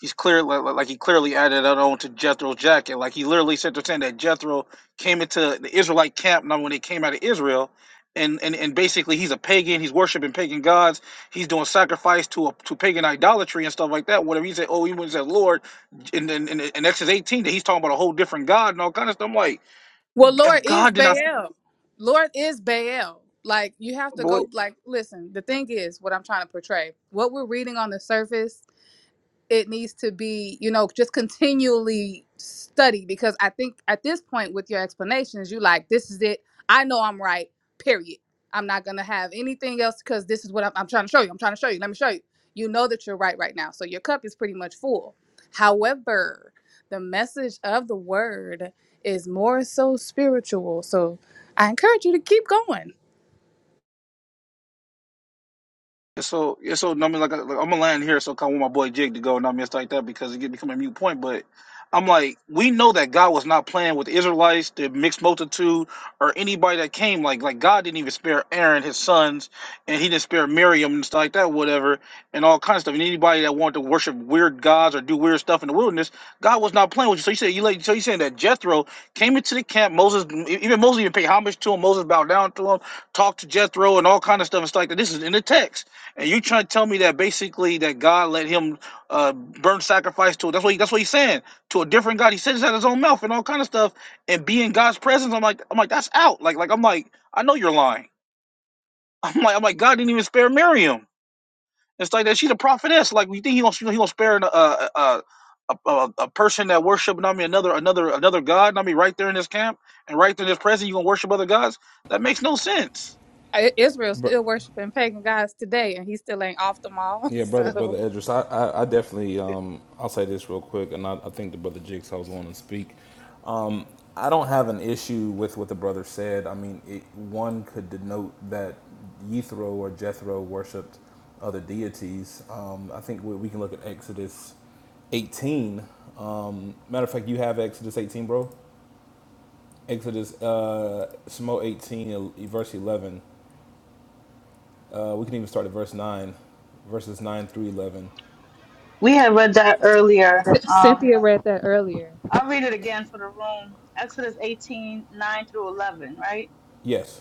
S9: he's clear like, like like he clearly added that on to Jethro's jacket. Like he literally said to saying that Jethro came into the Israelite camp. Now, when they came out of Israel, and and and basically he's a pagan. He's worshiping pagan gods. He's doing sacrifice to a to pagan idolatry and stuff like that. Whatever he said, oh, he went and said Lord, in, in, in, in Exodus 18 that he's talking about a whole different God and all kind of stuff. I'm like,
S11: Well, Lord
S9: if
S11: is
S9: God did not,
S11: Baal. Lord is Baal. Like you have to
S9: boy.
S11: go. Like listen, the thing is, what I'm trying to portray, what we're reading on the surface it needs to be you know just continually study because i think at this point with your explanations you like this is it i know i'm right period i'm not gonna have anything else because this is what I'm, I'm trying to show you i'm trying to show you let me show you you know that you're right right now so your cup is pretty much full however the message of the word is more so spiritual so i encourage you to keep going
S9: Yeah, so yeah, so no, I mean, like, I- like I'm gonna land here, so I want my boy Jake to go, and I mean, it's like that because it get become a mute point. But I'm like, we know that God was not playing with the Israelites, the mixed multitude, or anybody that came. Like, like God didn't even spare Aaron, his sons, and He didn't spare Miriam and stuff like that, whatever, and all kinds of stuff. And anybody that wanted to worship weird gods or do weird stuff in the wilderness, God was not playing with you. So you said you like, so you saying that Jethro came into the camp. Moses, even Moses, even paid homage to him. Moses bowed down to him, talked to Jethro, and all kind of stuff and stuff like that. This is in the text. And you trying to tell me that basically that God let him uh, burn sacrifice to that's what he, that's what he's saying to a different God. He says that his own mouth and all kind of stuff. And be in God's presence, I'm like I'm like that's out. Like like I'm like I know you're lying. I'm like I'm like God didn't even spare Miriam. It's like that she's a prophetess. Like you think he gonna he gonna spare a a a, a, a a person that worship I mean another another another God? I mean right there in this camp and right there in this presence you gonna worship other gods? That makes no sense.
S11: I- Israel's
S12: But
S11: still worshiping pagan gods today, and he still ain't off them all.
S12: yeah, brother, brother
S11: So,
S12: Edris, I, I, I definitely, um, I'll say this real quick, and I, I think the brother Jigsaw was want to speak. I don't have an issue with what the brother said. I mean, it, one could denote that Yethro or Jethro worshipped other deities. Um, I think we, we can look at Exodus 18. Um, matter of fact, you have Exodus 18, bro. Exodus uh, Samo 18, verse 11. Uh, we can even start at verse 9, verses 9 through 11.
S11: Cynthia read that earlier.
S12: Yes.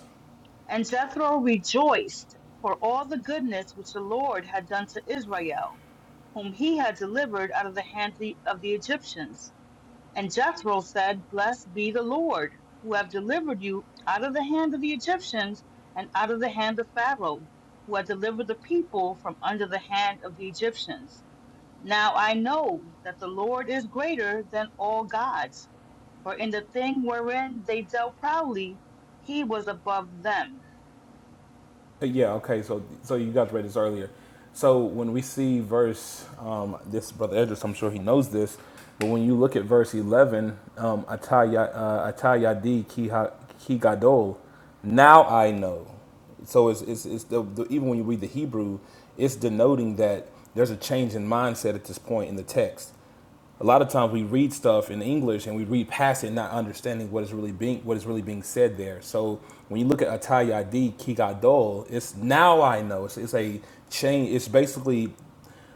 S12: Uh, Yeah, okay, so so you guys read this earlier. So when we see verse, um, this brother Edris, I'm sure he knows this, but when you look at verse 11, um, Ataya uh, Atayadi ki ha- ki gadol, now I know. So it's, it's, it's the, the, even when you read the Hebrew, it's denoting that there's a change in mindset at this point in the text a lot of times we read stuff in English and we read past it, not understanding what is really being what is really being said there. So when you look at Atayadi Kigadol, it's now I know it's, it's a change. It's basically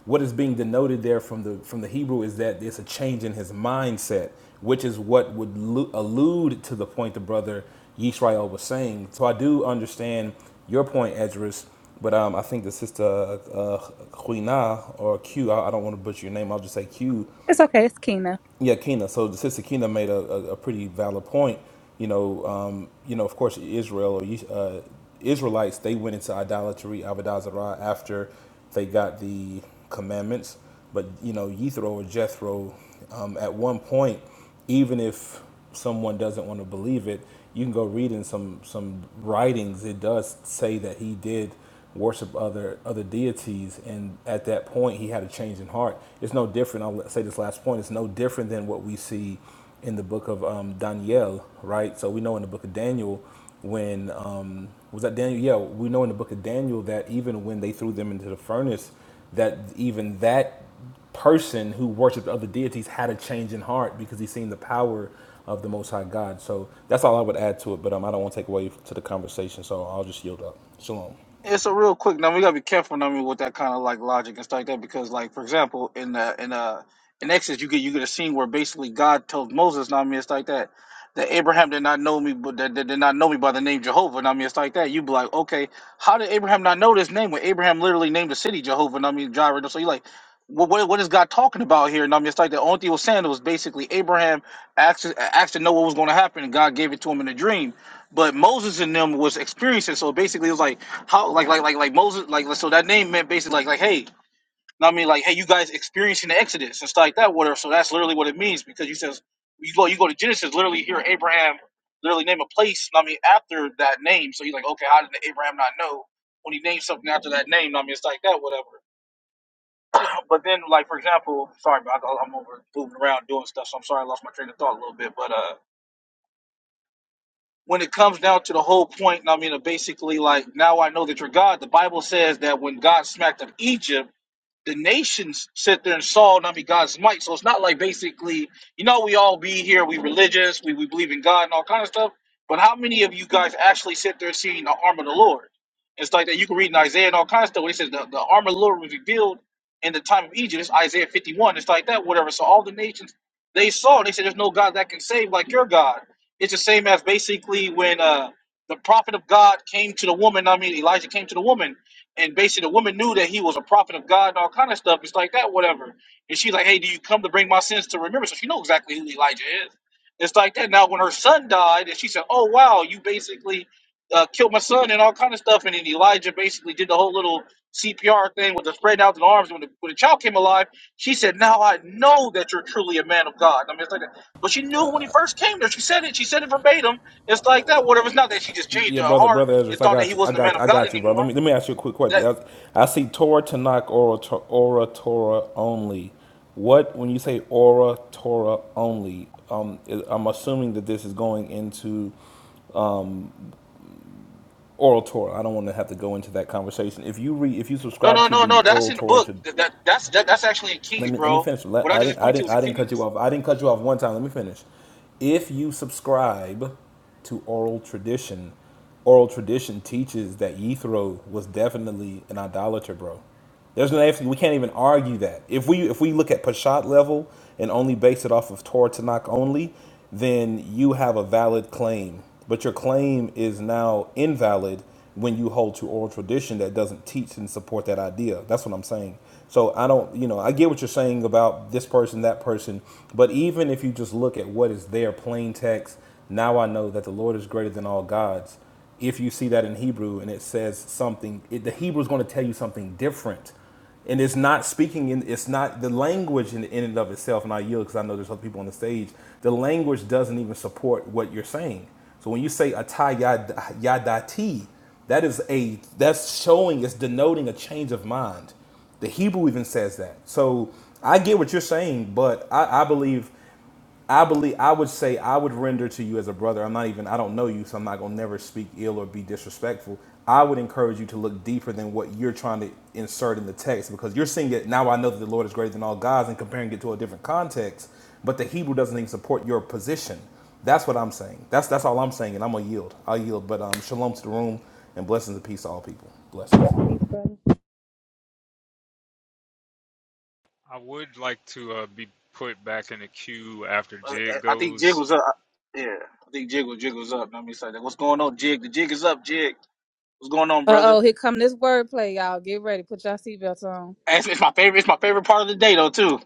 S12: what is being denoted there from the from the Hebrew is that it's a change in his mindset, which is what would lu- allude to the point the brother Yisrael was saying. So I do understand your point, Edris, but um, I think the sister uh, Huina or Q, I, I don't want to butcher your name. I'll just say Q.
S11: It's okay. It's Kina.
S12: Yeah, Keena. So the sister Keena made a, a, a pretty valid point. You know, um, you know, of course, Israel or uh, Israelites, they went into idolatry, avodah zarah, after they got the commandments. But you know, Yethro or Jethro, um, at one point, even if someone doesn't want to believe it, you can go read in some some writings. It does say that he did worship other other deities and at that point he had a change in heart it's no different i'll say this last point it's no different than what we see in the book of um, daniel right so we know in the book of daniel when um, was that daniel yeah we know in the book of daniel that even when they threw them into the furnace that even that person who worshiped other deities had a change in heart because he seen the power of the most high god so that's all i would add to it but um, i don't want to take away to the conversation so i'll just yield up shalom
S9: Yeah, so real quick, now we gotta be careful, I mean, with that kind of like logic and stuff like that, because like for example, in uh in uh in Exodus, you get you get a scene where basically God tells Moses, now I mean, it's like that, that Abraham did not know me, but that that did not know me by the name Jehovah, now I mean, it's like that. You be like, okay, how did Abraham not know this name when Abraham literally named the city Jehovah? Now I mean, Jireh. So you like, what what what is God talking about here? Now I mean, it's like the only thing he was saying was basically Abraham asked asked to know what was going to happen, and God gave it to him in a dream but Moses and them was experiencing. So basically, it was like how like like like like Moses like so that name meant basically like like hey, you know what I mean like hey you guys experiencing the Exodus and stuff like that whatever. So that's literally what it means because you says you go you go to Genesis literally hear Abraham literally name a place. You know what I mean after that name. So he's like okay how did Abraham not know when he named something after that name? You know what I mean it's like that whatever. But then like for example sorry but I, I'm over moving around doing stuff so I'm sorry I lost my train of thought a little bit but uh when it comes down to the whole point, I mean, of basically, like, now I know that you're God. The Bible says that when God smacked up Egypt, the nations sit there and saw, I mean, God's might. So it's not like basically, you know, we all be here, we religious, we, we believe in God and all kind of stuff. But how many of you guys actually sit there seeing the arm of the Lord? It's like that. You can read in Isaiah and all kinds of stuff. Where it says the, the arm of the Lord was revealed in the time of Egypt. It's Isaiah 51. It's like that, whatever. So all the nations, they saw, and they said, there's no God that can save like your God. It's the same as basically when uh, the prophet of God came to the woman. I mean, Elijah came to the woman and basically the woman knew that he was a prophet of God and all kind of stuff. It's like that, whatever. And she's like, "Hey, do you come to bring my sins to remembrance?" So she knows exactly who Elijah is. It's like that. Now, when her son died, and she said, "Oh wow, you basically uh, killed my son and all kind of stuff," and then Elijah basically did the whole little CPR thing with the spread out the arms. When the, when the child came alive, she said, "Now I know that you're truly a man of God." I mean, it's like that. But she knew when he first came there. She said it. She said it verbatim. It's like that. Whatever. It's not that she just changed
S12: Yeah,
S9: her
S12: brother,
S9: heart
S12: brother Ezra,
S9: and
S12: I
S9: thought that he
S12: got you. I
S9: wasn't a man
S12: got,
S9: of
S12: I
S9: God
S12: got you, bro. Let
S9: anymore
S12: me let me ask you a quick question. I, I see Torah Tanakh, Aura, Tor- Aura Torah only. What when you say Aura Torah only? Um, is- I'm assuming that this is going into Oral Torah. I don't want to have to go into that conversation. If you read, if you
S9: No,
S12: subscribe
S9: no,
S12: to
S9: no,
S12: the
S9: no. That's
S12: Oral
S9: in the
S12: Torah
S9: book. That, that that's that, that's actually in
S12: let
S9: Kings,
S12: me let me
S9: bro.
S12: finish. Let,
S9: What I
S12: I didn't
S9: just
S12: I
S9: pointed to you
S12: didn't
S9: was in
S12: I didn't cut you
S9: Kings.
S12: off. I didn't cut you off one time. Let me finish. If you subscribe to oral tradition, oral tradition teaches that Yethro was definitely an idolater, bro. There's no we can't even argue that. If we if we look at Peshat level and only base it off of Torah Tanakh only, then you have a valid claim. But your claim is now invalid when you hold to oral tradition that doesn't teach and support that idea. That's what I'm saying. So I don't, you know, I get what you're saying about this person, that person, but even if you just look at what is there, plain text, now I know that the Lord is greater than all gods. If you see that in Hebrew and it says something, it, the Hebrew is going to tell you something different, and it's not speaking in, it's not the language in, in and of itself. And I yield because I know there's other people on the stage. The language doesn't even support what you're saying. So when you say atah yad- yadati, that is a that's showing, it's denoting a change of mind. The Hebrew even says that. So I get what you're saying, but I, I believe, I believe, I would say, I would render to you as a brother. I'm not even, I don't know you, so I'm not gonna never speak ill or be disrespectful. I would encourage you to look deeper than what you're trying to insert in the text because you're seeing it now. I know that the Lord is greater than all gods and comparing it to a different context, but the Hebrew doesn't even support your position. That's what I'm saying. That's that's all I'm saying, and I'm gonna yield. I'll yield. But um, shalom to the room and blessings and peace to all people. Blessings.
S11: Uh
S8: I would like to uh, be put back in the queue after
S9: I,
S8: Jig
S9: I I think Jig
S8: goes.
S9: was up. Yeah, I think Jig was Jig was up. I mean, it's like, what's going on, Jig? The Jig is up, Jig. What's going on, brother?
S11: oh, here come this wordplay, y'all. Get ready. Put y'all seatbelts on.
S9: And It's, it's my favorite. It's my favorite part of the day, though, too.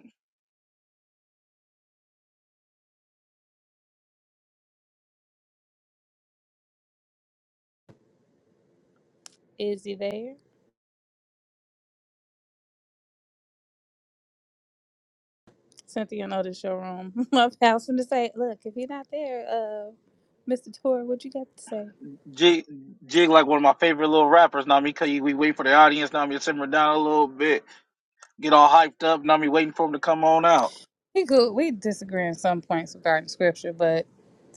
S11: Is he there? Cynthia know this your room. My pals finna say, look, if he not there, uh, Mr. Tor, what you got to say?
S9: Jig, Jig, like one of my favorite little rappers. Now, I mean, cause we wait for the audience. Now, I mean, to simmer down a little bit, get all hyped up. Now, I mean, waiting for him to come on out.
S11: He good. We disagree on some points regarding scripture, but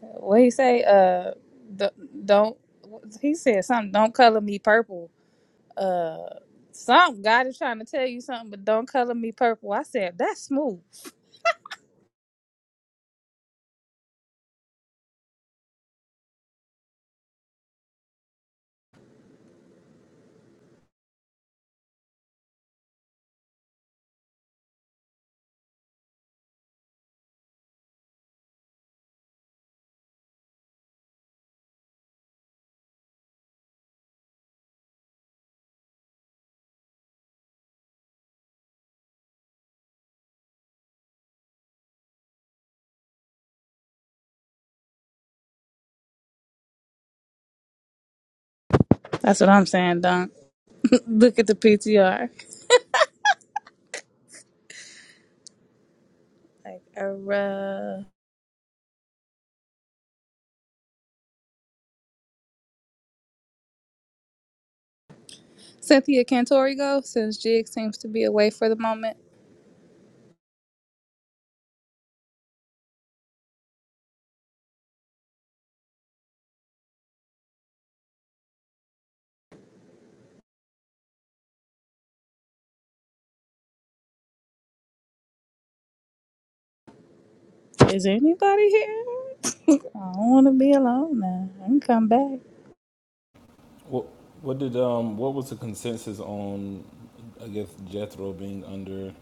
S11: what he say, uh, d- don't. He said something. Don't color me purple. Uh, something. God is trying to tell you something, but don't color me purple. I said that's smooth. That's what I'm saying, Dunk. Look at the PTR. Like, uh, Cynthia Cantori go since Jig seems to be away for the moment. Is anybody here? I don't want to be alone now. I can come back.
S12: What what did um what was the consensus on I guess Jethro being under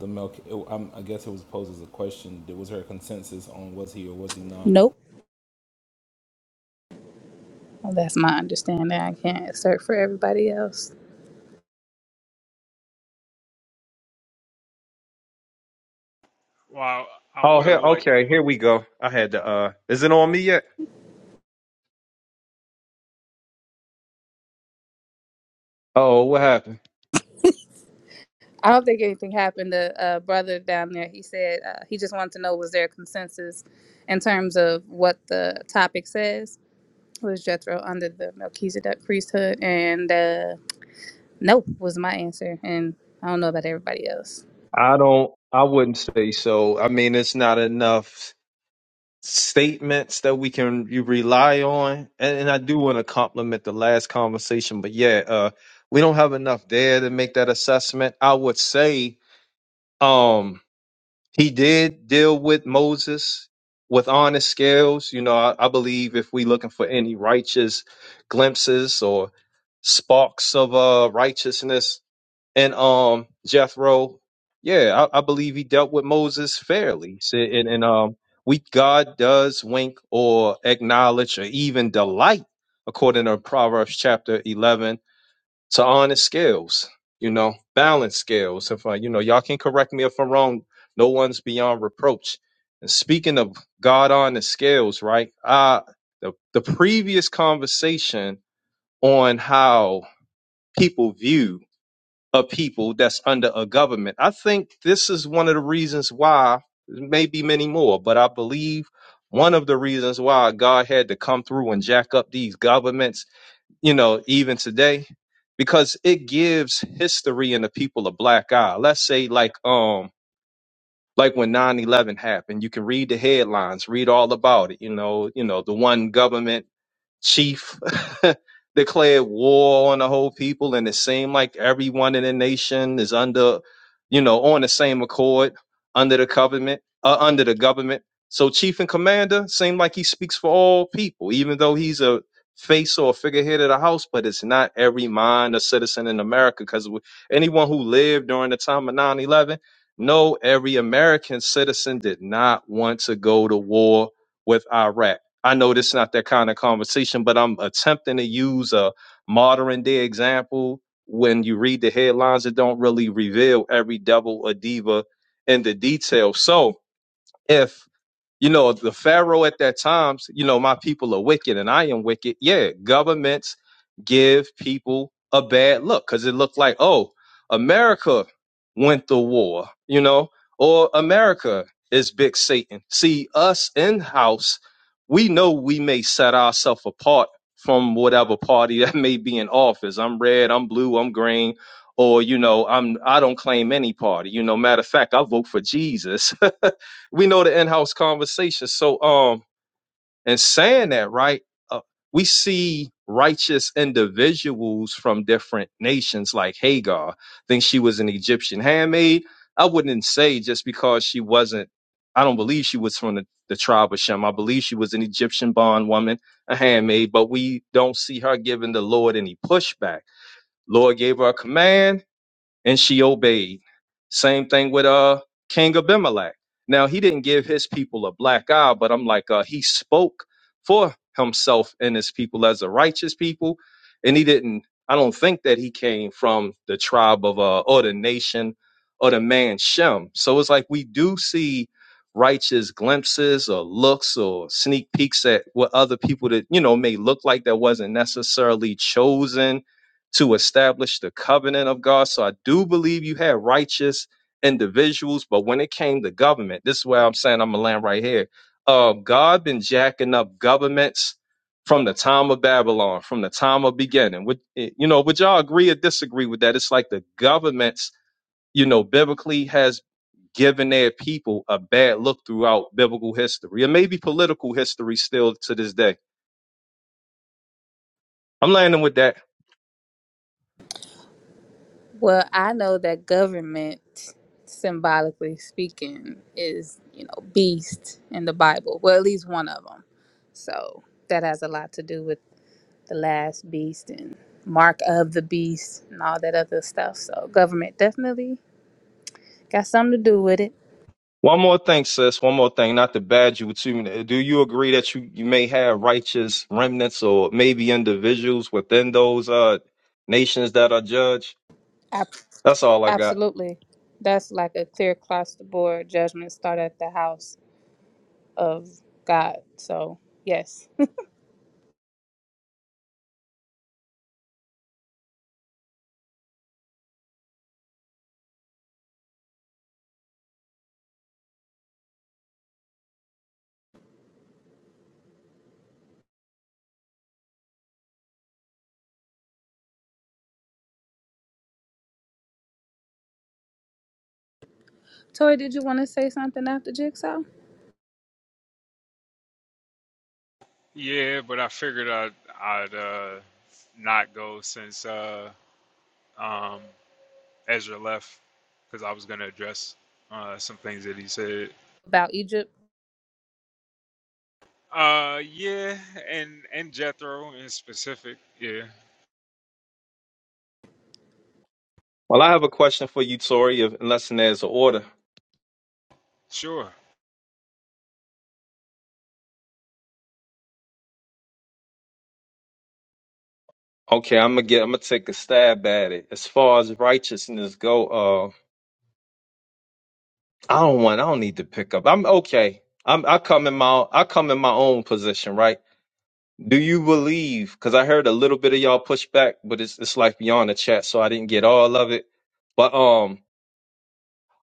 S12: the milk? It, I'm, I guess it was posed as a question. Did- Was there a consensus on was he or was he not
S11: Nope. Well, that's my understanding. I can't assert for everybody else.
S8: Well, I
S13: Oh,
S8: would have
S13: here.
S8: liked,
S13: Okay, here we go. I had to. Uh, is it on me yet? Oh, what happened?
S11: I don't think anything happened. to uh, brother down there, he said uh, he just wanted to know was there a consensus in terms of what the topic says. Was Jethro under the Melchizedek priesthood? And uh, No was my answer, and I don't know about everybody else.
S13: I don't. I wouldn't say so. I mean, it's not enough statements that we can you rely on. And, and I do want to compliment the last conversation, but yeah, uh, we don't have enough there to make that assessment. I would say um, he did deal with Moses with honest scales. You know, I, I believe if we looking for any righteous glimpses or sparks of uh, righteousness and um Jethro, yeah, I, I believe he dealt with Moses fairly. So, and, and um, we God does wink or acknowledge or even delight, according to Proverbs chapter eleven, to honest scales. You know, balance scales. If I, you know, y'all can correct me if I'm wrong. No one's beyond reproach. And speaking of God on the scales, right? Uh the the previous conversation on how people view a people that's under a government. I think this is one of the reasons why, maybe many more, but I believe one of the reasons why God had to come through and jack up these governments, you know, even today, because it gives history and the people a black eye. Let's say like um like when nine eleven happened, you can read the headlines, read all about it, you know, you know, the one government chief declared war on the whole people, and it seemed like everyone in the nation is under, you know, on the same accord under the government, uh, under the government. So chief and commander seemed like he speaks for all people, even though he's a face or a figurehead of the house, but it's not every mind or citizen in America because anyone who lived during the time of nine eleven, 11 no, every American citizen did not want to go to war with Iraq I know this is not that kind of conversation, but I'm attempting to use a modern day example. When you read the headlines, it don't really reveal every devil or diva in the detail. So if you know the pharaoh at that time you know my people are wicked and i am wicked yeah governments give people a bad look because it looked like oh america went to war you know or america is big satan see us in house we know we may set ourselves apart from whatever party that may be in office i'm red i'm blue i'm green or you know i'm i don't claim any party you know matter of fact i vote for jesus we know the in-house conversation. So um and saying that, right? Uh, we see righteous individuals from different nations like Hagar. I think she was an Egyptian handmaid. I wouldn't say just because she wasn't I don't believe she was from the, the tribe of Shem. I believe she was an Egyptian bondwoman, a handmaid, but we don't see her giving the Lord any pushback. Lord gave her a command and she obeyed. Same thing with uh King Abimelech. Now he didn't give his people a black eye, but I'm like uh, he spoke for himself and his people as a righteous people, and he didn't. I don't think that he came from the tribe of uh, or the nation or the man Shem. So it's like we do see righteous glimpses or looks or sneak peeks at what other people that you know may look like that wasn't necessarily chosen to establish the covenant of God. So I do believe you had righteous individuals, but when it came to government, this is where I'm saying I'm gonna land right here. Uh, God been jacking up governments from the time of Babylon, from the time of beginning. Would eh, you know? Would y'all agree or disagree with that? It's like the governments, you know, biblically has given their people a bad look throughout biblical history, and maybe political history still to this day. I'm landing with that.
S11: Well, I know that government, symbolically speaking, is you know beast in the Bible. Well, at least one of them. So that has a lot to do with the last beast and mark of the beast and all that other stuff. So government definitely got something to do with it.
S13: One more thing, sis. One more thing. Not to badge you too. Do you agree that you, you may have righteous remnants or maybe individuals within those uh nations that are judged?
S11: Ab-
S13: That's all I got.
S11: absolutely, that's like a clear across the board judgment start at the house of God. So yes. Toy, did you want to say something after Jigsaw
S8: yeah, but I figured I'd, I'd uh, not go since uh, um, Ezra left because I was going to address uh, some things that he said.
S11: about Egypt?
S8: Uh, yeah, and and Jethro in specific. Yeah,
S13: Well, I have a question for you, Tori, if, unless there's an order.
S8: sure.
S13: Okay, I'm gonna get. I'm gonna take a stab at it. As far as righteousness go, uh, I don't want. I don't need to pick up. I'm okay. I'm. I come in my. I come in my own position, right? Do you believe? Because I heard a little bit of y'all pushback, but it's it's like beyond the chat, so I didn't get all of it. But um,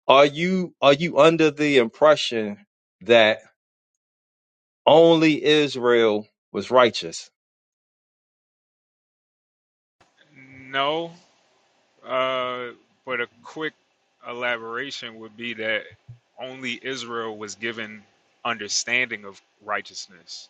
S13: are you are you under the impression that only Israel was righteous?
S8: No, Uh, but a quick elaboration would be that only Israel was given understanding of righteousness.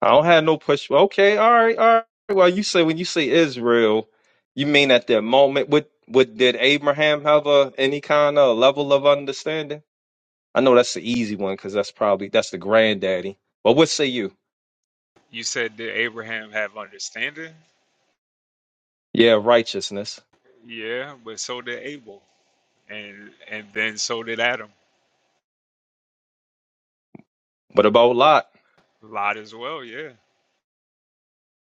S13: I don't have no push. Okay, all right, all right. Well, you say when you say Israel, you mean at that moment. What what did Abraham have a any kind of level of understanding? I know that's the easy one because that's probably that's the granddaddy. But what say you?
S8: You said did Abraham have understanding?
S13: Yeah, righteousness.
S8: Yeah, but so did Abel, and and then so did Adam.
S13: What about Lot?
S8: Lot as well. Yeah,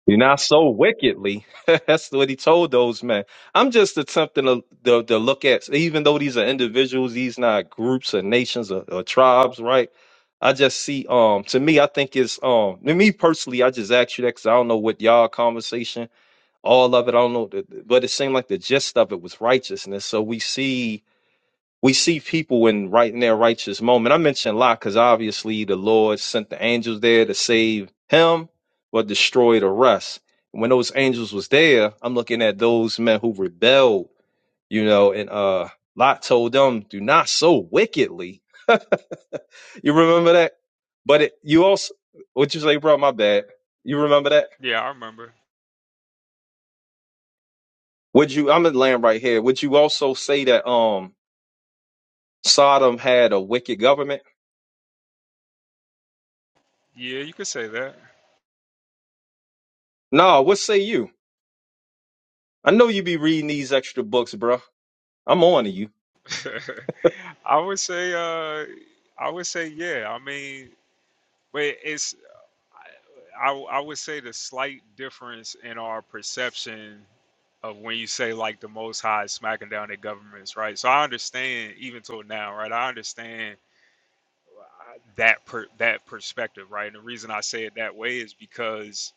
S13: You're not so wickedly. That's what he told those men. I'm just attempting to, to, to look at, even though these are individuals, these not groups or nations or, or tribes, right? I just see, um, to me, I think it's, um, to me personally, I just asked you that because I don't know what y'all conversation, all of it, I don't know, the- the- but it seemed like the gist of it was righteousness. So we see we see people in right in their righteous moment. I mentioned Lot because obviously the Lord sent the angels there to save him, but destroy the rest. When those angels was there, I'm looking at those men who rebelled, you know, and uh Lot told them, do not so wickedly. you remember that? But it, you also would you say, bro, my bad. You remember that?
S8: yeah, I remember.
S13: Would you I'm in land right here. Would you also say that um Sodom had a wicked government?
S8: Yeah, you could say that.
S13: No, what say you? I know you be reading these extra books, bruh. I'm on to you.
S8: I would say, uh, I would say, yeah. I mean, but it's I, I would say the slight difference in our perception of when you say like the Most High is smacking down at governments, right? So I understand even till now, right? I understand uh, that per, that perspective, right? And the reason I say it that way is because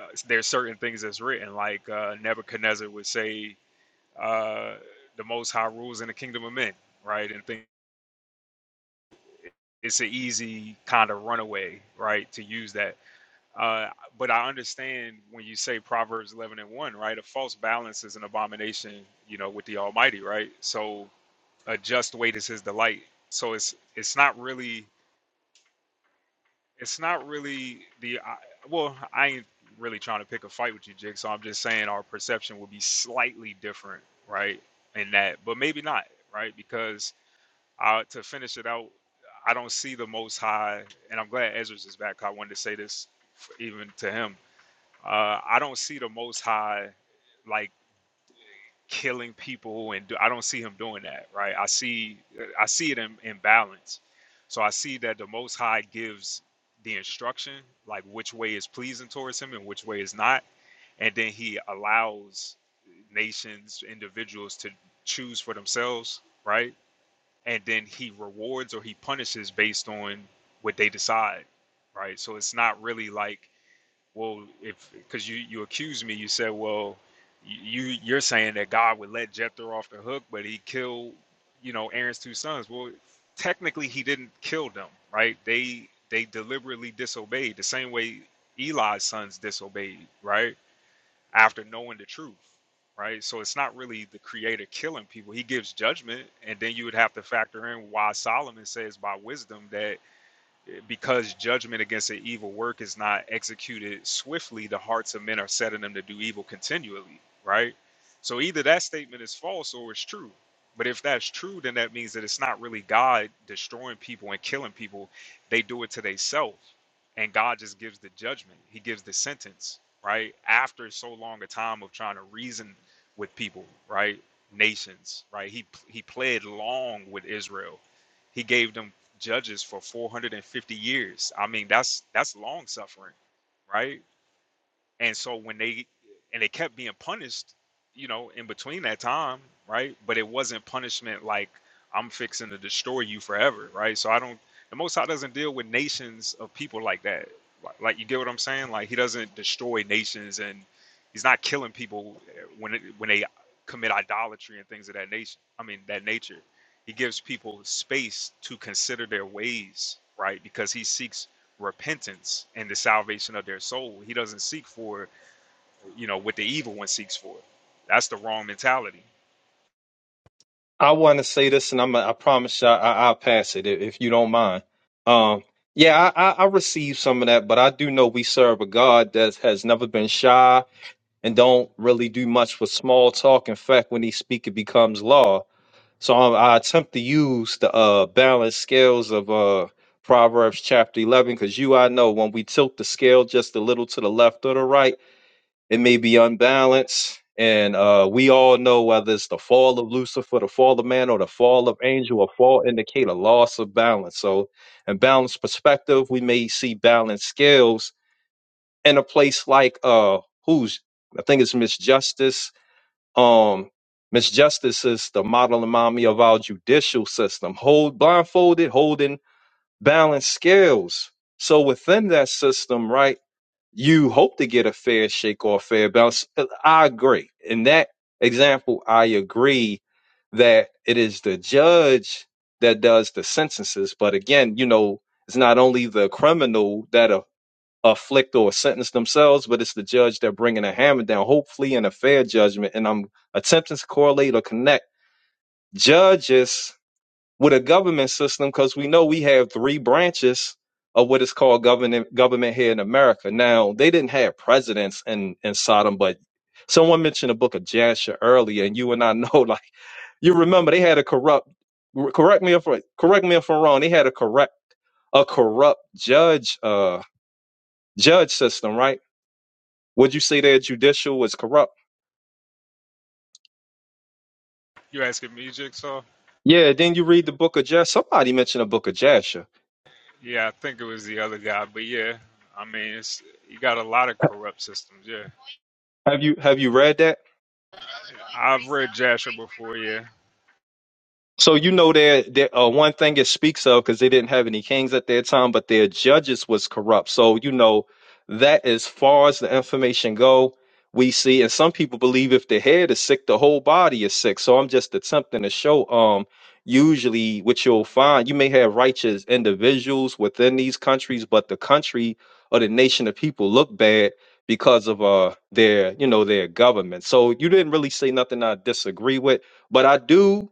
S8: uh, there's certain things that's written, like uh, Nebuchadnezzar would say, uh, "The Most High rules in the kingdom of men," right? And think it's an easy kind of runaway, right, to use that. Uh, but I understand when you say Proverbs 11 and 1, right? A false balance is an abomination, you know, with the Almighty, right? So a just weight is his delight. So it's it's not really it's not really the I, well, I ain't really trying to pick a fight with you, Jake. So I'm just saying our perception will be slightly different, right? In that, but maybe not, right? Because uh, to finish it out, I don't see the Most High, and I'm glad Ezra's is back. I wanted to say this f- even to him uh, I don't see the Most High like killing people, and do, I don't see him doing that, right? I see, I see it in, in balance. So I see that the Most High gives the instruction, like which way is pleasing towards him and which way is not, and then he allows nations, individuals to choose for themselves, right? And then he rewards or he punishes based on what they decide, right? So it's not really like well if because you you accused me you said well you you're saying that god would let jethro off the hook but he killed you know aaron's two sons well technically he didn't kill them right they they deliberately disobeyed the same way eli's sons disobeyed right after knowing the truth right so it's not really the creator killing people he gives judgment and then you would have to factor in why solomon says by wisdom that because judgment against an evil work is not executed swiftly, the hearts of men are setting them to do evil continually, right? So either that statement is false or it's true. But if that's true, then that means that it's not really God destroying people and killing people. They do it to themselves. And God just gives the judgment, He gives the sentence, right? After so long a time of trying to reason with people, right? Nations, right? He, he played long with Israel he gave them judges for 450 years. I mean, that's that's long suffering, right? And so when they and they kept being punished, you know, in between that time, right? But it wasn't punishment like I'm fixing to destroy you forever, right? So I don't the Most High doesn't deal with nations of people like that. Like, like you get what I'm saying? Like he doesn't destroy nations and he's not killing people when it, when they commit idolatry and things of that nation. I mean that nature. He gives people space to consider their ways, right? Because he seeks repentance and the salvation of their soul. He doesn't seek for, you know, what the evil one seeks for. That's the wrong mentality.
S13: I want to say this, and I'm. I promise you, I, I, I'll pass it if, if you don't mind. Um, yeah, I, I, I received some of that, but I do know we serve a God that has never been shy and don't really do much with small talk. In fact, when He speaks, it becomes law. So I, I attempt to use the uh, balanced scales of uh, Proverbs chapter 11, because you, I know, when we tilt the scale just a little to the left or the right it may be unbalanced. And uh, we all know whether it's the fall of Lucifer, the fall of man, or the fall of angel, a fall indicate a loss of balance. So, in balanced perspective, we may see balanced scales in a place like uh, who's I think it's Miss Justice. Um, Miss Justice is the model and mommy of our judicial system. Hold blindfolded, holding balanced scales. So within that system, right? you hope to get a fair shake or a fair bounce. Uh, I agree. In that example, I agree that it is the judge that does the sentences. But again, you know, it's not only the criminal that a, afflict or sentence themselves, but it's the judge that bringing a hammer down, hopefully in a fair judgment. And I'm attempting to correlate or connect judges with a government system because we know we have three branches of what is called government government here in America. Now they didn't have presidents in in Sodom, but someone mentioned the book of Jasher earlier, and you and I know like you remember they had a corrupt. Correct me if correct me if I'm wrong. They had a correct a corrupt judge uh judge system, right? Would you say their judicial was corrupt?
S8: You asking me, Jigsaw?
S13: Yeah. Then you read the book of Jasher. Somebody mentioned the book of Jasher.
S8: Yeah, I think it was the other guy, but yeah, I mean, it's you got a lot of corrupt systems. Yeah,
S13: Have you have you read that?
S8: I've read Jasher before. Yeah,
S13: So you know there, there uh, one thing it speaks of because they didn't have any kings at their time, but their judges was corrupt. So you know that as far as the information go, we see, and some people believe if the head is sick, the whole body is sick. So I'm just attempting to show. Um, usually what you'll find, you may have righteous individuals within these countries, but the country or the nation of people look bad because of uh their you know their government. So you didn't really say nothing I disagree with, but I do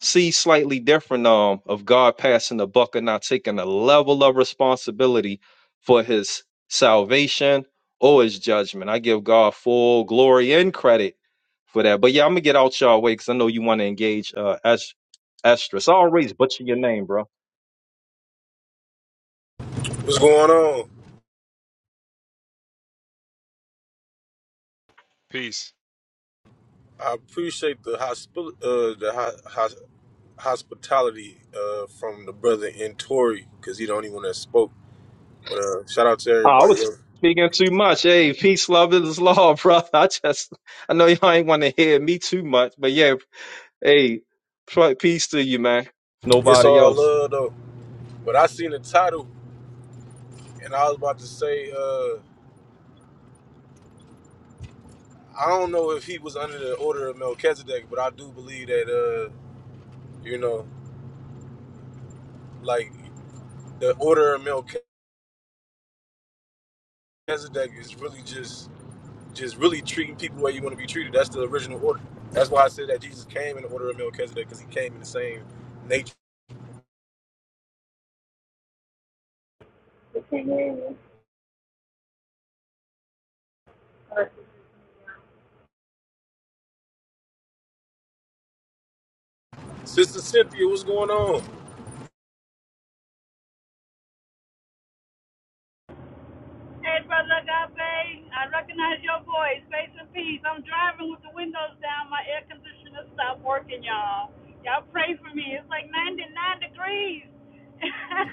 S13: see slightly different um of God passing the buck and not taking a level of responsibility for his salvation or his judgment. I give God full glory and credit for that. But yeah, I'm gonna get out y'all way because I know you want to engage uh Est- Estrus. I always butcher your name, bro.
S14: What's going on?
S8: peace.
S14: I appreciate the hospi- uh, the ho- hos- hospitality uh, from the brother in Tory because he the only one that spoke. But uh, shout out to
S13: Ah, I
S14: everybody
S13: was
S14: else.
S13: speaking too much. Hey, peace, love is law, bro. I just I know y'all ain't want to hear me too much, but yeah, hey, p- peace to you, man. If
S14: It's
S13: Nobody
S14: all
S13: else.
S14: love though. But I seen the title and I was about to say uh, I don't know if he was under the order of Melchizedek, but I do believe that uh, you know, like the order of Melchizedek is really just just really treating people the way you want to be treated. That's the original order. That's why I said that Jesus came in the order of Melchizedek because he came in the same nature. Sister Cynthia, what's going on?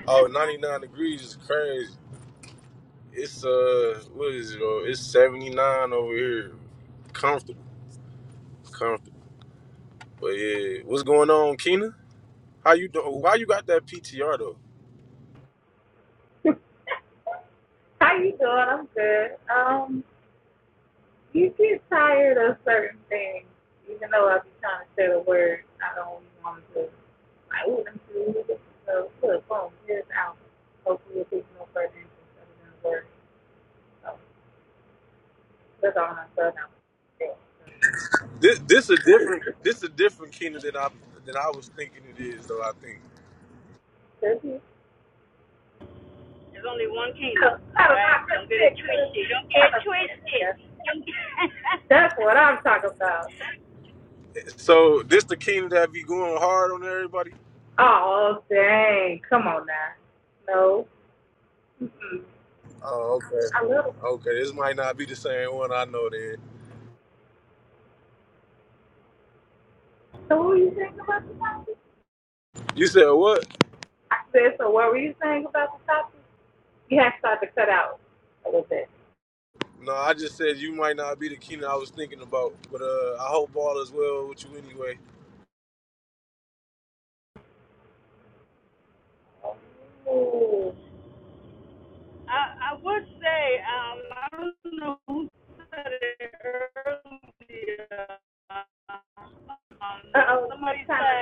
S14: Oh, 99 degrees is crazy. It's uh, what is it? Oh, it's 79 over here. Comfortable, comfortable. But yeah, what's going on, Keena? How you doing? Why you got that PTR though?
S11: How you doing? I'm good. Um, you get tired of certain things, even though I be trying to say the word. I don't want to. I wouldn't do it. So, look, boom, here's out. Hopefully, it takes no further interest other than the word. So, that's all I'm saying.
S14: This this a different this a different Keena than I than I was thinking it is though. I think
S11: That's it. I don't know. I just think, uh, I don't think that's- what I'm talking about.
S14: so. This the Keena that be going hard on everybody.
S11: Oh, dang. Come on now. No. Mm-mm.
S14: Oh, okay.
S11: I love it.
S14: Okay, this might not be the same one I know then.
S11: So what were you saying about the topic?
S14: You said what?
S11: I said, so what were you saying about the topic? You have started to cut out a little bit.
S14: No, I just said you might not be the Keenan I was thinking about. But uh I hope all is well with you anyway.
S11: Ooh. Uh-oh. You kind of,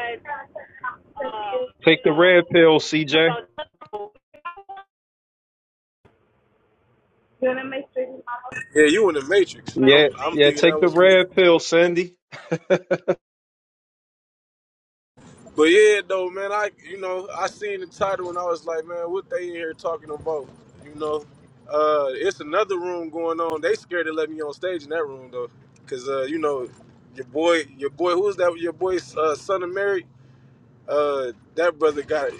S11: cut out. Cynthia.
S13: Take the red pill, CJ.
S11: You want to make sure your mama
S14: Yeah, you in the Matrix.
S13: Yeah,
S14: I'm I'm
S13: yeah,
S14: thinking
S13: take
S14: that
S13: the
S14: was me.
S13: red pill, Sandy.
S14: But yeah though, man, I you know, I seen the title and I was like, man, what they in here talking about? You know? Uh it's another room going on. They scared to let me on stage in that room though. Cause uh, you know, your boy your boy who's that your boy's uh, son of Mary? Uh, that brother got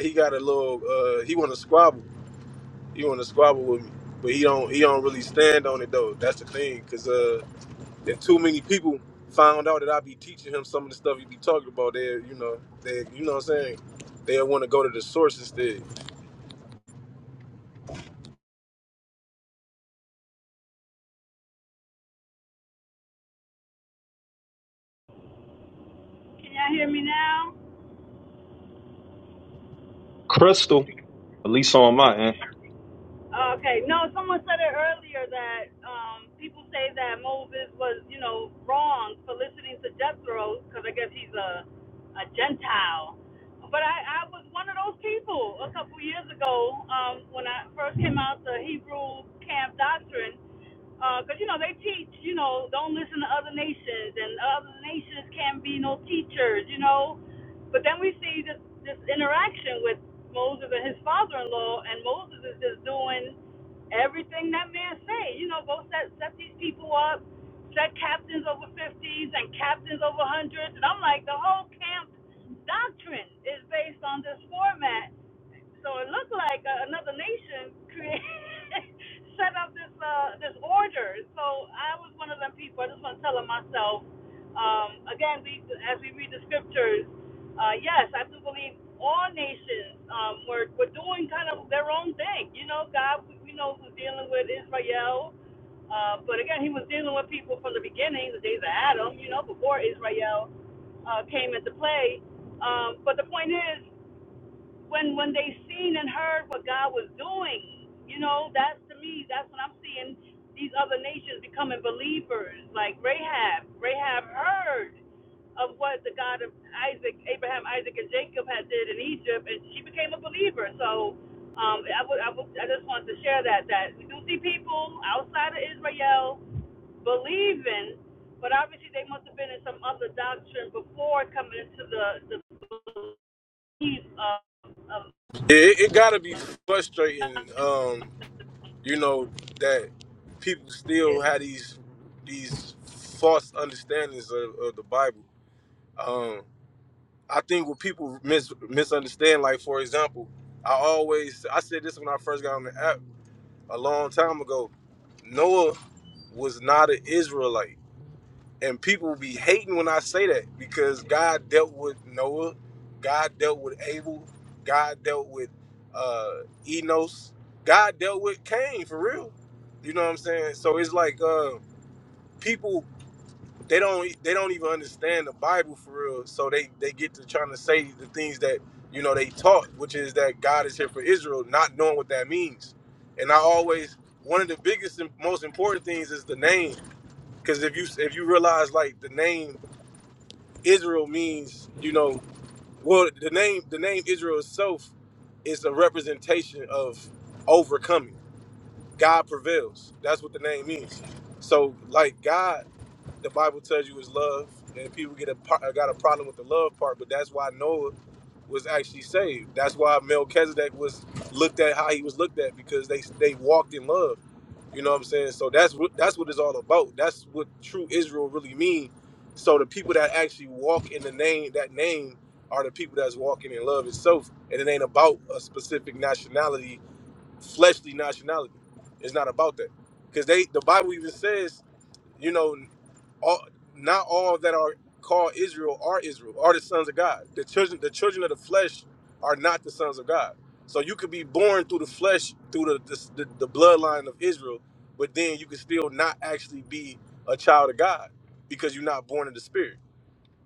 S14: he got a little uh he want to squabble. He want to squabble with me, but he don't he don't really stand on it though. That's the thing, cause uh, if too many people found out that I be teaching him some of the stuff he be talking about, they you know they you know what I'm saying they want to go to the source instead.
S13: Crystal, at least on my end.
S14: Yeah, It, it gotta be frustrating, um, you know that people still have these these false understandings of, of the Bible. Um, I think what people mis- misunderstand, like for example, I always I said this when I first got on the app a long time ago. Noah was not an Israelite, and people be hating when I say that because God dealt with Noah, God dealt with Abel, God dealt with uh, Enos, God dealt with Cain for real. You know what I'm saying? So it's like uh, people they don't they don't even understand the Bible for real. So they they get to trying to say the things that you know they taught, which is that God is here for Israel, not knowing what that means. And I always one of the biggest and most important things is the name, because if you if you realize like the name Israel means you know well the name the name Israel itself is a representation of overcoming. God prevails. That's what the name means. So like God the Bible tells you is love, and people get a par- got a problem with the love part, but that's why Noah was actually saved. That's why Melchizedek was looked at how he was looked at because they they walked in love. You know what I'm saying? So that's what that's what it's all about. That's what true Israel really mean. So the people that actually walk in the name that name are the people that's walking in love itself, and it ain't about a specific nationality, fleshly nationality. It's not about that because they the Bible even says. You know, all not all that are called Israel are Israel, are the sons of God. The children the children of the flesh are not the sons of God. So you could be born through the flesh, through the the, the, the bloodline of Israel, but then you could still not actually be a child of God because you're not born of the spirit.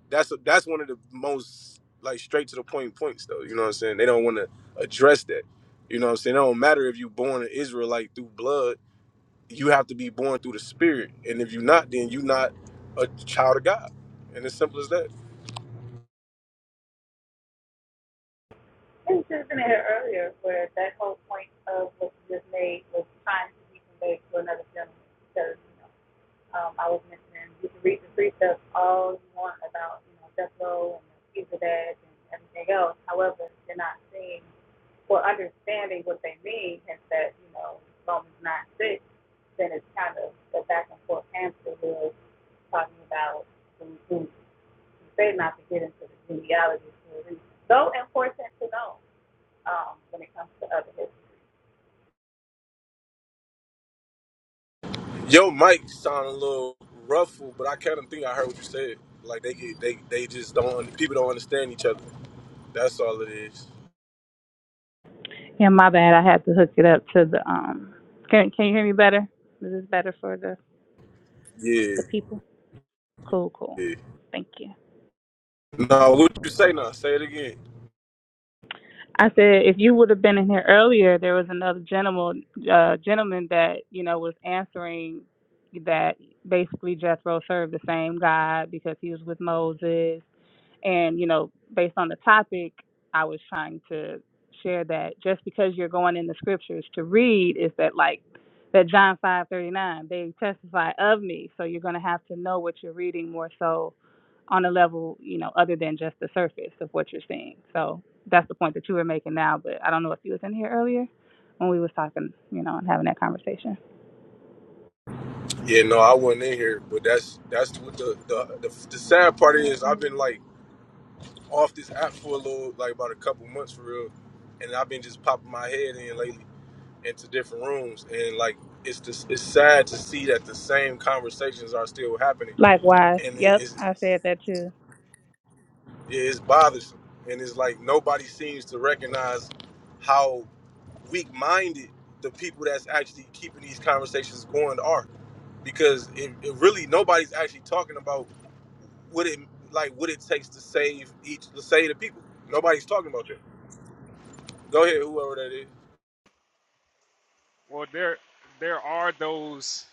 S14: That's a, that's one of the most like straight to the point points though. You know what I'm saying? They don't want to address that. You know what I'm saying? It don't matter if you're born an Israelite through blood you have to be born through the spirit. And if you're not, then you're not a child of God. And it's simple as that.
S11: I was just in here earlier where that whole point of what you just made was trying to be conveyed to another gentleman because, you know, um, I was mentioning you can read the precepts all you want about, you know, death row and Fugitive and everything else. However, they're not seeing or understanding what they mean and that, you know, Romans 9 6, then it's kind of the back and forth answer with talking about who, who, who say not to get into the genealogy So important to know um, when it comes to other history.
S14: Yo, mic sound a little ruffled, but I kind of think I heard what you said. Like they get, they, they just don't. People don't understand each other. That's all it is.
S11: Yeah, my bad. I had to hook it up to the um. Can Can you hear me better? Is this better for the the
S14: Yeah.
S11: people? Cool, cool.
S14: yeah.
S11: Thank you.
S14: No, what you say now? Say it again.
S11: I said if you would have been in here earlier, there was another gentleman uh, gentleman that you know was answering that basically Jethro served the same God because he was with Moses And, you know, based on the topic, I was trying to share that just because you're going in the scriptures to read is that like that John 5:39, they testify of me. So you're going to have to know what you're reading more so on a level, you know, other than just the surface of what you're seeing. So that's the point that you were making now, but I don't know if you was in here earlier when we was talking, you know, and having that conversation.
S14: Yeah, no, I wasn't in here, but that's that's what the the, the the sad part is. I've been like off this app for a little, like about a couple months for real, and I've been just popping my head in lately. into different rooms and like it's just it's sad to see that the same conversations are still happening
S11: Likewise.
S14: and it
S11: Yep,
S14: is
S11: I said that too.
S14: it's bothersome and it's like nobody seems to recognize how weak-minded the people that's actually keeping these conversations going are because it, it really nobody's actually talking about what it like what it takes to save each to save the people nobody's talking about that go ahead whoever that is
S8: Well, there there are those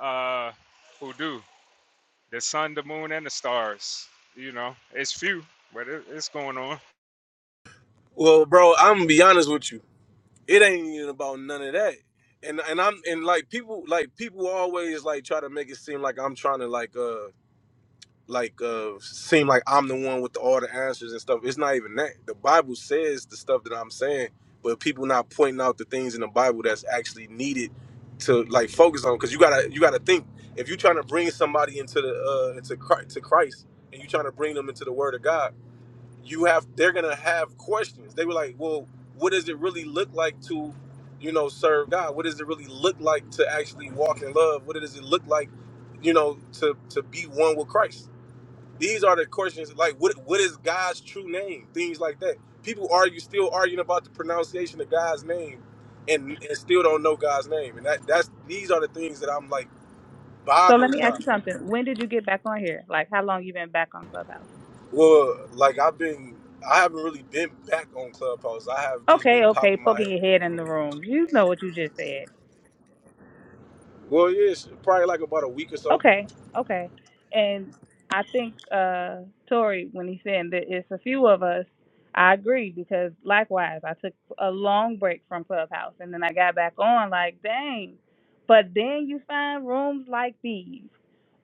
S8: uh, who do the sun, the moon, and the stars. You know, it's few, but it, it's going on.
S14: well bro i'm gonna be honest with you it ain't even about none of that. And and I'm and like people like people always like try to make it seem like I'm trying to like uh like uh seem like I'm the one with all the answers and stuff. It's not even that. The Bible says the stuff that I'm saying, but people not pointing out the things in the Bible that's actually needed to like focus on because you gotta you gotta think if you're trying to bring somebody into the uh into Christ, to Christ and you're trying to bring them into the Word of God you have they're gonna have questions. They were like, well, what does it really look like to, you know, serve God? What does it really look like to actually walk in love? What does it look like, you know, to to be one with Christ? These are the questions like what what is God's true name? Things like that. People argue still arguing about the pronunciation of God's name and, and still don't know God's name. And that that's these are the things that I'm like
S11: So let me
S14: bothered by.
S11: ask you something. When did you get back on here? Like how long you been back on Clubhouse?
S14: Well, like I've been, I haven't really been back on Clubhouse. I have just
S11: Okay,
S14: been
S11: okay,
S14: popping my head.
S11: poking your
S14: in
S11: head
S14: the
S11: in the
S14: room.
S11: room. You know what you just said.
S14: Well, yeah, it's probably like about a week or so.
S11: Okay, okay. And I think uh Tori, when he said that it's a few of us, I agree because likewise, I took a long break from Clubhouse and then I got back on like, dang. But then you find rooms like these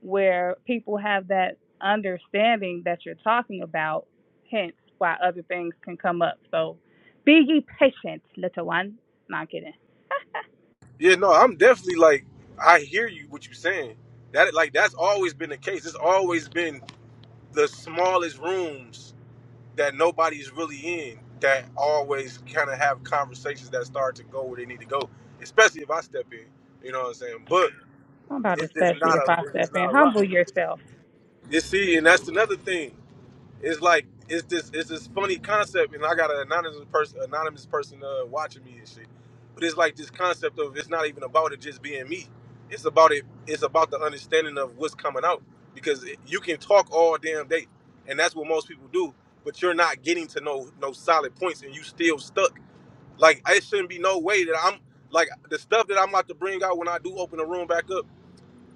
S11: where people have that understanding that you're talking about, hence why other things can come up. So be ye patient, little one. Not kidding.
S14: Yeah, no, I'm definitely like, I hear you what you're saying. That like that's always been the case. It's always been the smallest rooms that nobody's really in that always kind of have conversations that start to go where they need to go. Especially if I step in, you know what I'm saying. But
S11: How about to,
S14: it's just
S11: especially
S14: not
S11: if
S14: a,
S11: I
S14: it's
S11: step
S14: just not
S11: in?
S14: a lot.
S11: Humble yourself.
S14: You see, and that's another thing. it's like it's this it's this funny concept, and I got an anonymous person anonymous person uh, watching me and shit. But it's like this concept of it's not even about it just being me. It's about it. It's about the understanding of what's coming out because it- you can talk all damn day, and that's what most people do. But you're not getting to no no solid points, and you still stuck. Like it shouldn't be no way that I'm like the stuff that I'm about to bring out when I do open the room back up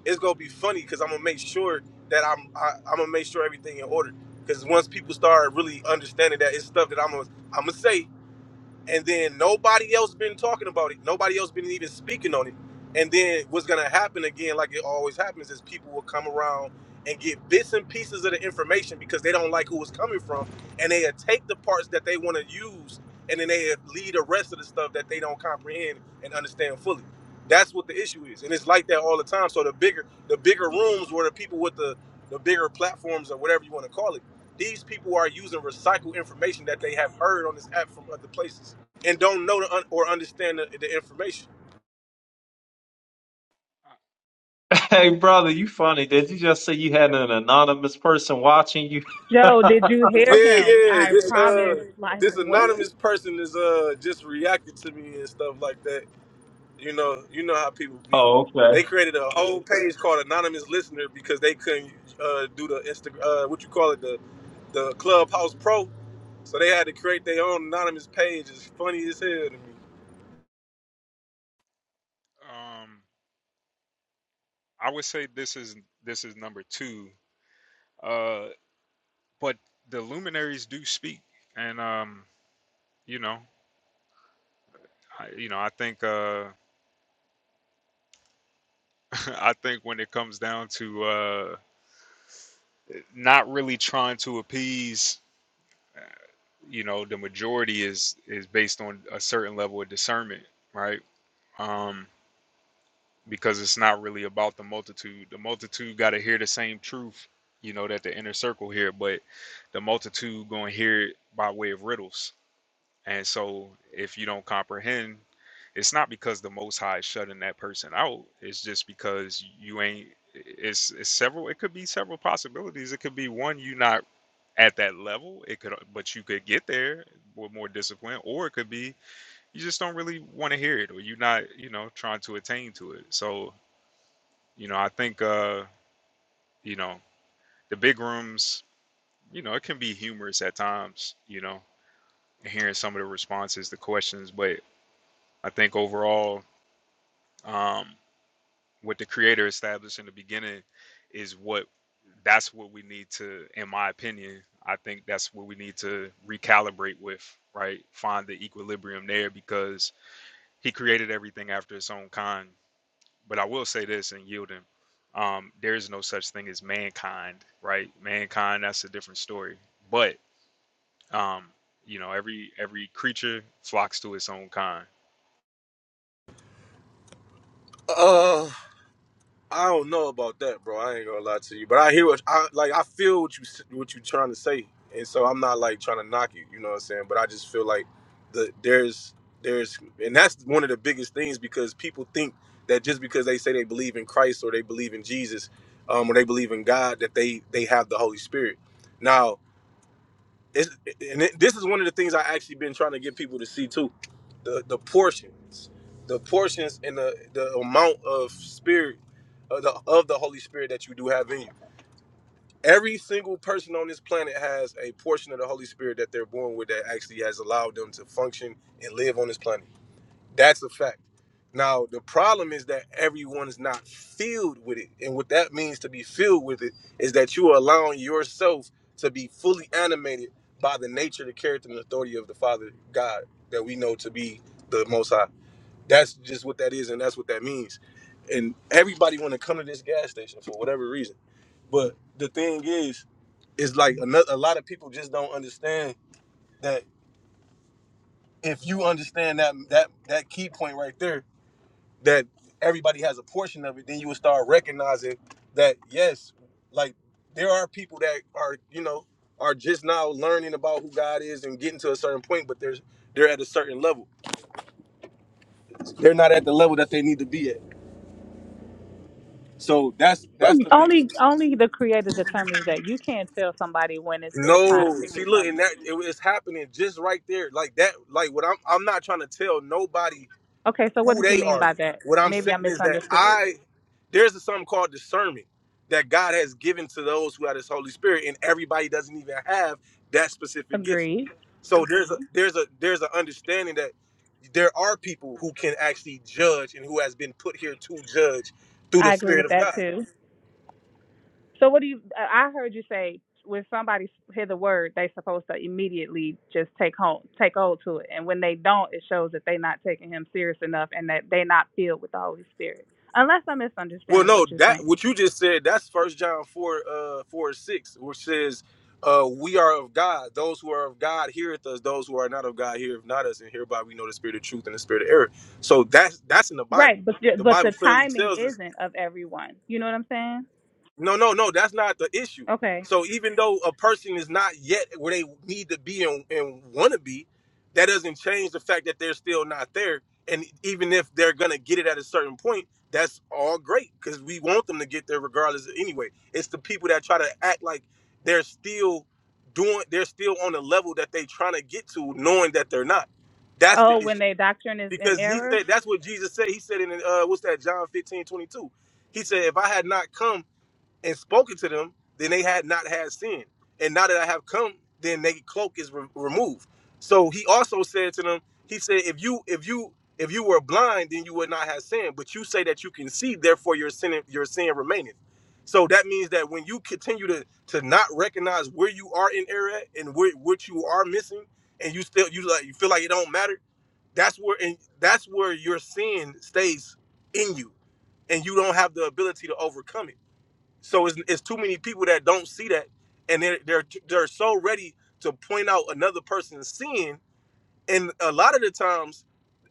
S14: it's gonna be funny because I'm gonna make sure that I'm I, I'm gonna make sure everything in order. Because once people start really understanding that it's stuff that I'm gonna I'm gonna say and then nobody else been talking about it. Nobody else been even speaking on it. And then what's gonna happen again, like it always happens, is people will come around and get bits and pieces of the information because they don't like who it's coming from, and they take the parts that they want to use, and then they leave the rest of the stuff that they don't comprehend and understand fully. That's what the issue is, and it's like that all the time. So the bigger the bigger rooms where the people with the the bigger platforms or whatever you want to call it, these people are using recycled information that they have heard on this app from other places and don't know the un- or understand the, the information.
S13: Hey, brother, you funny. Did you just say you had an anonymous person watching you?
S11: Joe, did
S13: oh,
S11: you hear
S14: Yeah,
S11: him?
S14: yeah.
S11: I
S14: This
S11: promise.
S14: uh,
S11: Like
S14: this
S11: what?
S14: anonymous person is uh just reacting to me and stuff like that. You know, you know how people be.
S13: okay.
S14: They created a whole page called Anonymous Listener because they couldn't uh, do the Insta, uh, what you call it, the the Clubhouse Pro. So they had to create their own anonymous page. It's funny as hell
S8: Um, I would say this is this is number two Uh, but the luminaries do speak, and um, you know, I, you know, I think uh, I think when it comes down to uh, not really trying to appease, uh, you know, the majority is is based on a certain level of discernment, right? Um, because it's not really about the multitude. The multitude got to hear the same truth, you know, that the inner circle here, but the multitude going to hear it by way of riddles And so if you don't comprehend, it's not because the most high is shutting that person out. It's just because you ain't it's, it's several it could be several possibilities. It could be one, you not at that level. It could but you could get there with more discipline, or it could be you just don't really want to hear it or you're not, you know, trying to attain to it. So, you know, I think uh, you know, the big rooms, you know, it can be humorous at times, you know, hearing some of the responses, the questions, but I think overall um, what the creator established in the beginning is what that's what we need to in my opinion i think that's what we need to recalibrate with right find the equilibrium there because he created everything after his own kind but i will say this and yielding um, there is no such thing as mankind right mankind that's a different story but um, you know every every creature flocks to its own kind
S14: to me. I don't know about that, bro. I ain't gonna lie to you, but I hear what I like. I feel what you s- what you trying to say, and so I'm not like trying to knock you. You know what I'm saying? But I just feel like the there's there's and that's one of the biggest things because people think that just because they say they believe in Christ or they believe in Jesus, um, or they believe in God, that they they have the Holy Spirit. Now it's, and it, this is one of the things I actually been trying to get people to see too, the the portions, the portions and the the amount of spirit of the of the Holy Spirit that you do have in you. Every single person on this planet has a portion of the Holy Spirit that they're born with that actually has allowed them to function and live on this planet. That's a fact. Now the problem is that everyone is not filled with it, and what that means to be filled with it is that you are allowing yourself to be fully animated by the nature, the character, and the authority of the Father God that we know to be the Most High. That's just what that is, and that's what that means. And everybody want to come to this gas station for whatever reason, but the thing is, is like another, a lot of people just don't understand that if you understand that that that key point right there that everybody has a portion of it, then you would start recognizing that yes, like there are people that are you know are just now learning about who God is and getting to a certain point, but there's they're at a certain level. They're not at the level that they need to be at. So that's that's the biggest.
S11: Only only the creator determines that. You can't tell somebody when it's their time
S14: No,
S11: to
S14: see,
S11: get
S14: look, and
S11: something.
S14: that it, it's happening just right there, like that. Like what I'm I'm not trying to tell nobody
S11: Okay, so what
S14: who
S11: did you
S14: they
S11: mean
S14: are.
S11: by that?
S14: What I'm
S11: Maybe
S14: saying
S11: I
S14: is that
S11: misunderstood.
S14: I there's something called discernment that God has given to those who have His Holy Spirit, and everybody doesn't even have that specific gift.
S11: Agreed.
S14: So there's a there's a there's an understanding that there are people who can actually judge and who has been put here to judge through the
S11: I agree
S14: Spirit
S11: with
S14: of
S11: that
S14: God.
S11: too. So what do you? I heard you say when somebody hear the word, they supposed to immediately just take home, take hold to it, and when they don't, it shows that they not taking him serious enough, and that they not filled with the Holy Spirit. Unless I'm
S14: Well,
S11: misunderstanding what
S14: no,
S11: you're
S14: that
S11: saying,
S14: what you just said, that's first John 4, uh 4 and 6, which says, uh, we are of God. Those who are of God heareth us, those who are not of God heareth not us, and hereby we know the spirit of truth and the spirit of error. So that's that's in the Bible.
S11: right? But the-
S14: The
S11: but
S14: Bible
S11: the
S14: clearly
S11: timing
S14: tells us
S11: isn't of everyone. You know what I'm saying?
S14: no, no, no. That's not the issue.
S11: Okay.
S14: So even though a person is not yet where they need to be and, and want to be, that doesn't change the fact that they're still not there. And even if they're gonna get it at a certain point, that's all great because we want them to get there regardless. Anyway, it's the people that try to act like they're still doing, they're still on the level that they trying to get to, knowing that they're not. That's the
S11: Oh, when
S14: issue.
S11: their doctrine is in
S14: Because he
S11: error.
S14: said that's what Jesus said. He said in uh, what's that John 15 22. He said, if I had not come and spoken to them, then they had not had sin. And now that I have come, then their cloak is re- removed. So he also said to them, he said, if you if you if you were blind, then you would not have sin. But you say that you can see, therefore your sin your sin remaineth. So that means that when you continue to to not recognize where you are in error at and where what you are missing, and you still you like you feel like it don't matter, that's where and that's where your sin stays in you, and you don't have the ability to overcome it. So it's, it's too many people that don't see that, and they're they're they're so ready to point out another person's sin. And a lot of the times,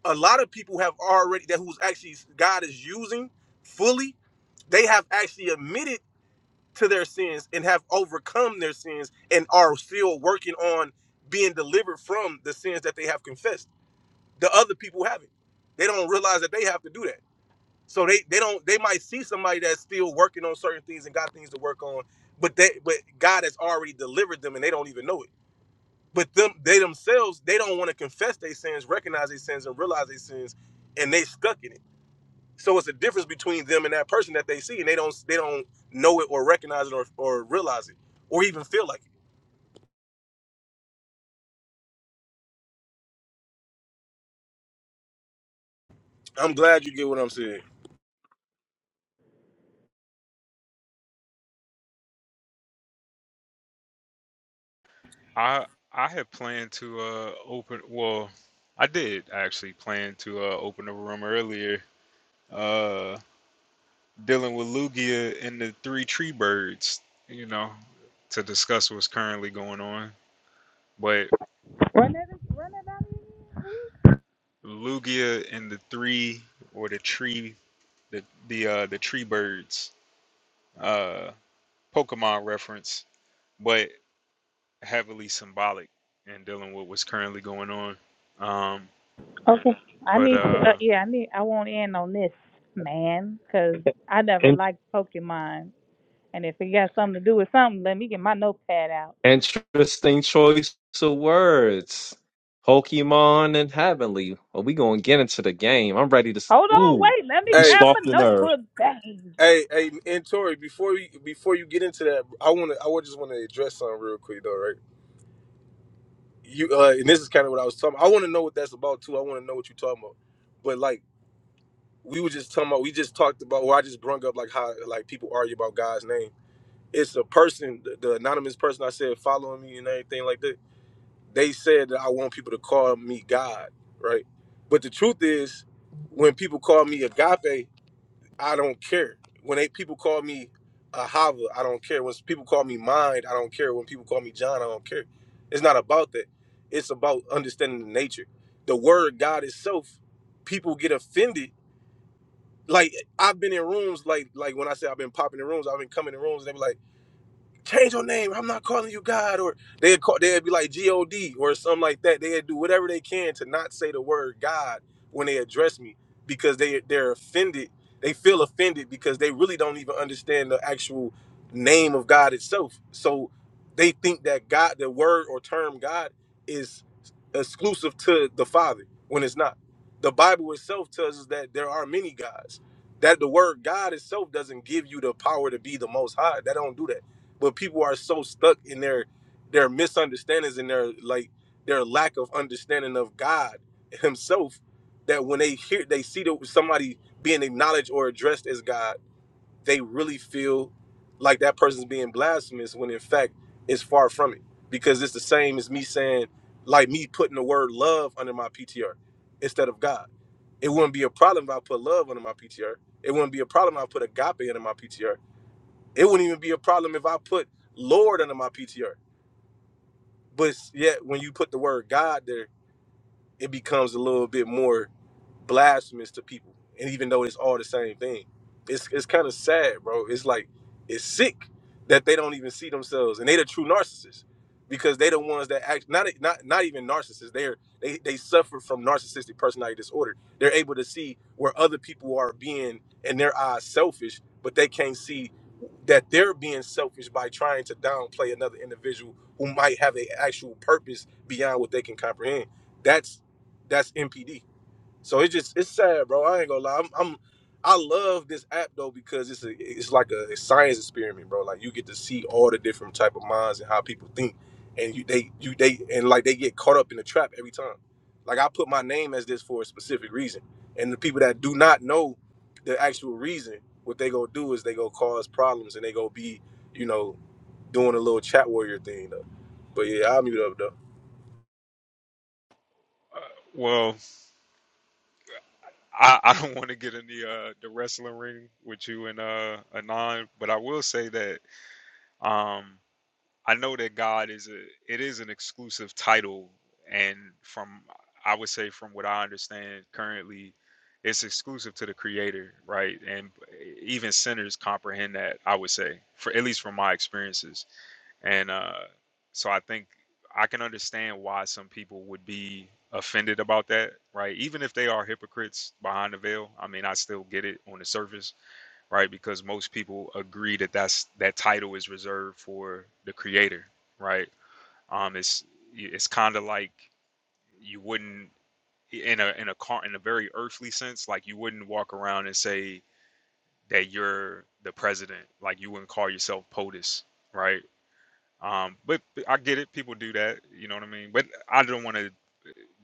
S14: a lot of people have already that who's actually God is using fully. They have actually admitted to their sins and have overcome their sins and are still working on being delivered from the sins that they have confessed. The other people haven't. They don't realize that they have to do that. So they they don't they might see somebody that's still working on certain things and got things to work on, but they but God has already delivered them and they don't even know it. But them they themselves they don't want to confess their sins, recognize their sins, and realize their sins, and they stuck in it. So it's a difference between them and that person that they see, and they don't they don't know it or recognize it or, or realize it or even feel like it. I'm glad you get what I'm saying.
S8: I I had planned to uh open well, I did actually plan to uh open a room earlier, uh dealing with Lugia and the three tree birds, you know, to discuss what's currently going on. But
S11: Run that. Run that down. again, please.
S8: Lugia and the three or the tree the the uh the tree birds uh Pokemon reference, but heavily symbolic and dealing with what's currently going on. Um
S11: Okay. I
S8: but
S11: need to. Uh,
S8: uh
S11: yeah, I need. I won't end on this, man, because I never
S13: In-
S11: liked Pokemon. And if it got something to do with something, let me get my notepad out.
S13: interesting choice of words. Pokemon and Heavenly. Are we going to get into the game? I'm ready to. s-
S11: Hold on,
S13: Ooh,
S11: wait, let me
S13: you
S14: Hey,
S11: grab
S13: sparked
S11: my
S13: the nerve.
S11: notebook. Dang.
S14: hey, hey, and Tori, before you before you get into that, I wanna I would just wanna address something real quick though, right? you uh and this is kind of what I was talking about. I want to know what that's about too. I want to know what you're talking about. But like we were just talking about we just talked about or I just brung up like how like people argue about God's name. It's a person, the, the anonymous person I said following me and everything like that. They said that I want people to call me God, right? But the truth is when people call me agape, I don't care. When they people call me a Hava, I don't care. When people call me mind, I don't care. When people call me John, I don't care. It's not about that. It's about understanding the nature. The word God itself, people get offended. Like I've been in rooms, like like when I say I've been popping in rooms, I've been coming in rooms, and they be like change your name. I'm not calling you God, or they'd call, they'd be like God or something like that. They'd do whatever they can to not say the word God when they address me because they they're offended. They feel offended because they really don't even understand the actual name of God itself. So they think that God, the word or term God, is exclusive to the Father when it's not. The Bible itself tells us that there are many gods. That the word God itself doesn't give you the power to be the most high. That don't do that but people are so stuck in their their misunderstandings and their like their lack of understanding of God Himself that when they hear they see that somebody being acknowledged or addressed as God, they really feel like that person's being blasphemous when in fact it's far from it because it's the same as me saying like me putting the word love under my PTR instead of God. It wouldn't be a problem if I put love under my PTR. It wouldn't be a problem if I put agape under my PTR it wouldn't even be a problem if I put Lord under my PTR. But s- yet, when you put the word God there, it becomes a little bit more blasphemous to people, and even though it's all the same thing, it's it's kind of sad, bro. It's like it's sick that they don't even see themselves, and they the true narcissists because they the ones that act not not not even narcissists. They're they they suffer from narcissistic personality disorder. They're able to see where other people are being in their eyes selfish, but they can't see that they're being selfish by trying to downplay another individual who might have an actual purpose beyond what they can comprehend. That's that's MPD so it's just it's sad, bro. I ain't gonna lie. I'm, I'm I love this app though because it's a it's like a, science experiment, bro. Like you get to see all the different type of minds and how people think, and you they you they and like they get caught up in the trap every time. Like I put my name as this for a specific reason, and the people that do not know the actual reason, what they gonna do is they gonna cause problems and they gonna be you know doing a little chat warrior thing though. But yeah, I'll mute up though.
S8: well I, I don't want to get in the uh, the wrestling ring with you and uh, Anon, but I will say that um, I know that God is a it is an exclusive title, and from I would say from what I understand currently, it's exclusive to the Creator, right? And even sinners comprehend that. I would say, for at least from my experiences. And uh, so I think I can understand why some people would be offended about that, right? Even if they are hypocrites behind the veil, I mean, I still get it on the surface, right? Because most people agree that that's that title is reserved for the creator, right? Um, it's it's kind of like you wouldn't in a in a car in a very earthly sense, like you wouldn't walk around and say that you're the president, like you wouldn't call yourself POTUS, right? Um, but I get it. People do that. You know what I mean? But I don't want to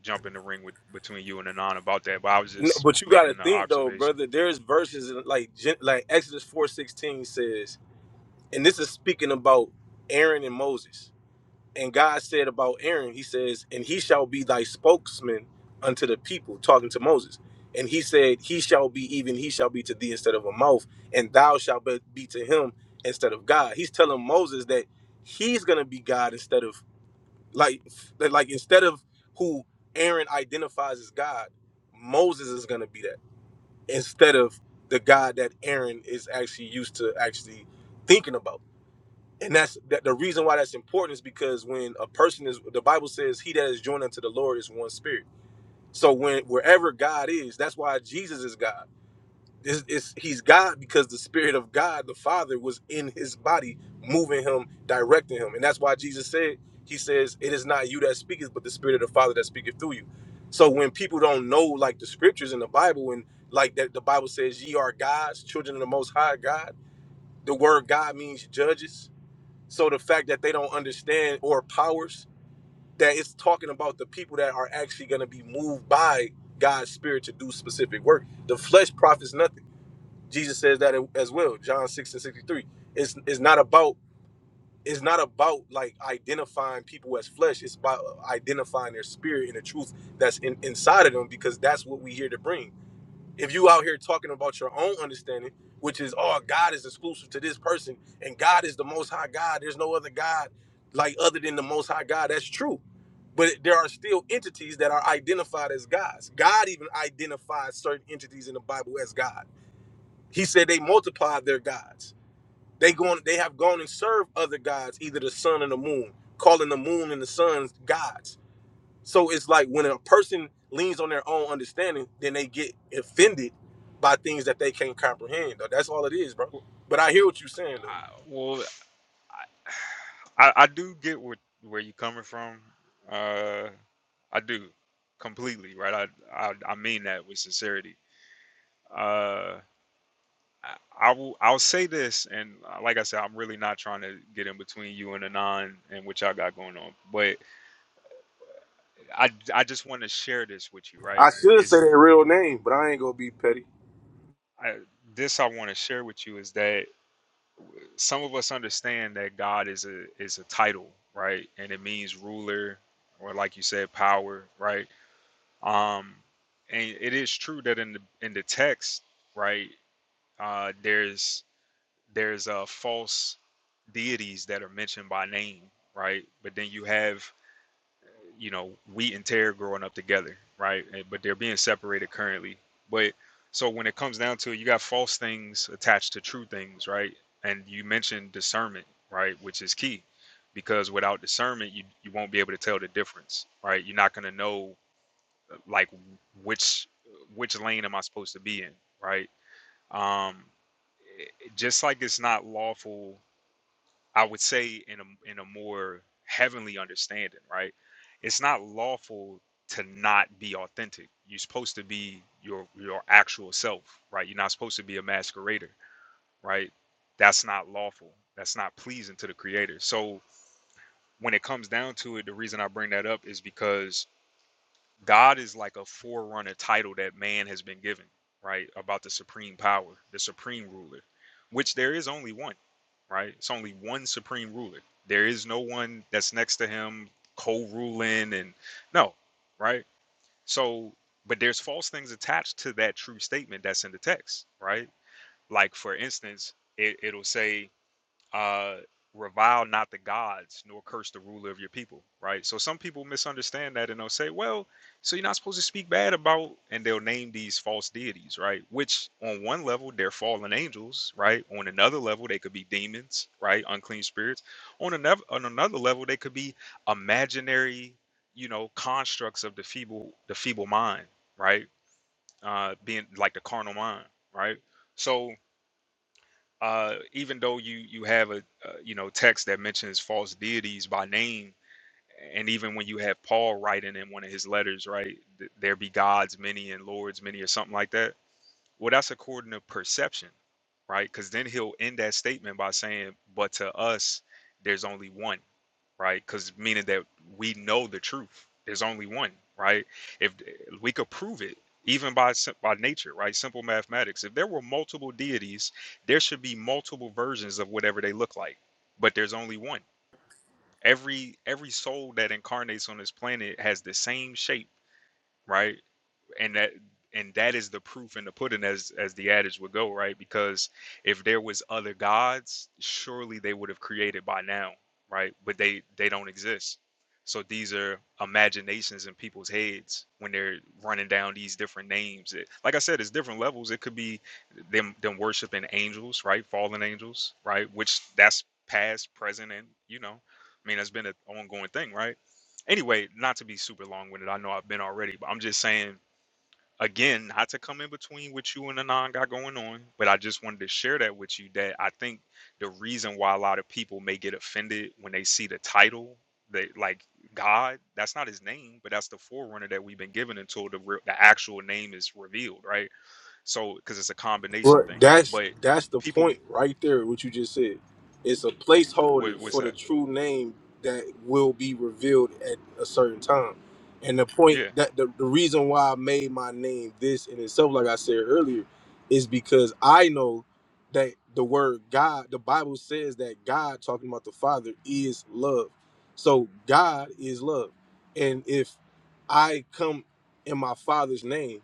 S8: jump in the ring with between you and Anon about that. But I was
S14: No,
S8: just
S14: but you got
S8: making
S14: to
S8: an
S14: think though,
S8: observation.
S14: brother. There's verses in, like Gen- like Exodus four sixteen says, and this is speaking about Aaron and Moses. And God said about Aaron, He says, "And he shall be thy spokesman unto the people," talking to Moses. And He said, "He shall be even he shall be to thee instead of a mouth, and thou shalt be be to him instead of God." He's telling Moses that he's gonna be God instead of like like instead of who Aaron identifies as God, Moses is gonna be that instead of the God that Aaron is actually used to actually thinking about. And that's that the reason why that's important is because when a person is the Bible says he that is joined unto the Lord is one spirit. So when wherever God is, that's why Jesus is God. It's, it's, he's God because the Spirit of God, the Father, was in his body, moving him, directing him. And that's why Jesus said, He says, It is not you that speaketh, but the Spirit of the Father that speaketh through you. So when people don't know, like the scriptures in the Bible, and like that the Bible says, Ye are gods, children of the Most High God, the word God means judges. So the fact that they don't understand or powers, that it's talking about the people that are actually going to be moved by God's Spirit to do specific work. The flesh profits nothing Jesus says that as well, John 6 and 63. It's it's not about it's not about like identifying people as flesh. It's about identifying their spirit and the truth that's in, inside of them because that's what we here to bring. If you out here talking about your own understanding, which is oh God is exclusive to this person and God is the most high God. There's no other God like other than the most high God. That's true. But there are still entities that are identified as gods. God even identifies certain entities in the Bible as God. He said they multiplied their gods. They going they have gone and served other gods, either the sun and the moon, calling the moon and the sun's gods. So it's like when a person leans on their own understanding, then they get offended by things that they can't comprehend. Though. That's all it is, bro.
S8: Well,
S14: But I hear what you're saying though.
S8: I, well, I, I do get what where you are coming from. Uh, I do completely right. I, I I mean that with sincerity. Uh, I, I will I'll say this, and uh, like I said, I'm really not trying to get in between you and Anon and what y'all got going on. But I I just want to share this with you, right?
S14: I should
S8: Is
S14: say their real name, but I ain't gonna be petty.
S8: I, this I want to share with you is that some of us understand that God is a is a title, right? And it means ruler, or like you said, power, right? Um, and it is true that in the in the text, right, uh, there's there's uh, false deities that are mentioned by name, right? But then you have you know, wheat and tear growing up together, right? And- But they're being separated currently. But so when it comes down to it, you got false things attached to true things, right? And you mentioned discernment, right? Which is key because without discernment, you, you won't be able to tell the difference, right? You're not going to know uh, like which, which lane am I supposed to be in, right? Um, it- just like it's not lawful I would say in a in a more heavenly understanding, right? It's not lawful to not be authentic. You're supposed to be your your actual self, right? You're not supposed to be a masquerader, right? That's not lawful. That's not pleasing to the creator. So when it comes down to it, the reason I bring that up is because God is like a forerunner title that man has been given, right? About the supreme power, the supreme ruler, which there is only one, right? It's only one supreme ruler. There is no one that's next to him co ruling and no, right? So, but there's false things attached to that true statement that's in the text, right? Like, for instance, it, it'll say, uh, revile not the gods, nor curse the ruler of your people, right? So some people misunderstand that and they'll say, well, so you're not supposed to speak bad about, and they'll name these false deities, right? Which on one level, they're fallen angels, right? On another level, they could be demons, right? Unclean spirits. On another, on another level, they could be imaginary, you know, constructs of the feeble, the feeble mind, right? Uh, being like the carnal mind, right? So uh, even though you you have a uh, you know text that mentions false deities by name, and even when you have Paul writing in one of his letters, right, th- there be gods many and lords many or something like that. Well, that's according to perception, right? Because then he'll end that statement by saying, "But to us, there's only one." right? Because meaning that we know the truth. There's only one, right? If we could prove it, even by sim- by nature, right? Simple mathematics. If there were multiple deities, there should be multiple versions of whatever they look like. But there's only one. Every every soul that incarnates on this planet has the same shape, right? and that and that is the proof in the pudding as as the adage would go right because if there was other gods surely they would have created by now right but they they don't exist so these are imaginations in people's heads when they're running down these different names It- like i said it's different levels it could be them them worshiping angels right fallen angels right which that's past present and you know i mean that's been an ongoing thing right anyway not to be super long-winded i know i've been already but i'm just saying again, not to come in between what you and Anon got going on, but I just wanted to share that with you that I think the reason why a lot of people may get offended when they see the title, they like God, that's not his name, but that's the forerunner that we've been given until the real, the actual name is revealed, right? So, because it's a combination
S14: Well,
S8: thing,
S14: that's
S8: but
S14: that's the
S8: people,
S14: point right there. What you just said, it's a
S8: what,
S14: placeholder
S8: what's
S14: for the
S8: that?
S14: true name that will be revealed at a certain time. And the point
S8: Yeah,
S14: that the, the reason why I made my name this in itself, like I said earlier, is because I know that the word God, the Bible says that God, talking about the Father, is love. So God is love, and if I come in my Father's name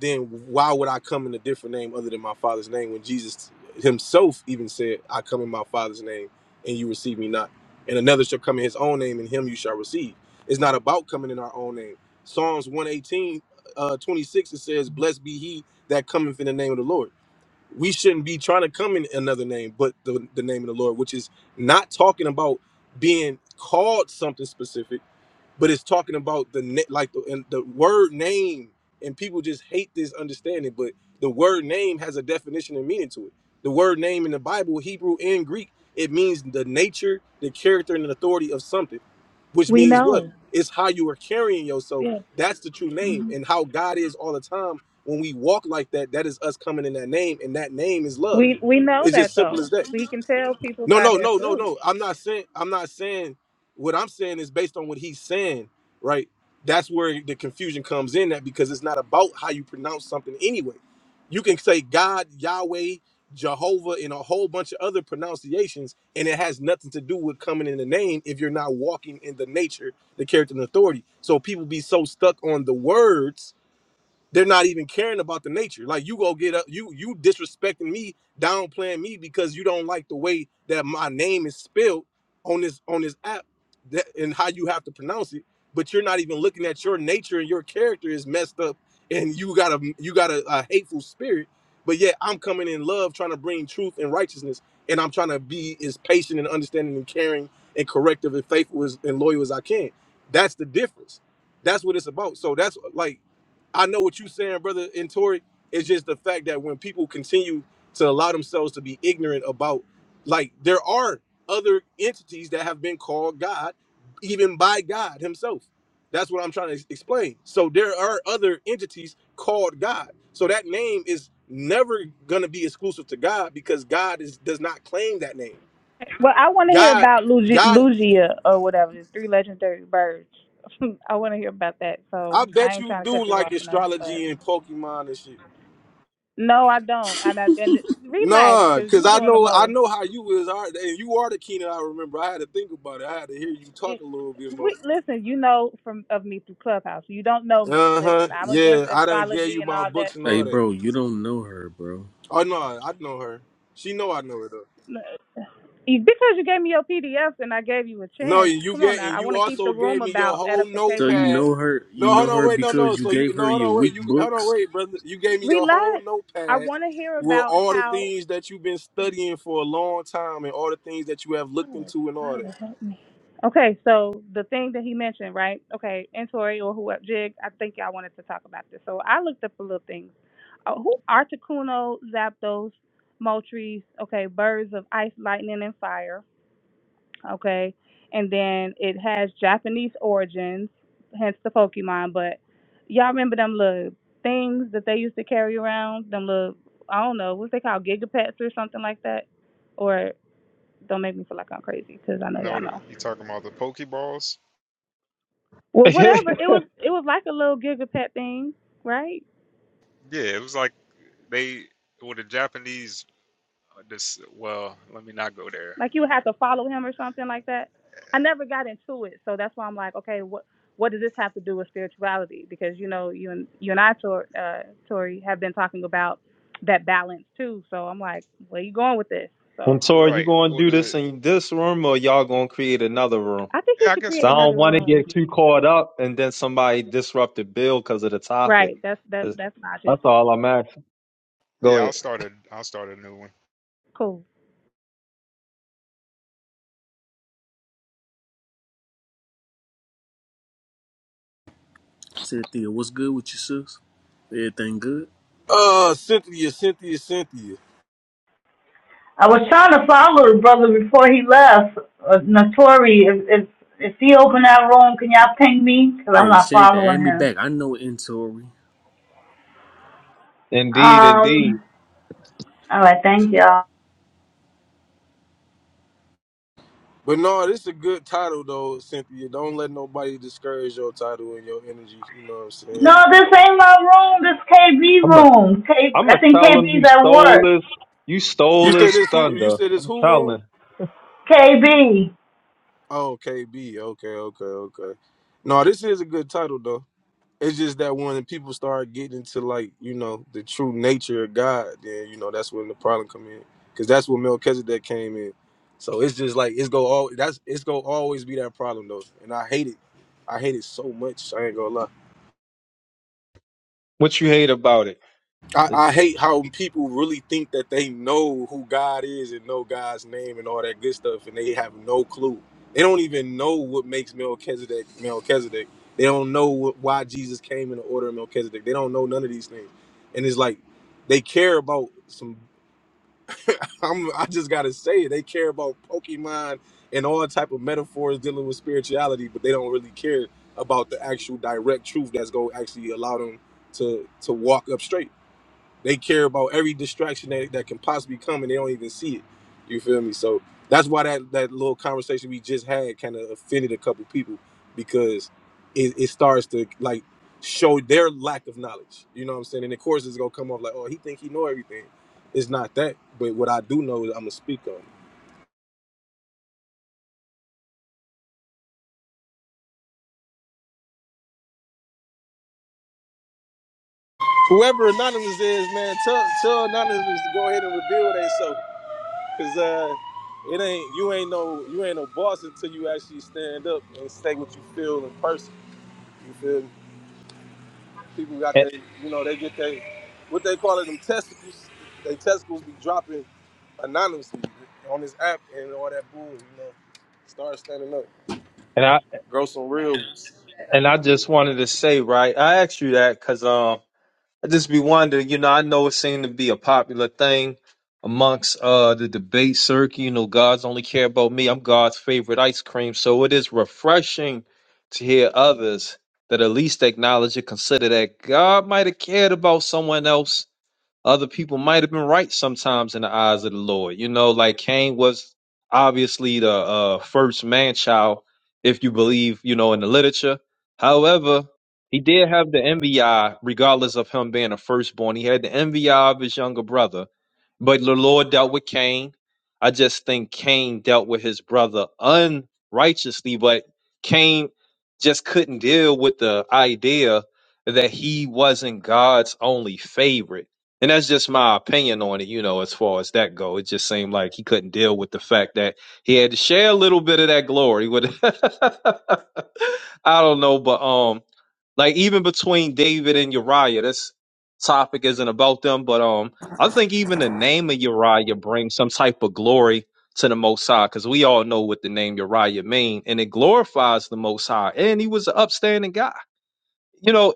S14: then why would I come in a different name other than my father's name when Jesus himself even said, I come in my father's name and you receive me not. And another shall come in his own name and him you shall receive. It's not about coming in our own name. Psalms 118, uh, 26, it says, Blessed be he that cometh in the name of the Lord. We shouldn't be trying to come in another name but the, the name of the Lord, which is not talking about being called something specific but it's talking about the na- like the and the word name and people just hate this understanding but the word name has a definition and meaning to it the word name in the bible hebrew and greek it means the nature the character and the authority of something which
S11: We
S14: means what
S11: know.
S14: it's how you are carrying yourself
S11: Yeah.
S14: that's the true name
S11: Mhm.
S14: and how god is all the time when we walk like that that is us coming in that name and that name is love
S11: We we know
S14: it's
S11: that
S14: just simple
S11: though.
S14: as that
S11: We can tell people
S14: no,
S11: by
S14: no,
S11: their
S14: no, no,
S11: fruit.
S14: no. I'm not saying I'm not saying what I'm saying is based on what he's saying, right? That's where the confusion comes in that because it's not about how you pronounce something anyway. You can say God, Yahweh, Jehovah, and a whole bunch of other pronunciations, and it has nothing to do with coming in the name if you're not walking in the nature, the character, and authority. So people be so stuck on the words they're not even caring about the nature. Like you go get up, you you disrespecting me, downplaying me because you don't like the way that my name is spelled on this on this app that, and how you have to pronounce it. But you're not even looking at your nature and your character is messed up, and you got a you got a, a hateful spirit. But yet I'm coming in love, trying to bring truth and righteousness, and I'm trying to be as patient and understanding and caring and corrective and faithful as, and loyal as I can. That's the difference. That's what it's about. So that's like I know what you're saying, brother. And Tori, it's just the fact that when people continue to allow themselves to be ignorant about, like, there are other entities that have been called God, even by God Himself. That's what I'm trying to ex- explain. So there are other entities called God. So that name is never going to be exclusive to God because God is does not claim that name.
S11: Well, I want to hear
S14: God,
S11: about Lugia,
S14: God,
S11: Lugia or whatever, the three legendary birds. I want to hear about that.
S14: I
S11: So I
S14: bet
S11: ain't
S14: you
S11: trying to
S14: do
S11: cut you
S14: like
S11: off or nothing, but
S14: astrology and Pokemon and shit.
S11: no, I don't. And I, and relax,
S14: Nah,
S11: cause
S14: cause
S11: you
S14: I
S11: doing the
S14: know I
S11: most.
S14: know how you is, all right, and you are the Keenan. I remember. I had to think about it. I had to hear you talk
S11: it-
S14: a little bit more.
S11: we listen. You know from of me through Clubhouse. You don't know me.
S14: Uh huh.
S11: Listen, I'm against
S14: Yeah, I done gave
S11: astrology
S14: you
S11: and
S14: my
S11: all
S14: books
S11: that
S14: and
S15: Hey,
S14: all
S11: too.
S14: that.
S15: bro, you don't know her, bro.
S14: Oh no, I know her. She know I know her though.
S11: Because you gave me your PDFs and I gave you a
S14: No,
S11: chance.
S14: and you
S11: Come on
S14: get
S11: now. I
S14: and
S11: want
S14: you
S11: to keep the
S14: also
S11: room
S14: gave me your
S11: about
S14: whole
S15: So you
S11: edification.
S14: notepad.
S15: know her, you
S14: No,
S15: know
S14: hold on,
S15: her
S14: wait, no, no.
S15: because you
S14: So you
S15: gave
S14: no,
S15: her
S14: hold
S15: your
S14: on, wait,
S15: weak
S14: you hold on,
S15: books.
S14: wait, brother. You gave me your whole
S11: Relax. I
S14: notepad
S11: want to hear
S14: with
S11: about
S14: all the
S11: how.
S14: things that you've been studying for a long time and all the things that you have looked
S11: Oh,
S14: into and all that.
S11: Father, help me. Okay, so the thing that he mentioned, right? Okay, and Tori or whoever, Jig, I think y'all wanted to talk about this. So I looked up a little thing. uh, who Articuno, Zapdos, Moltres, okay, birds of ice, lightning, and fire, okay, and then it has Japanese origins, hence the Pokemon. But y'all remember them little things that they used to carry around, them little I don't know what's they called, gigapets or something like that, or don't make me feel like I'm crazy because I know y'all
S8: no, the,
S11: know.
S8: you talking about the Pokeballs?
S11: Well, whatever
S13: and
S11: it was, it was like a little gigapet thing, right?
S8: Yeah, it was like they, well, the Japanese, uh, this, well, let me not go there.
S11: Like you would have to follow him or something like that. I never got into it, so that's why I'm like, okay, what what does this have to do with spirituality? Because you know, you and you and I, Tor, uh, Tori, have been talking about that balance too. So I'm like, where you going with this? So
S13: Tori, you
S8: Right.
S13: going to
S8: Well,
S13: do this
S8: the
S13: in this room or y'all going to create another room?
S11: I think he
S8: Yeah, I
S11: should
S13: Cause
S8: guess
S11: create
S8: we
S13: I
S8: could.
S13: don't
S11: another
S13: want to get
S11: room.
S13: too caught up and then somebody disrupt the bill because of the topic.
S11: Right. That's that.
S13: That's
S11: That's logic.
S13: that's all I'm asking. Go
S8: Yeah, I'll
S13: ahead.
S8: start a I'll start a new one.
S11: Cool.
S15: Said Thea, what's good with you, sis? Everything good?
S14: Uh, Cynthia, Cynthia, Cynthia.
S15: Hey, Santa, add me back. I know inventory.
S13: Indeed, indeed.
S16: Thank y'all.
S14: But no, this is a good title though, Cynthia. Don't let nobody discourage your title and your energy. You know what I'm saying?
S16: No, this ain't my room. This KB
S13: I'm a,
S16: room. K,
S13: I'm
S16: I
S13: gonna
S16: think
S13: tell them
S16: KB's
S13: you
S16: at
S13: stole
S16: work.
S13: this. You stole
S14: You said
S13: this
S14: this who? You
S13: thunder.
S14: said this
S13: I'm
S14: who room?
S13: telling.
S16: KB.
S14: Oh, KB. Okay, okay, okay. No, this is a good title though. It's just that when people start getting into like you know the true nature of God, then you know that's when the problem come in, because that's what Melchizedek came in. So it's just like it's go all that's it's go always be that problem though, and I hate it. I hate it so much. I ain't gonna lie.
S13: What you hate about it?
S14: I,
S13: It's-
S14: I hate how people really think that they know who God is and know God's name and all that good stuff, and they have no clue. They don't even know what makes Melchizedek Melchizedek. They don't know what, why Jesus came in the order of Melchizedek. They don't know none of these things, and it's like they care about some. I'm, I just gotta say it. They care about Pokemon and all type of metaphors dealing with spirituality, but they don't really care about the actual direct truth that's gonna actually allow them to to walk up straight. They care about every distraction that, that can possibly come, and they don't even see it. You feel me? So that's why that that little conversation we just had kind of offended a couple people because it, it starts to like show their lack of knowledge. You know what I'm saying? And of course, it's gonna come off like, oh, he think he know everything. It's not that, but what I do know is I'm gonna speak on. It. Whoever anonymous is, man, tell tell anonymous to go ahead and reveal themselves, cause uh it ain't you ain't no you ain't no boss until you actually stand up and say what you feel in person. You feel me? People got
S13: And
S14: they, you know, they get they, what they call it, them testicles. They testicles be dropping anonymously on this app and all that bull. you know. Start standing up,
S13: and I
S14: grow some real.
S13: And I just wanted to say, right, I asked you that because um, I just be wondering, you know, I know it seemed to be a popular thing amongst uh the debate circuit. You know, God's only care about me. I'm God's favorite ice cream. So it is refreshing to hear others that at least acknowledge and consider that God might have cared about someone else other people might have been right sometimes in the eyes of the Lord. You know, like Cain was obviously the uh, first man child, if you believe, you know, in the literature. However, he did have the envy eye, regardless of him being a firstborn. He had the envy eye of his younger brother, but the Lord dealt with Cain. I just think Cain dealt with his brother unrighteously, but Cain just couldn't deal with the idea that he wasn't God's only favorite and that's just my opinion on it, you know, as far as that go. It just seemed like he couldn't deal with the fact that he had to share a little bit of that glory with I don't know, but um like even between David and Uriah, this topic isn't about them, but um I think even the name of Uriah brings some type of glory to the Most High, because we all know what the name Uriah mean, and it glorifies the Most High. And he was an upstanding guy. You know,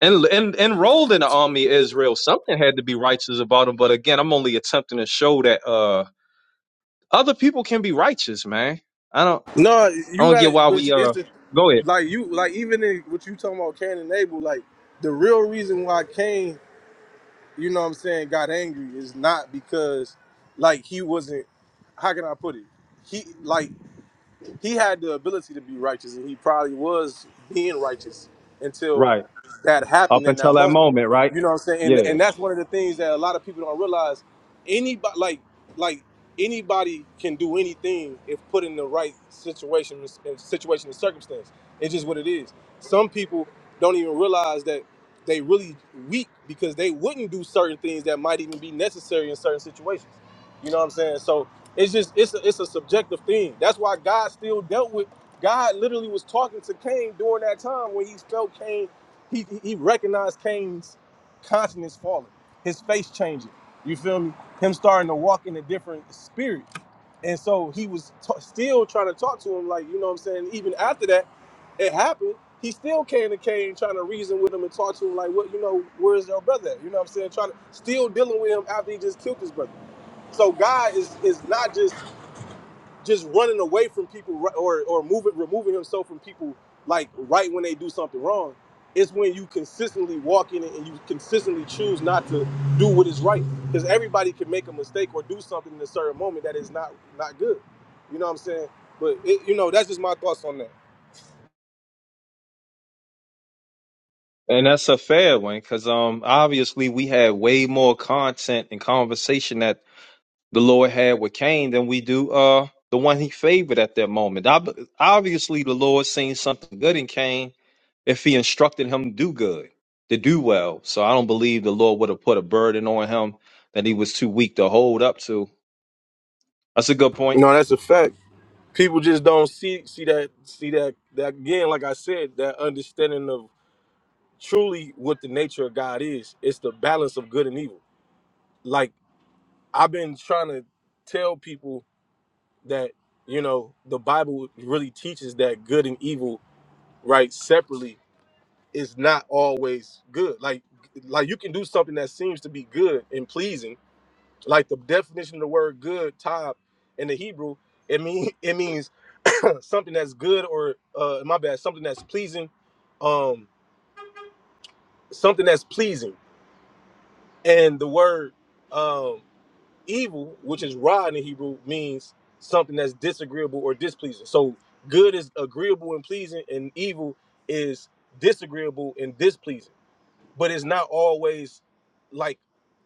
S13: and and enrolled in the army of Israel. Something had to be righteous about him. But again, I'm only attempting to show that uh other people can be righteous, man. I don't
S14: No,
S13: I
S14: you
S13: don't get
S14: gotta,
S13: why
S14: but
S13: we
S14: it's it's
S13: uh
S14: the,
S13: go ahead.
S14: like you, like even in what you talking about, Cain and Abel, like the real reason why Cain, you know what I'm saying, got angry is not because, like, he wasn't, how can I put it? He, like, he had the ability to be righteous, and he probably was being righteous until
S13: Right.
S14: that happened
S13: Up
S14: in that
S13: until that
S14: moment.
S13: moment, right?
S14: You know what I'm saying? And
S13: Yeah.
S14: and that's one of the things that a lot of people don't realize. Anybody like like anybody can do anything if put in the right situation, and situation and circumstance. It's just what it is. Some people don't even realize that they really weak because they wouldn't do certain things that might even be necessary in certain situations. You know what I'm saying? So it's just it's a, it's a subjective thing. That's why God still dealt with God. Literally was talking to Cain during that time when he felt Cain. He he recognized Cain's consciousness falling, his face changing. You feel me? Him starting to walk in a different spirit, and so he was t- still trying to talk to him. Like you know what I'm saying. Even after that, it happened. He still came to Cain trying to reason with him and talk to him like, what you know, where's your brother? At? You know what I'm saying? Trying to still dealing with him after he just killed his brother. So God is is not just just running away from people or or moving removing himself from people like right when they do something wrong it's when you consistently walk in it and you consistently choose not to do what is right because everybody can make a mistake or do something in a certain moment that is not not good you know what i'm saying but it, you know that's just my thoughts on that
S13: And that's a fair one, because um obviously we had way more content and conversation that the Lord had with Cain than we do uh the one he favored at that moment. Ob- Obviously, the Lord seen something good in Cain if he instructed him to do good, to do well. So I don't believe the Lord would have put a burden on him that he was too weak to hold up to. That's a good point.
S14: no that's a fact people just don't see see that see that that again like i said that understanding of truly what the nature of god is it's the balance of good and evil like I've been trying to tell people that you know the Bible really teaches that good and evil, right, separately is not always good. Like like you can do something that seems to be good and pleasing. Like the definition of the word good, tab, in the Hebrew, it mean it means something that's good or uh my bad, something that's pleasing, um something that's pleasing. And the word um evil, which is ra in the Hebrew, means something that's disagreeable or displeasing. So good is agreeable and pleasing, and evil is disagreeable and displeasing but it's not always like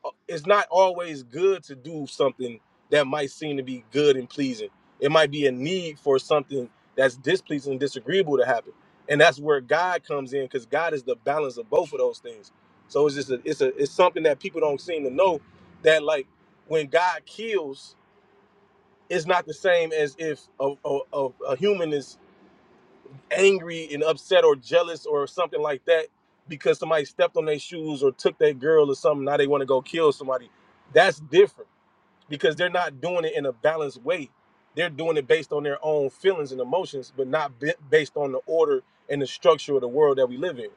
S14: uh, it's not always good to do something that might seem to be good and pleasing. It might be a need for something that's displeasing and disagreeable to happen, and that's where God comes in because God is the balance of both of those things. So it's just a, it's a it's something that people don't seem to know that like when God kills, it's not the same as if a, a, a, a human is angry and upset or jealous or something like that because somebody stepped on their shoes or took their girl or something. Now they want to go kill somebody. That's different because they're not doing it in a balanced way. They're doing it based on their own feelings and emotions, but not b- based on the order and the structure of the world that we live in.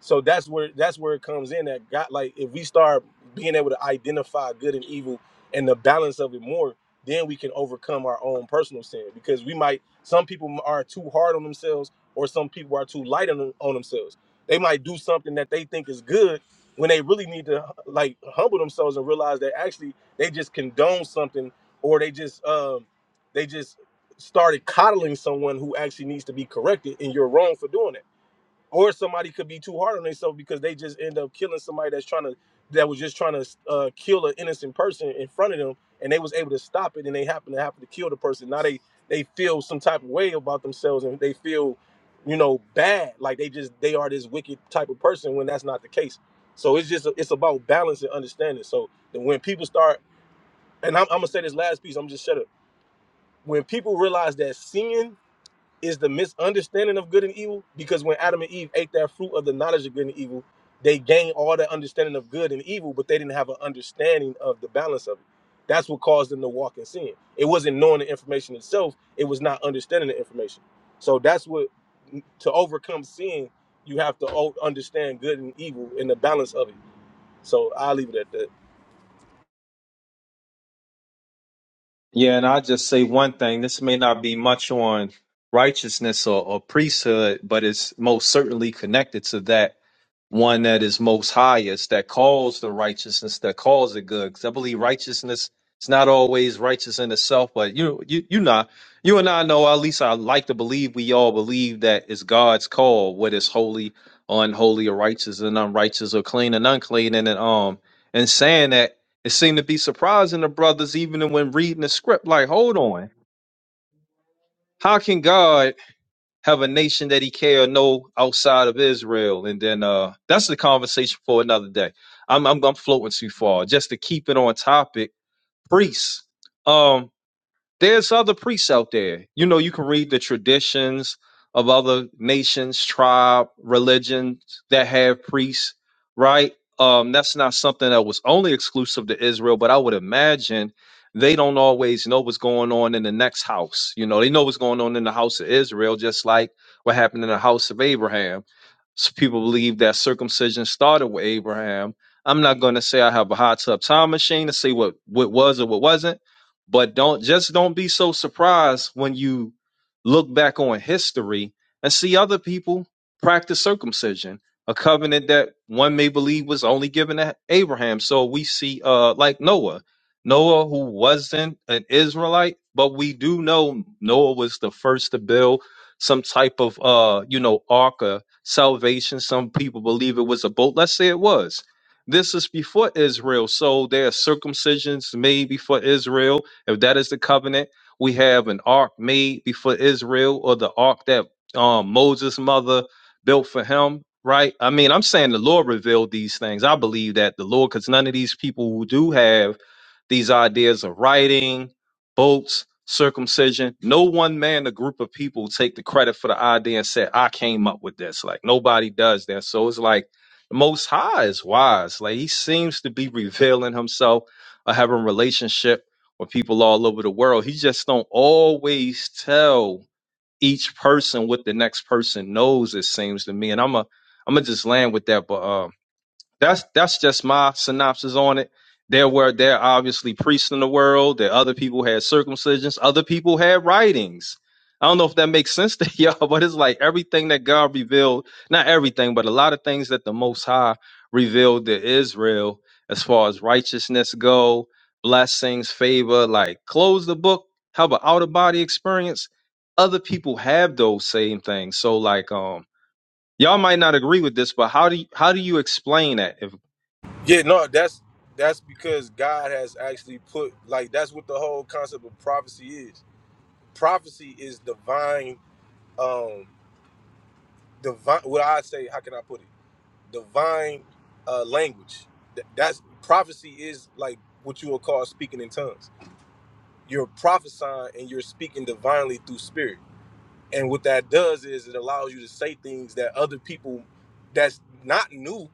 S14: So that's where that's where it comes in that God like if we start being able to identify good and evil and the balance of it more, then we can overcome our own personal sin because we might some people are too hard on themselves or some people are too light on, on themselves. They might do something that they think is good when they really need to like humble themselves and realize that actually they just condone something or they just um they just started coddling someone who actually needs to be corrected and you're wrong for doing that or somebody could be too hard on themselves because they just end up killing somebody that's trying to that was just trying to uh, kill an innocent person in front of them and they was able to stop it and they happen to happen to kill the person now they they feel some type of way about themselves and they feel you know bad like they just they are this wicked type of person when that's not the case so it's just it's about balance and understanding so that when people start and I'm, I'm gonna say this last piece i'm just shut up when people realize that sin is the misunderstanding of good and evil because when Adam and Eve ate that fruit of the knowledge of good and evil, they gained all that understanding of good and evil, but they didn't have an understanding of the balance of it. That's what caused them to walk in sin. It wasn't knowing the information itself, it was not understanding the information. So that's what to overcome sin, you have to o- understand good and evil and the balance of it. So I'll leave it at that.
S13: Yeah, and I just say one thing. This may not be much on righteousness or, or priesthood, but it's most certainly connected to that one that is most highest that calls the righteousness that calls it good because i believe righteousness is not always righteous in itself but you you you not you and i know at least i like to believe we all believe that it's god's call what is holy unholy or righteous and unrighteous or clean and unclean and then, um and saying that it seemed to be surprising to brothers even when reading the script like hold on how can god have a nation that he care or know outside of Israel. And then uh that's the conversation for another day. I'm I'm, I'm floating too far. Just to keep it on topic, priests. Um there's other priests out there. You know, you can read the traditions of other nations, tribe, religions that have priests, right? Um, that's not something that was only exclusive to Israel, but I would imagine they don't always know what's going on in the next house. You know, they know what's going on in the house of Israel, just like what happened in the house of Abraham. So people believe that circumcision started with Abraham. I'm not going to say I have a hot tub time machine to say what what was or what wasn't but don't just don't be so surprised when you look back on history and see other people practice circumcision a covenant that one may believe was only given to abraham so we see uh like noah noah who wasn't an israelite but we do know noah was the first to build some type of uh you know ark of salvation some people believe it was a boat let's say it was this is before Israel. So there are circumcisions made before Israel if that is the covenant, we have an ark made before Israel or the ark that um, Moses' mother built for him, right? I mean, I'm saying the Lord revealed these things. I believe that the Lord, because none of these people who do have these ideas of writing, boats, circumcision, no one man, a group of people take the credit for the idea and say, I came up with this. Like nobody does that. So it's like the most high is wise. Like he seems to be revealing himself or having relationship or people all over the world. He just don't always tell each person what the next person knows. It seems to me, and I'm a I'm gonna just land with that. But um, that's that's just my synopsis on it. There were there are obviously priests in the world. There other people had circumcisions. Other people had writings. I don't know if that makes sense to y'all, but it's like everything that God revealed, not everything, but a lot of things that the Most High revealed to Israel as far as righteousness go, blessings, favor, like close the book, have an outer body experience. Other people have those same things. So like um y'all might not agree with this, but how do you, how do you explain that? if
S14: Yeah, no, that's that's because God has actually put like that's what the whole concept of prophecy is. prophecy is divine um divine what i say how can i put it divine uh language Th- that's prophecy is like what you would call speaking in tongues you're prophesying and you're speaking divinely through spirit and what that does is it allows you to say things that other people that's not new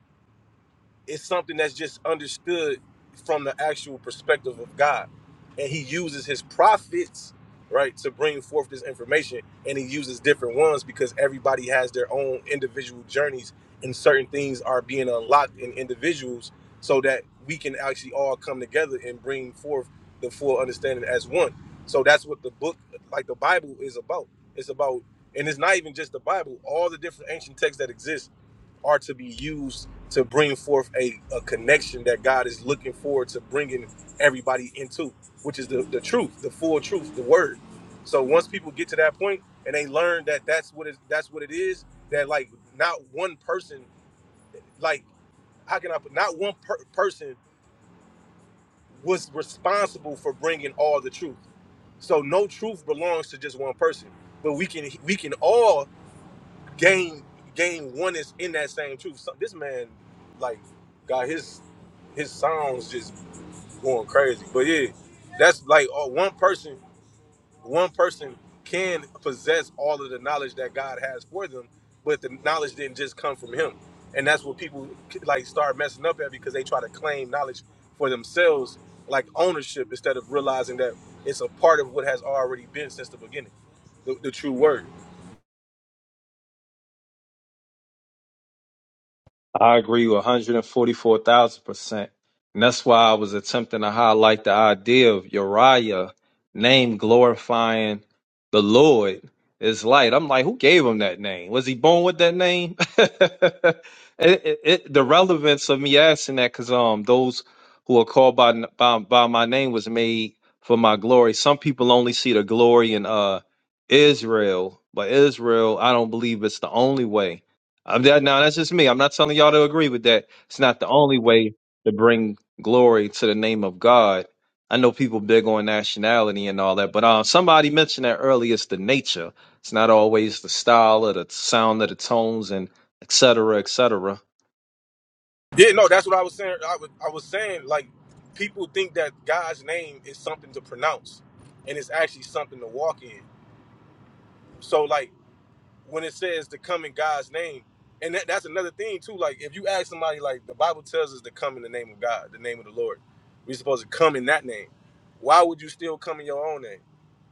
S14: it's something that's just understood from the actual perspective of God. And he uses his prophets, right, to bring forth this information. And he uses different ones because everybody has their own individual journeys and certain things are being unlocked in individuals so that we can actually all come together and bring forth the full understanding as one. So that's what the book, like the Bible, is about. It's about, and it's not even just the Bible, all the different ancient texts that exist are to be used to bring forth a, a connection that God is looking forward to bringing everybody into, which is the, the truth, the full truth, the word. So once people get to that point and they learn that that's what it, that's what it is, that like not one person, like how can I put, not one per- person was responsible for bringing all the truth. So no truth belongs to just one person, but we can we can all Game game one is in that same truth. So this man, like, got his his sounds just going crazy. But yeah, that's like uh, one person one person can possess all of the knowledge that God has for them, but the knowledge didn't just come from him. And that's what people like start messing up at because they try to claim knowledge for themselves, like ownership, instead of realizing that it's a part of what has already been since the beginning, the, the true word.
S13: I agree with 144,000%. And that's why I was attempting to highlight the idea of Uriah name glorifying the Lord is light. I'm like, who gave him that name? Was he born with that name? it, it, it, the relevance of me asking that, because um, those who are called by, by by my name was made for my glory. Some people only see the glory in uh Israel, but Israel, I don't believe it's the only way I'm that now. That's just me. I'm not telling y'all to agree with that. It's not the only way to bring glory to the name of God. I know people big on nationality and all that, but uh, somebody mentioned that earlier. It's the nature. It's not always the style or the sound of the tones and et cetera, et cetera.
S14: Yeah, no, that's what I was saying. I was, I was saying like people think that God's name is something to pronounce, and it's actually something to walk in. So like when it says to come in God's name, and that, that's another thing too. Like if you ask somebody, like the Bible tells us to come in the name of God, the name of the Lord. We're supposed to come in that name. Why would you still come in your own name?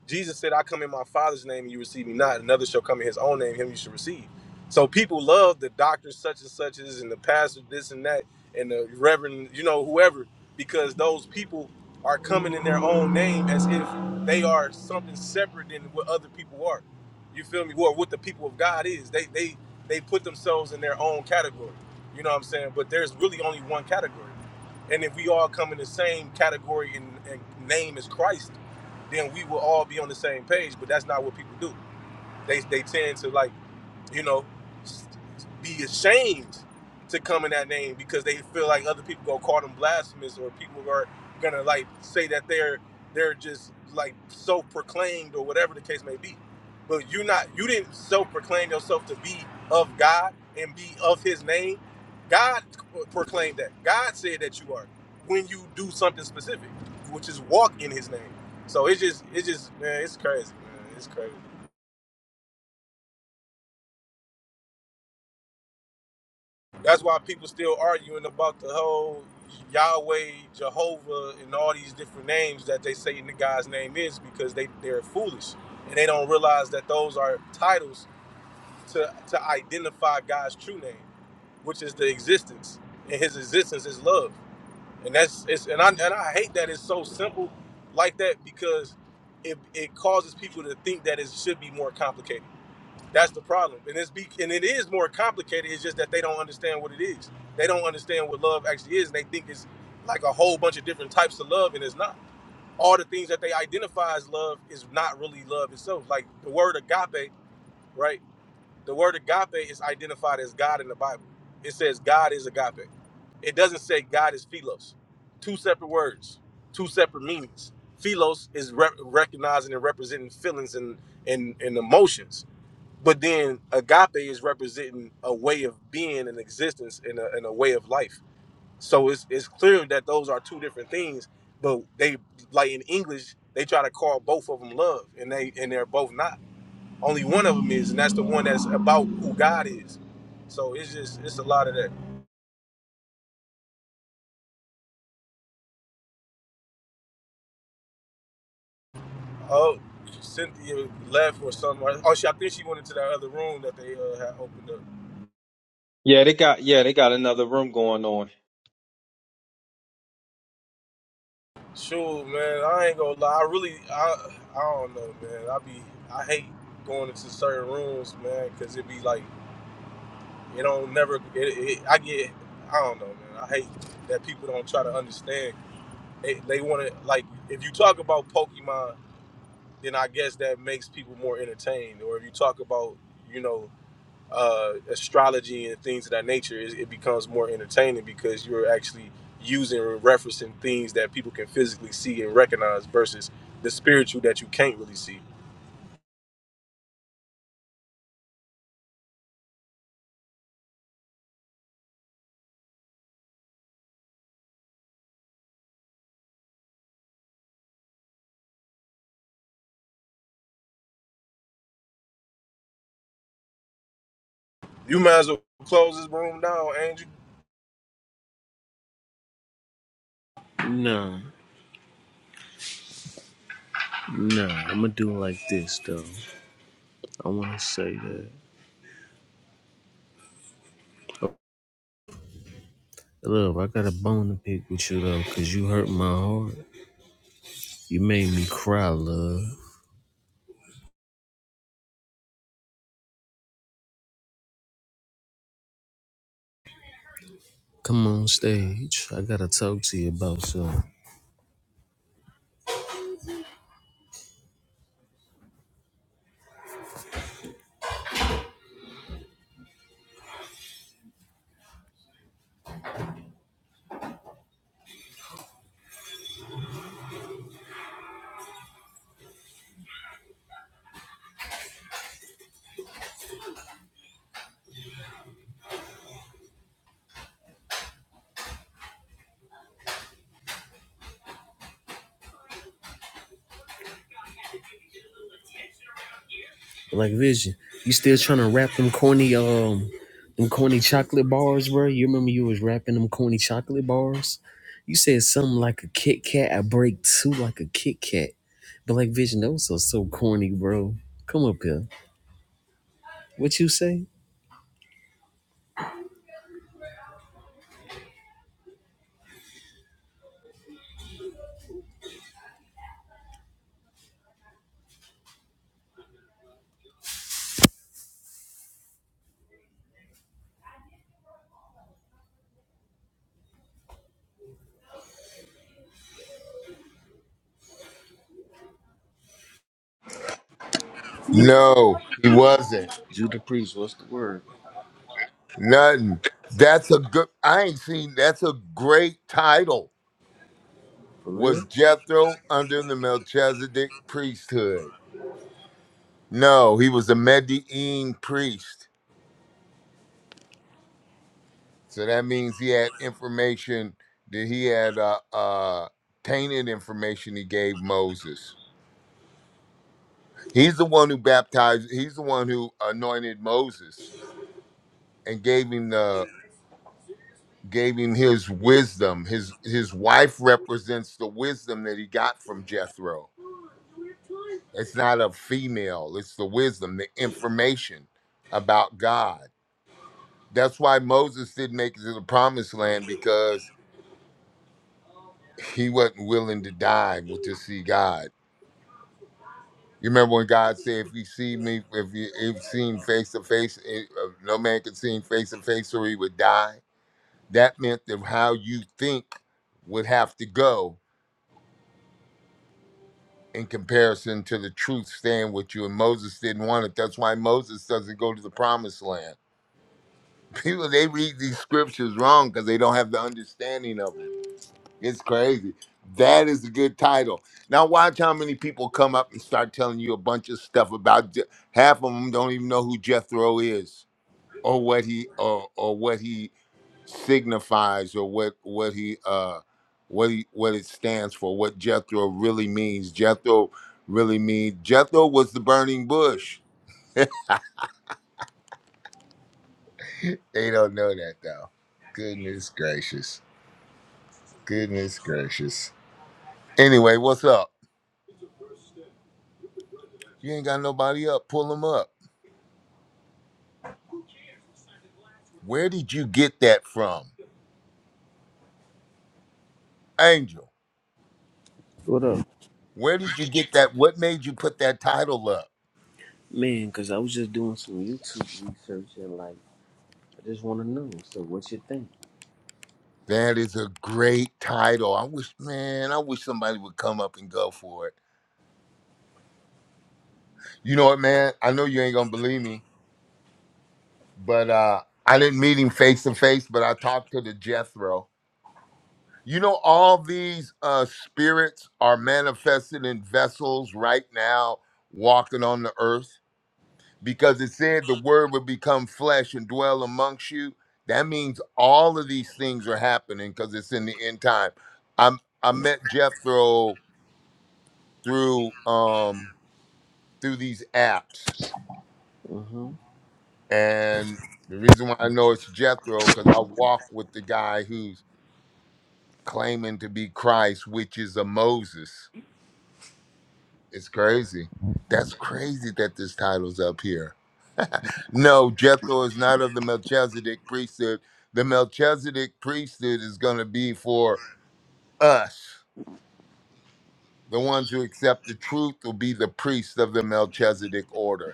S14: Jesus said, I come in my father's name and you receive me not. Another shall come in his own name, him you should receive. So people love the doctors such and such is and the pastor this and that and the reverend, you know, whoever, because those people are coming in their own name as if they are something separate than what other people are. You feel me? Or what the people of God is. They they they put themselves in their own category. You know what I'm saying? But there's really only one category. And if we all come in the same category and, and name as Christ, then we will all be on the same page. But that's not what people do. They they tend to like you know, be ashamed to come in that name because they feel like other people gonna call them blasphemous or people are gonna like say that they're they're just like self proclaimed or whatever the case may be. But you're not you didn't self proclaim yourself to be of God and be of his name. God proclaimed that. God said that you are when you do something specific, which is walk in his name. So it's just it's just man, it's crazy, man. It's crazy. That's why people still arguing about the whole Yahweh, Jehovah, and all these different names that they say in the God's name is because they they're foolish and they don't realize that those are titles to to identify God's true name, which is the existence, and His existence is love, and that's it's and I and I hate that it's so simple like that because it it causes people to think that it should be more complicated that's the problem, and it's be and it is more complicated. It's just that they don't understand what it is. They don't understand what love actually is, and they think it's like a whole bunch of different types of love, and it's not. All the things that they identify as love is not really love itself. Like the word agape, right? The word agape is identified as God in the Bible. It says God is agape. It doesn't say God is philos. Two separate words, two separate meanings. Philos is re- recognizing and representing feelings and and, and emotions but then agape is representing a way of being and existence and a, and a way of life. So it's, it's clear that those are two different things, but they like in English, they try to call both of them love and they and they're both not. Only one of them is, and that's the one that's about who God is. So it's just it's a lot of that. Oh, Cynthia left or something. Oh, she I think she went into that other room that they uh, had opened up.
S13: Yeah, they got yeah, they got another room going on.
S14: Shoot, man, I ain't gonna lie. I really, I, I don't know, man. I be, I hate going into certain rooms, man, because it be like it don't never. It, it, I get, I don't know, man. I hate that people don't try to understand. They, they want to like if you talk about Pokemon, then I guess that makes people more entertained. Or if you talk about, you know uh, astrology and things of that nature, it, it becomes more entertaining because you're actually using and referencing things that people can physically see and recognize versus the spiritual that you can't really see. You might as well close this room down, Angel.
S15: Nah, nah. I'ma do it like this though. I wanna say that. Love, I got a bone to pick with you though, cause you hurt my heart. You made me cry, love. Come on stage. I gotta talk to you about something. Like Vision, you still trying to wrap them corny um them corny chocolate bars, bro? You remember you was rapping them corny chocolate bars? You said something like a Kit Kat. I break two like a Kit Kat. But like Vision, those are so corny, bro. Come up here. What you say?
S17: No, he wasn't.
S15: Judah Priest, what's the word?
S17: Nothing. That's a good. I ain't seen. That's a great title.
S15: For real?
S17: Was Jethro under the Melchizedek priesthood? No, he was a Median priest. So that means he had information that he had uh, uh, tainted information he gave Moses. He's the one who baptized. He's the one who anointed Moses and gave him the gave him his wisdom. His his wife represents the wisdom that he got from Jethro. It's not a female, it's the wisdom, the information about God. That's why Moses didn't make it to the promised land because he wasn't willing to die with- to see God. You remember when God said, "If you see me, if you if seen face to face, eh, uh, no man could see him face to face, or he would die." That meant that how you think would have to go in comparison to the truth staying with you. And Moses didn't want it. That's why Moses doesn't go to the promised land. People, they read these scriptures wrong because they don't have the understanding of them. It's crazy. That is a good title. Now, watch how many people come up and start telling you a bunch of stuff about Je- half of them don't even know who Jethro is or what he or or what he signifies or what what he uh what he what it stands for what jethro really means jethro really means jethro was the burning bush they don't know that though goodness gracious goodness gracious anyway what's up you ain't got nobody up pull them up where did you get that from angel
S15: What up?
S17: where did you get that what made you put that title up
S15: Man, cause I was just doing some YouTube research and like I just wanna know. So what you think?
S17: That is a great title. I wish, man, I wish somebody would come up and go for it. You know what, man? I know you ain't gonna believe me, but uh I didn't meet him face to face, but I talked to the Jethro. You know, all these uh spirits are manifested in vessels right now, walking on the earth, because it said the word would become flesh and dwell amongst you. That means all of these things are happening because it's in the end time. I'm I met Jethro through um through these apps
S15: Uh-huh.
S17: and the reason why i know it's jethro because i walk with the guy who's claiming to be christ which is a moses it's crazy that's crazy that this title's up here no jethro is not of the melchizedek priesthood the melchizedek priesthood is going to be for us the ones who accept the truth will be the priests of the melchizedek order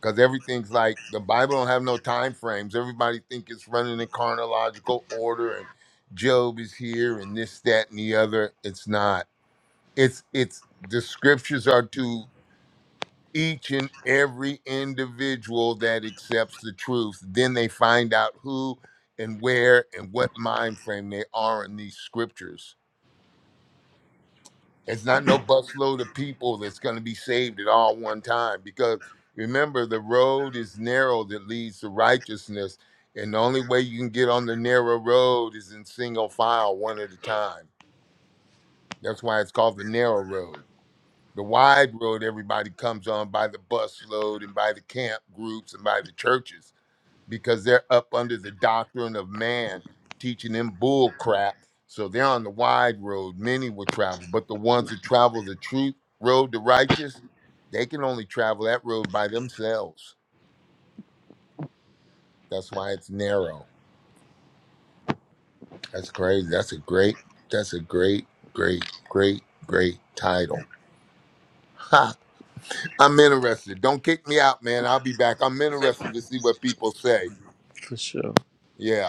S17: because everything's like the Bible don't have no time frames. Everybody think it's running in chronological order, and Job is here, and this, that, and the other. It's not. It's it's the scriptures are to each and every individual that accepts the truth. Then they find out who and where and what mind frame they are in these scriptures It's not no busload of people that's going to be saved at all one time because remember, the road is narrow that leads to righteousness. And the only way you can get on the narrow road is in single file, one at a time. That's why it's called the narrow road. The wide road, everybody comes on by the busload and by the camp groups and by the churches because they're up under the doctrine of man, teaching them bull crap. So they're on the wide road. Many will travel, but the ones that travel the truth road, the righteous, they can only travel that road by themselves. That's why it's narrow. That's crazy. That's a great. That's a great, great, great, great title. Ha! I'm interested. Don't kick me out, man. I'll be back. I'm interested to see what people say.
S15: For sure.
S17: Yeah.